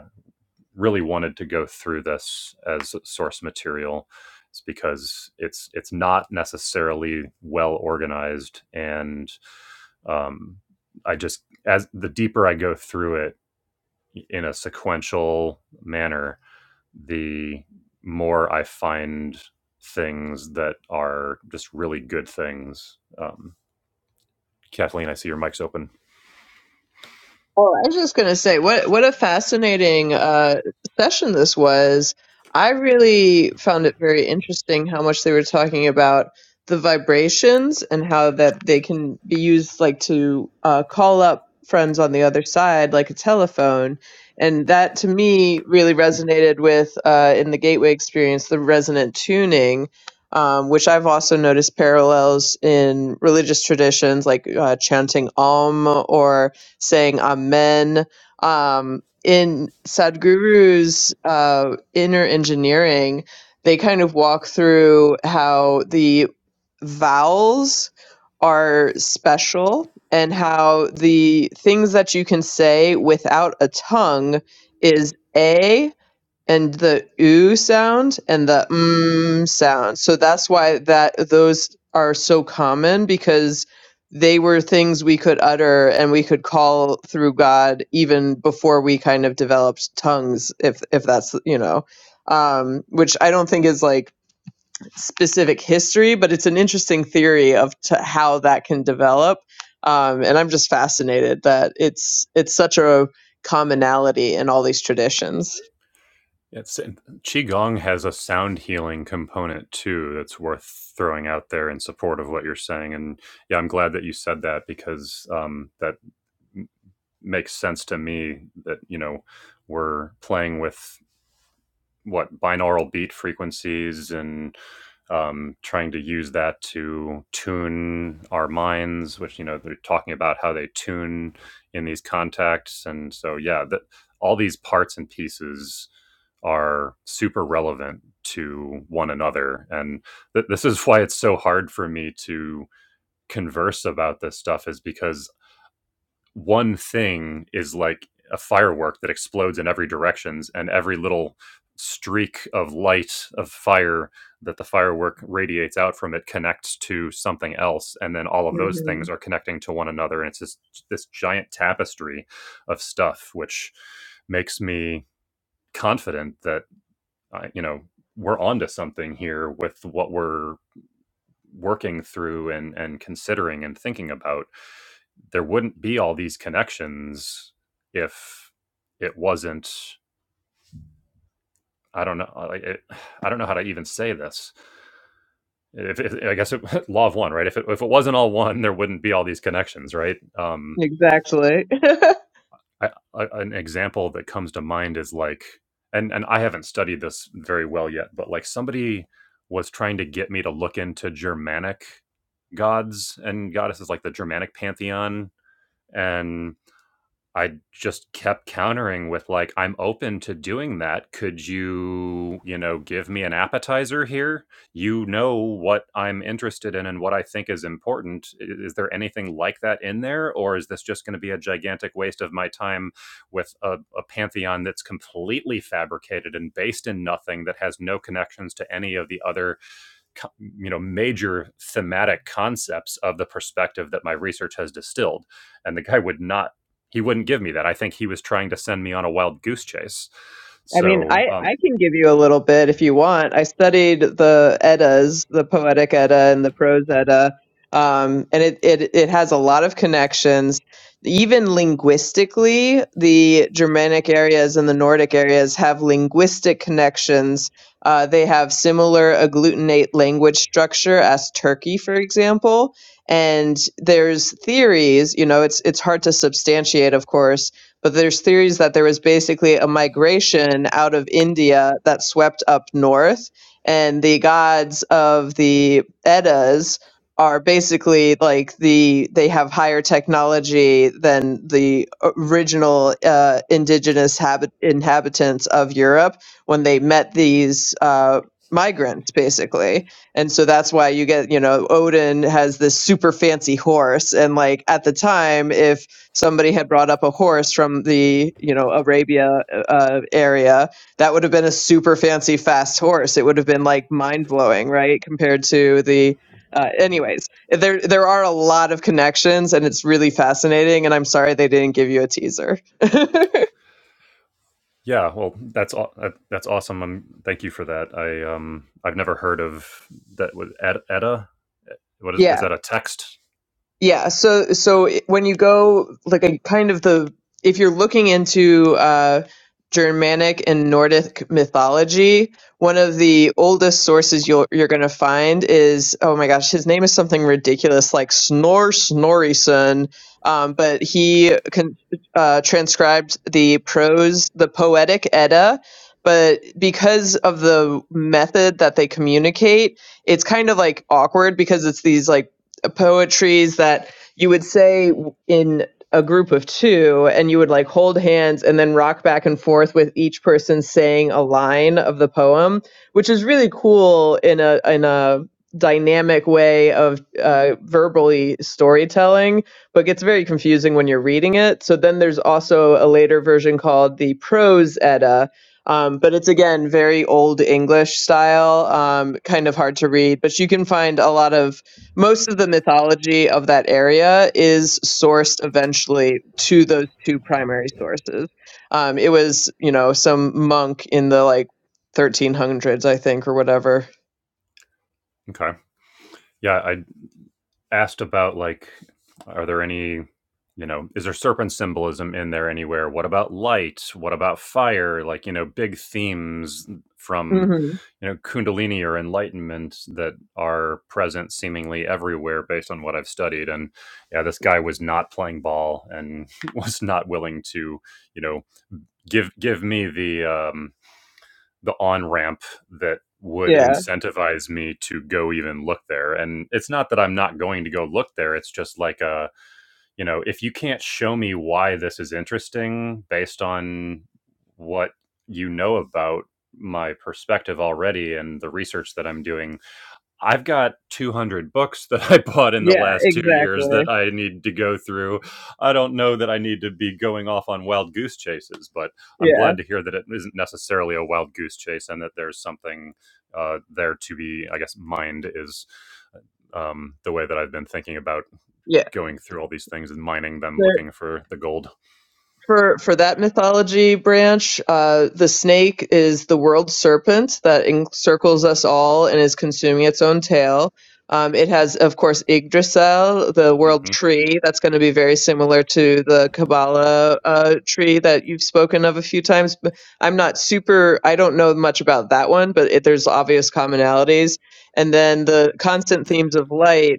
Speaker 1: really wanted to go through this as source material is because it's it's not necessarily well organized and um, I just as the deeper I go through it in a sequential manner, the more I find things that are just really good things. Um, Kathleen, I see your mic's open.
Speaker 2: Oh, I was just gonna say, what what a fascinating uh, session this was. I really found it very interesting how much they were talking about the vibrations and how that they can be used like to uh, call up friends on the other side, like a telephone. And that to me really resonated with uh, in the gateway experience the resonant tuning. Um, which I've also noticed parallels in religious traditions like uh, chanting Om or saying amen. Um, in Sadhguru's uh, inner engineering, they kind of walk through how the vowels are special and how the things that you can say without a tongue is a and the oo sound and the mm sound. So that's why that those are so common because they were things we could utter and we could call through God even before we kind of developed tongues if if that's you know um which I don't think is like specific history but it's an interesting theory of t- how that can develop um and I'm just fascinated that it's it's such a commonality in all these traditions.
Speaker 1: It's and qigong has a sound healing component too that's worth throwing out there in support of what you're saying. And yeah, I'm glad that you said that because um, that m- makes sense to me. That you know we're playing with what binaural beat frequencies and um, trying to use that to tune our minds, which you know they're talking about how they tune in these contacts, and so yeah, that all these parts and pieces are super relevant to one another, and th- this is why it's so hard for me to converse about this stuff, is because one thing is like a firework that explodes in every directions and every little streak of light of fire that the firework radiates out from it connects to something else and then all of those things are connecting to one another and it's just this giant tapestry of stuff which makes me confident that uh, you know we're onto something here with what we're working through and and considering and thinking about there wouldn't be all these connections if it wasn't i don't know like, it, (sighs) i don't know how to even say this if, if i guess it, (laughs) law of one right if it, if it wasn't all one there wouldn't be all these connections right um
Speaker 2: Exactly. (laughs)
Speaker 1: I, I, an example that comes to mind is like and and i haven't studied this very well yet but like somebody was trying to get me to look into germanic gods and goddesses like the germanic pantheon and I just kept countering with like, "I'm open to doing that. Could you, you know, give me an appetizer here? You know what I'm interested in and what I think is important. I- Is there anything like that in there, or is this just going to be a gigantic waste of my time with a, a pantheon that's completely fabricated and based in nothing that has no connections to any of the other you know major thematic concepts of the perspective that my research has distilled and the guy would not he wouldn't give me that i think he was trying to send me on a wild goose chase
Speaker 2: I mean,
Speaker 1: so
Speaker 2: I,
Speaker 1: um
Speaker 2: I can give you a little bit if you want. I studied the Eddas, the poetic Edda and the prose Edda, um, and it, it, it has a lot of connections. Even linguistically, the Germanic areas and the Nordic areas have linguistic connections. Uh, they have similar agglutinate language structure as Turkey, for example. And there's theories, you know, it's it's hard to substantiate, of course, but there's theories that there was basically a migration out of India that swept up north, and the gods of the Eddas are basically like the they have higher technology than the original uh, indigenous habit inhabitants of Europe when they met these uh, migrants basically and so that's why you get you know Odin has this super fancy horse and like at the time if somebody had brought up a horse from the you know arabia uh, area that would have been a super fancy fast horse it would have been like mind-blowing right compared to the uh, anyways there there are a lot of connections and it's really fascinating and i'm sorry they didn't give you a teaser (laughs)
Speaker 1: yeah well that's all that's awesome um, thank you for that i um i've never heard of that was edda what is
Speaker 2: yeah
Speaker 1: is that a text
Speaker 2: Yeah, so so when you go like a kind of the if you're looking into uh Germanic and Nordic mythology, one of the oldest sources you'll you're going to find is oh my gosh, his name is something ridiculous like Snor Snorrison, um but he con- uh transcribed the prose, the poetic Edda, but because of the method that they communicate, it's kind of like awkward because it's these like poetries that you would say in a group of two and you would like hold hands and then rock back and forth with each person saying a line of the poem which is really cool in a in a dynamic way of uh, verbally storytelling but gets very confusing when you're reading it so then there's also a later version called the prose edda um, but it's again very old english style um, kind of hard to read but you can find a lot of most of the mythology of that area is sourced eventually to those two primary sources. Um, it was, you know, some monk in the like 1300s, I think, or whatever.
Speaker 1: okay yeah i asked about like are there any you know is there serpent symbolism in there anywhere what about light what about fire like you know big themes from
Speaker 2: hmm
Speaker 1: you know kundalini or enlightenment that are present seemingly everywhere based on what i've studied and yeah this guy was not playing ball and (laughs) was not willing to you know give give me the um the on ramp that would
Speaker 2: Yeah.
Speaker 1: incentivize me to go even look there. And it's not that I'm not going to go look there. It's just like a, you know, if you can't show me why this is interesting based on what you know about my perspective already and the research that I'm doing, I've got 200 books that I (laughs) bought in the
Speaker 2: Yeah.
Speaker 1: last two years
Speaker 2: Exactly.
Speaker 1: that I need to go through. I don't know that I need to be going off on wild goose chases, but I'm
Speaker 2: Yeah.
Speaker 1: glad to hear that it isn't necessarily a wild goose chase and that there's something uh, there to be, I guess, mined is uh, um, the way that I've been thinking about
Speaker 2: Yeah.
Speaker 1: going through all these things and mining them,
Speaker 2: So
Speaker 1: looking for the gold.
Speaker 2: For for that mythology branch, uh, the snake is the world serpent that encircles us all and is consuming its own tail. Um, it has, of course, Yggdrasil, the
Speaker 1: Mm-hmm.
Speaker 2: world tree. That's going to be very similar to the Kabbalah uh, tree that you've spoken of a few times. But I'm not super. I don't know much about that one, but it, there's obvious commonalities. And then the constant themes of light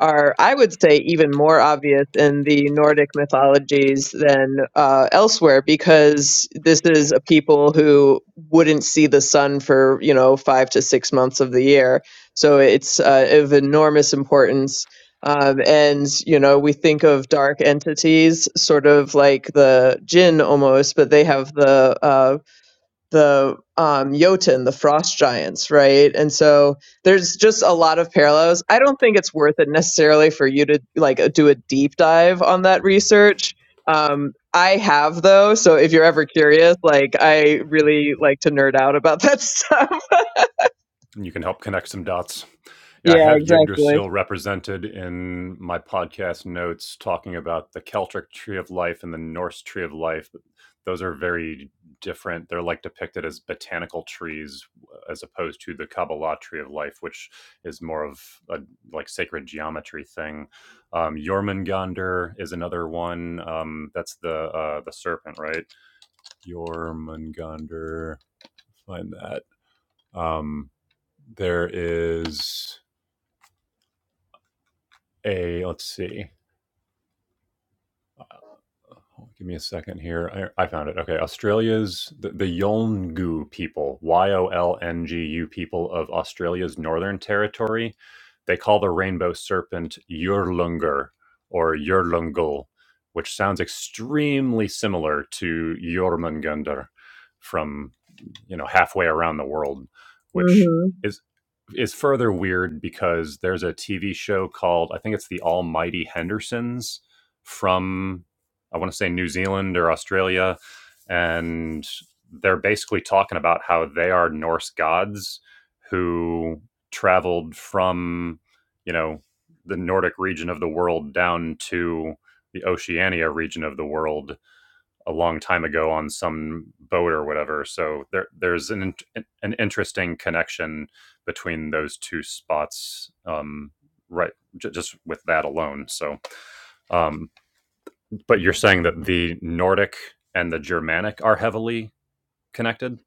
Speaker 2: are, I would say, even more obvious in the Nordic mythologies than uh, elsewhere because this is a people who wouldn't see the sun for, you know, five to six months of the year. So it's uh, of enormous importance. Um, and, you know, we think of dark entities sort of like the jinn almost, but they have the uh, the um, Jotun, the frost giants, right? And so there's just a lot of parallels. I don't think it's worth it necessarily for you to like do a deep dive on that research. Um, I have though, so if you're ever curious, like I really like to nerd out about that (laughs) stuff.
Speaker 1: and you can help connect some dots. Yeah, I
Speaker 2: Yeah,
Speaker 1: have
Speaker 2: exactly.
Speaker 1: Yggdrasil represented in my podcast notes talking about the Celtic tree of life and the Norse tree of life. But those are very different. They're like depicted as botanical trees as opposed to the Kabbalah tree of life, which is more of a like sacred geometry thing. Um, Jormungandr is another one. Um, that's the uh, the serpent, right? Jormungandr. Find that. Um, there is a let's see. Give me a second here. I, I found it. Okay. Australia's, the, the Yolngu people, Y O L N G U people of Australia's Northern Territory, they call the rainbow serpent Yurlungur or Yurlungul, which sounds extremely similar to Jormungandr from, you know, halfway around the world, which
Speaker 2: hmm
Speaker 1: is is further weird because there's a TV show called I think it's The Almighty Hendersons from I want to say New Zealand or Australia, and they're basically talking about how they are Norse gods who traveled from, you know, the Nordic region of the world down to the Oceania region of the world a long time ago on some boat or whatever. So there, there's an an interesting connection between those two spots, um, right? j- Just with that alone. So um, but you're saying that the Nordic and the Germanic are heavily connected,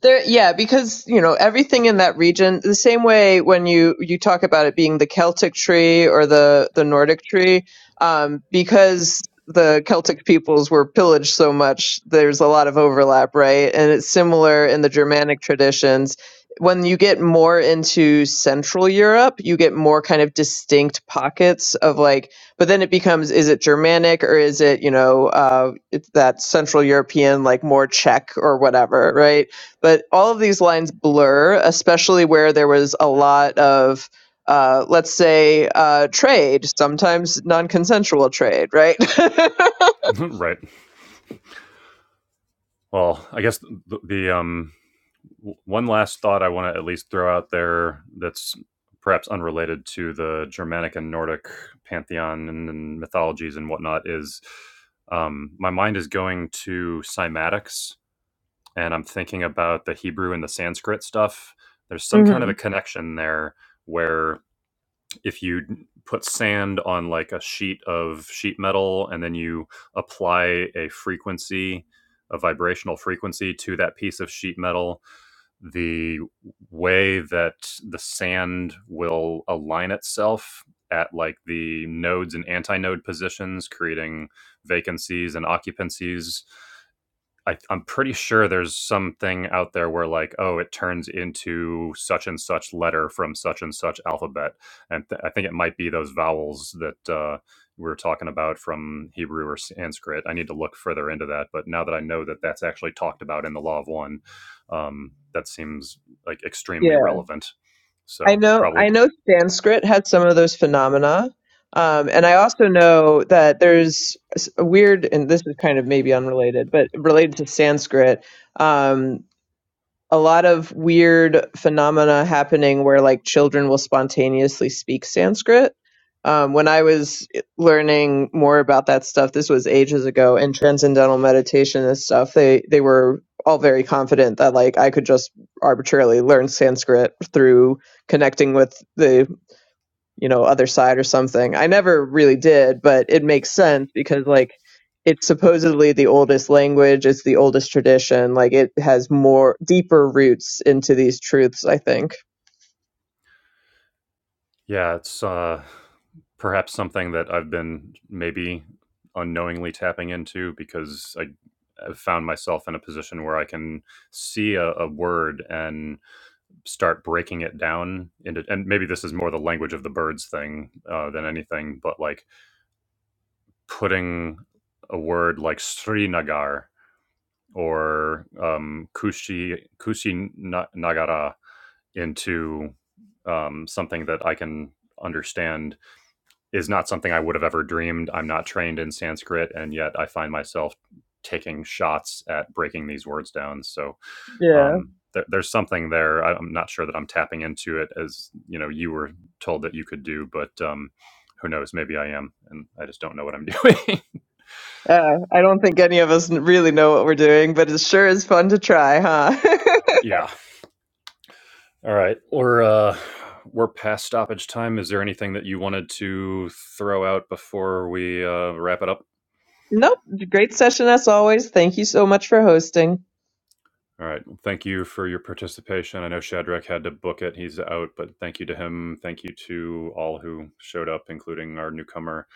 Speaker 2: There, yeah, because you know everything in that region. The same way when you you talk about it being the Celtic tree or the the Nordic tree, um, because the Celtic peoples were pillaged so much. There's a lot of overlap, right? And it's similar in the Germanic traditions. When you get more into Central Europe, you get more kind of distinct pockets of like. But then it becomes: is it Germanic or is it you know uh, it's that Central European, like more Czech or whatever, right? but all of these lines blur, especially where there was a lot of, uh, let's say, uh, trade, sometimes non-consensual trade, right? (laughs)
Speaker 1: (laughs) right? Well, I guess the, the um, w- one last thought I want to at least throw out there that's perhaps unrelated to the Germanic and Nordic pantheon and, and mythologies and whatnot is um, my mind is going to cymatics and I'm thinking about the Hebrew and the Sanskrit stuff. There's some kind of
Speaker 2: hmm
Speaker 1: a connection there where if you put sand on like a sheet of sheet metal and then you apply a frequency, a vibrational frequency to that piece of sheet metal, the way that the sand will align itself at like the nodes and antinode positions, creating vacancies and occupancies I, I'm pretty sure there's something out there where like, oh, it turns into such and such letter from such and such alphabet, and th- I think it might be those vowels that uh, we were talking about from Hebrew or Sanskrit. I need to look further into that, but now that I know that that's actually talked about in the Law of One, um, that seems like extremely
Speaker 2: Yeah,
Speaker 1: relevant.
Speaker 2: I
Speaker 1: So
Speaker 2: know.
Speaker 1: probably
Speaker 2: I know Sanskrit had some of those phenomena, um, and I also know that there's a s- a weird, and this is kind of maybe unrelated, but related to Sanskrit. Um, a lot of weird phenomena happening where like children will spontaneously speak Sanskrit. Um, when I was learning more about that stuff, this was ages ago, and transcendental meditation and stuff, they they were all very confident that like I could just arbitrarily learn Sanskrit through connecting with the you know, other side or something. I never really did, but it makes sense because like it's supposedly the oldest language, it's the oldest tradition, like it has more deeper roots into these truths, I think.
Speaker 1: Yeah, it's uh, perhaps something that I've been maybe unknowingly tapping into because I have found myself in a position where I can see a, a word and start breaking it down into, and maybe this is more the language of the birds thing uh, than anything, but like putting a word like Srinagar or um, Kushi Kushi Nagara into um, something that I can understand is not something I would have ever dreamed. I'm not trained in Sanskrit, and yet I find myself taking shots at breaking these words down. So
Speaker 2: Yeah.
Speaker 1: um, there, there's something there. I- am not sure that I'm tapping into it as you know you were told that you could do, but um, who knows? Maybe I am, and I just don't know what I'm doing.
Speaker 2: Uh, I don't think any of us n- really know what we're doing, but it sure is fun to try, huh?
Speaker 1: (laughs) yeah. All right. Or uh, we're past stoppage time. Is there anything that you wanted to throw out before we uh, wrap it up?
Speaker 2: (laughs) nope. Great session as always. Thank you so much for hosting.
Speaker 1: All right. Well, thank you for your participation. I know Shadrach had to book it. He's out, but thank you to him. Thank you to all who showed up, including our newcomer.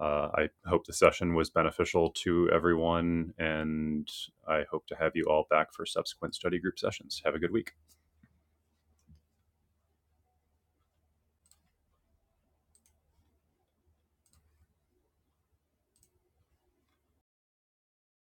Speaker 1: Uh, I hope the session was beneficial to everyone, and I hope to have you all back for subsequent study group sessions. Have a good week.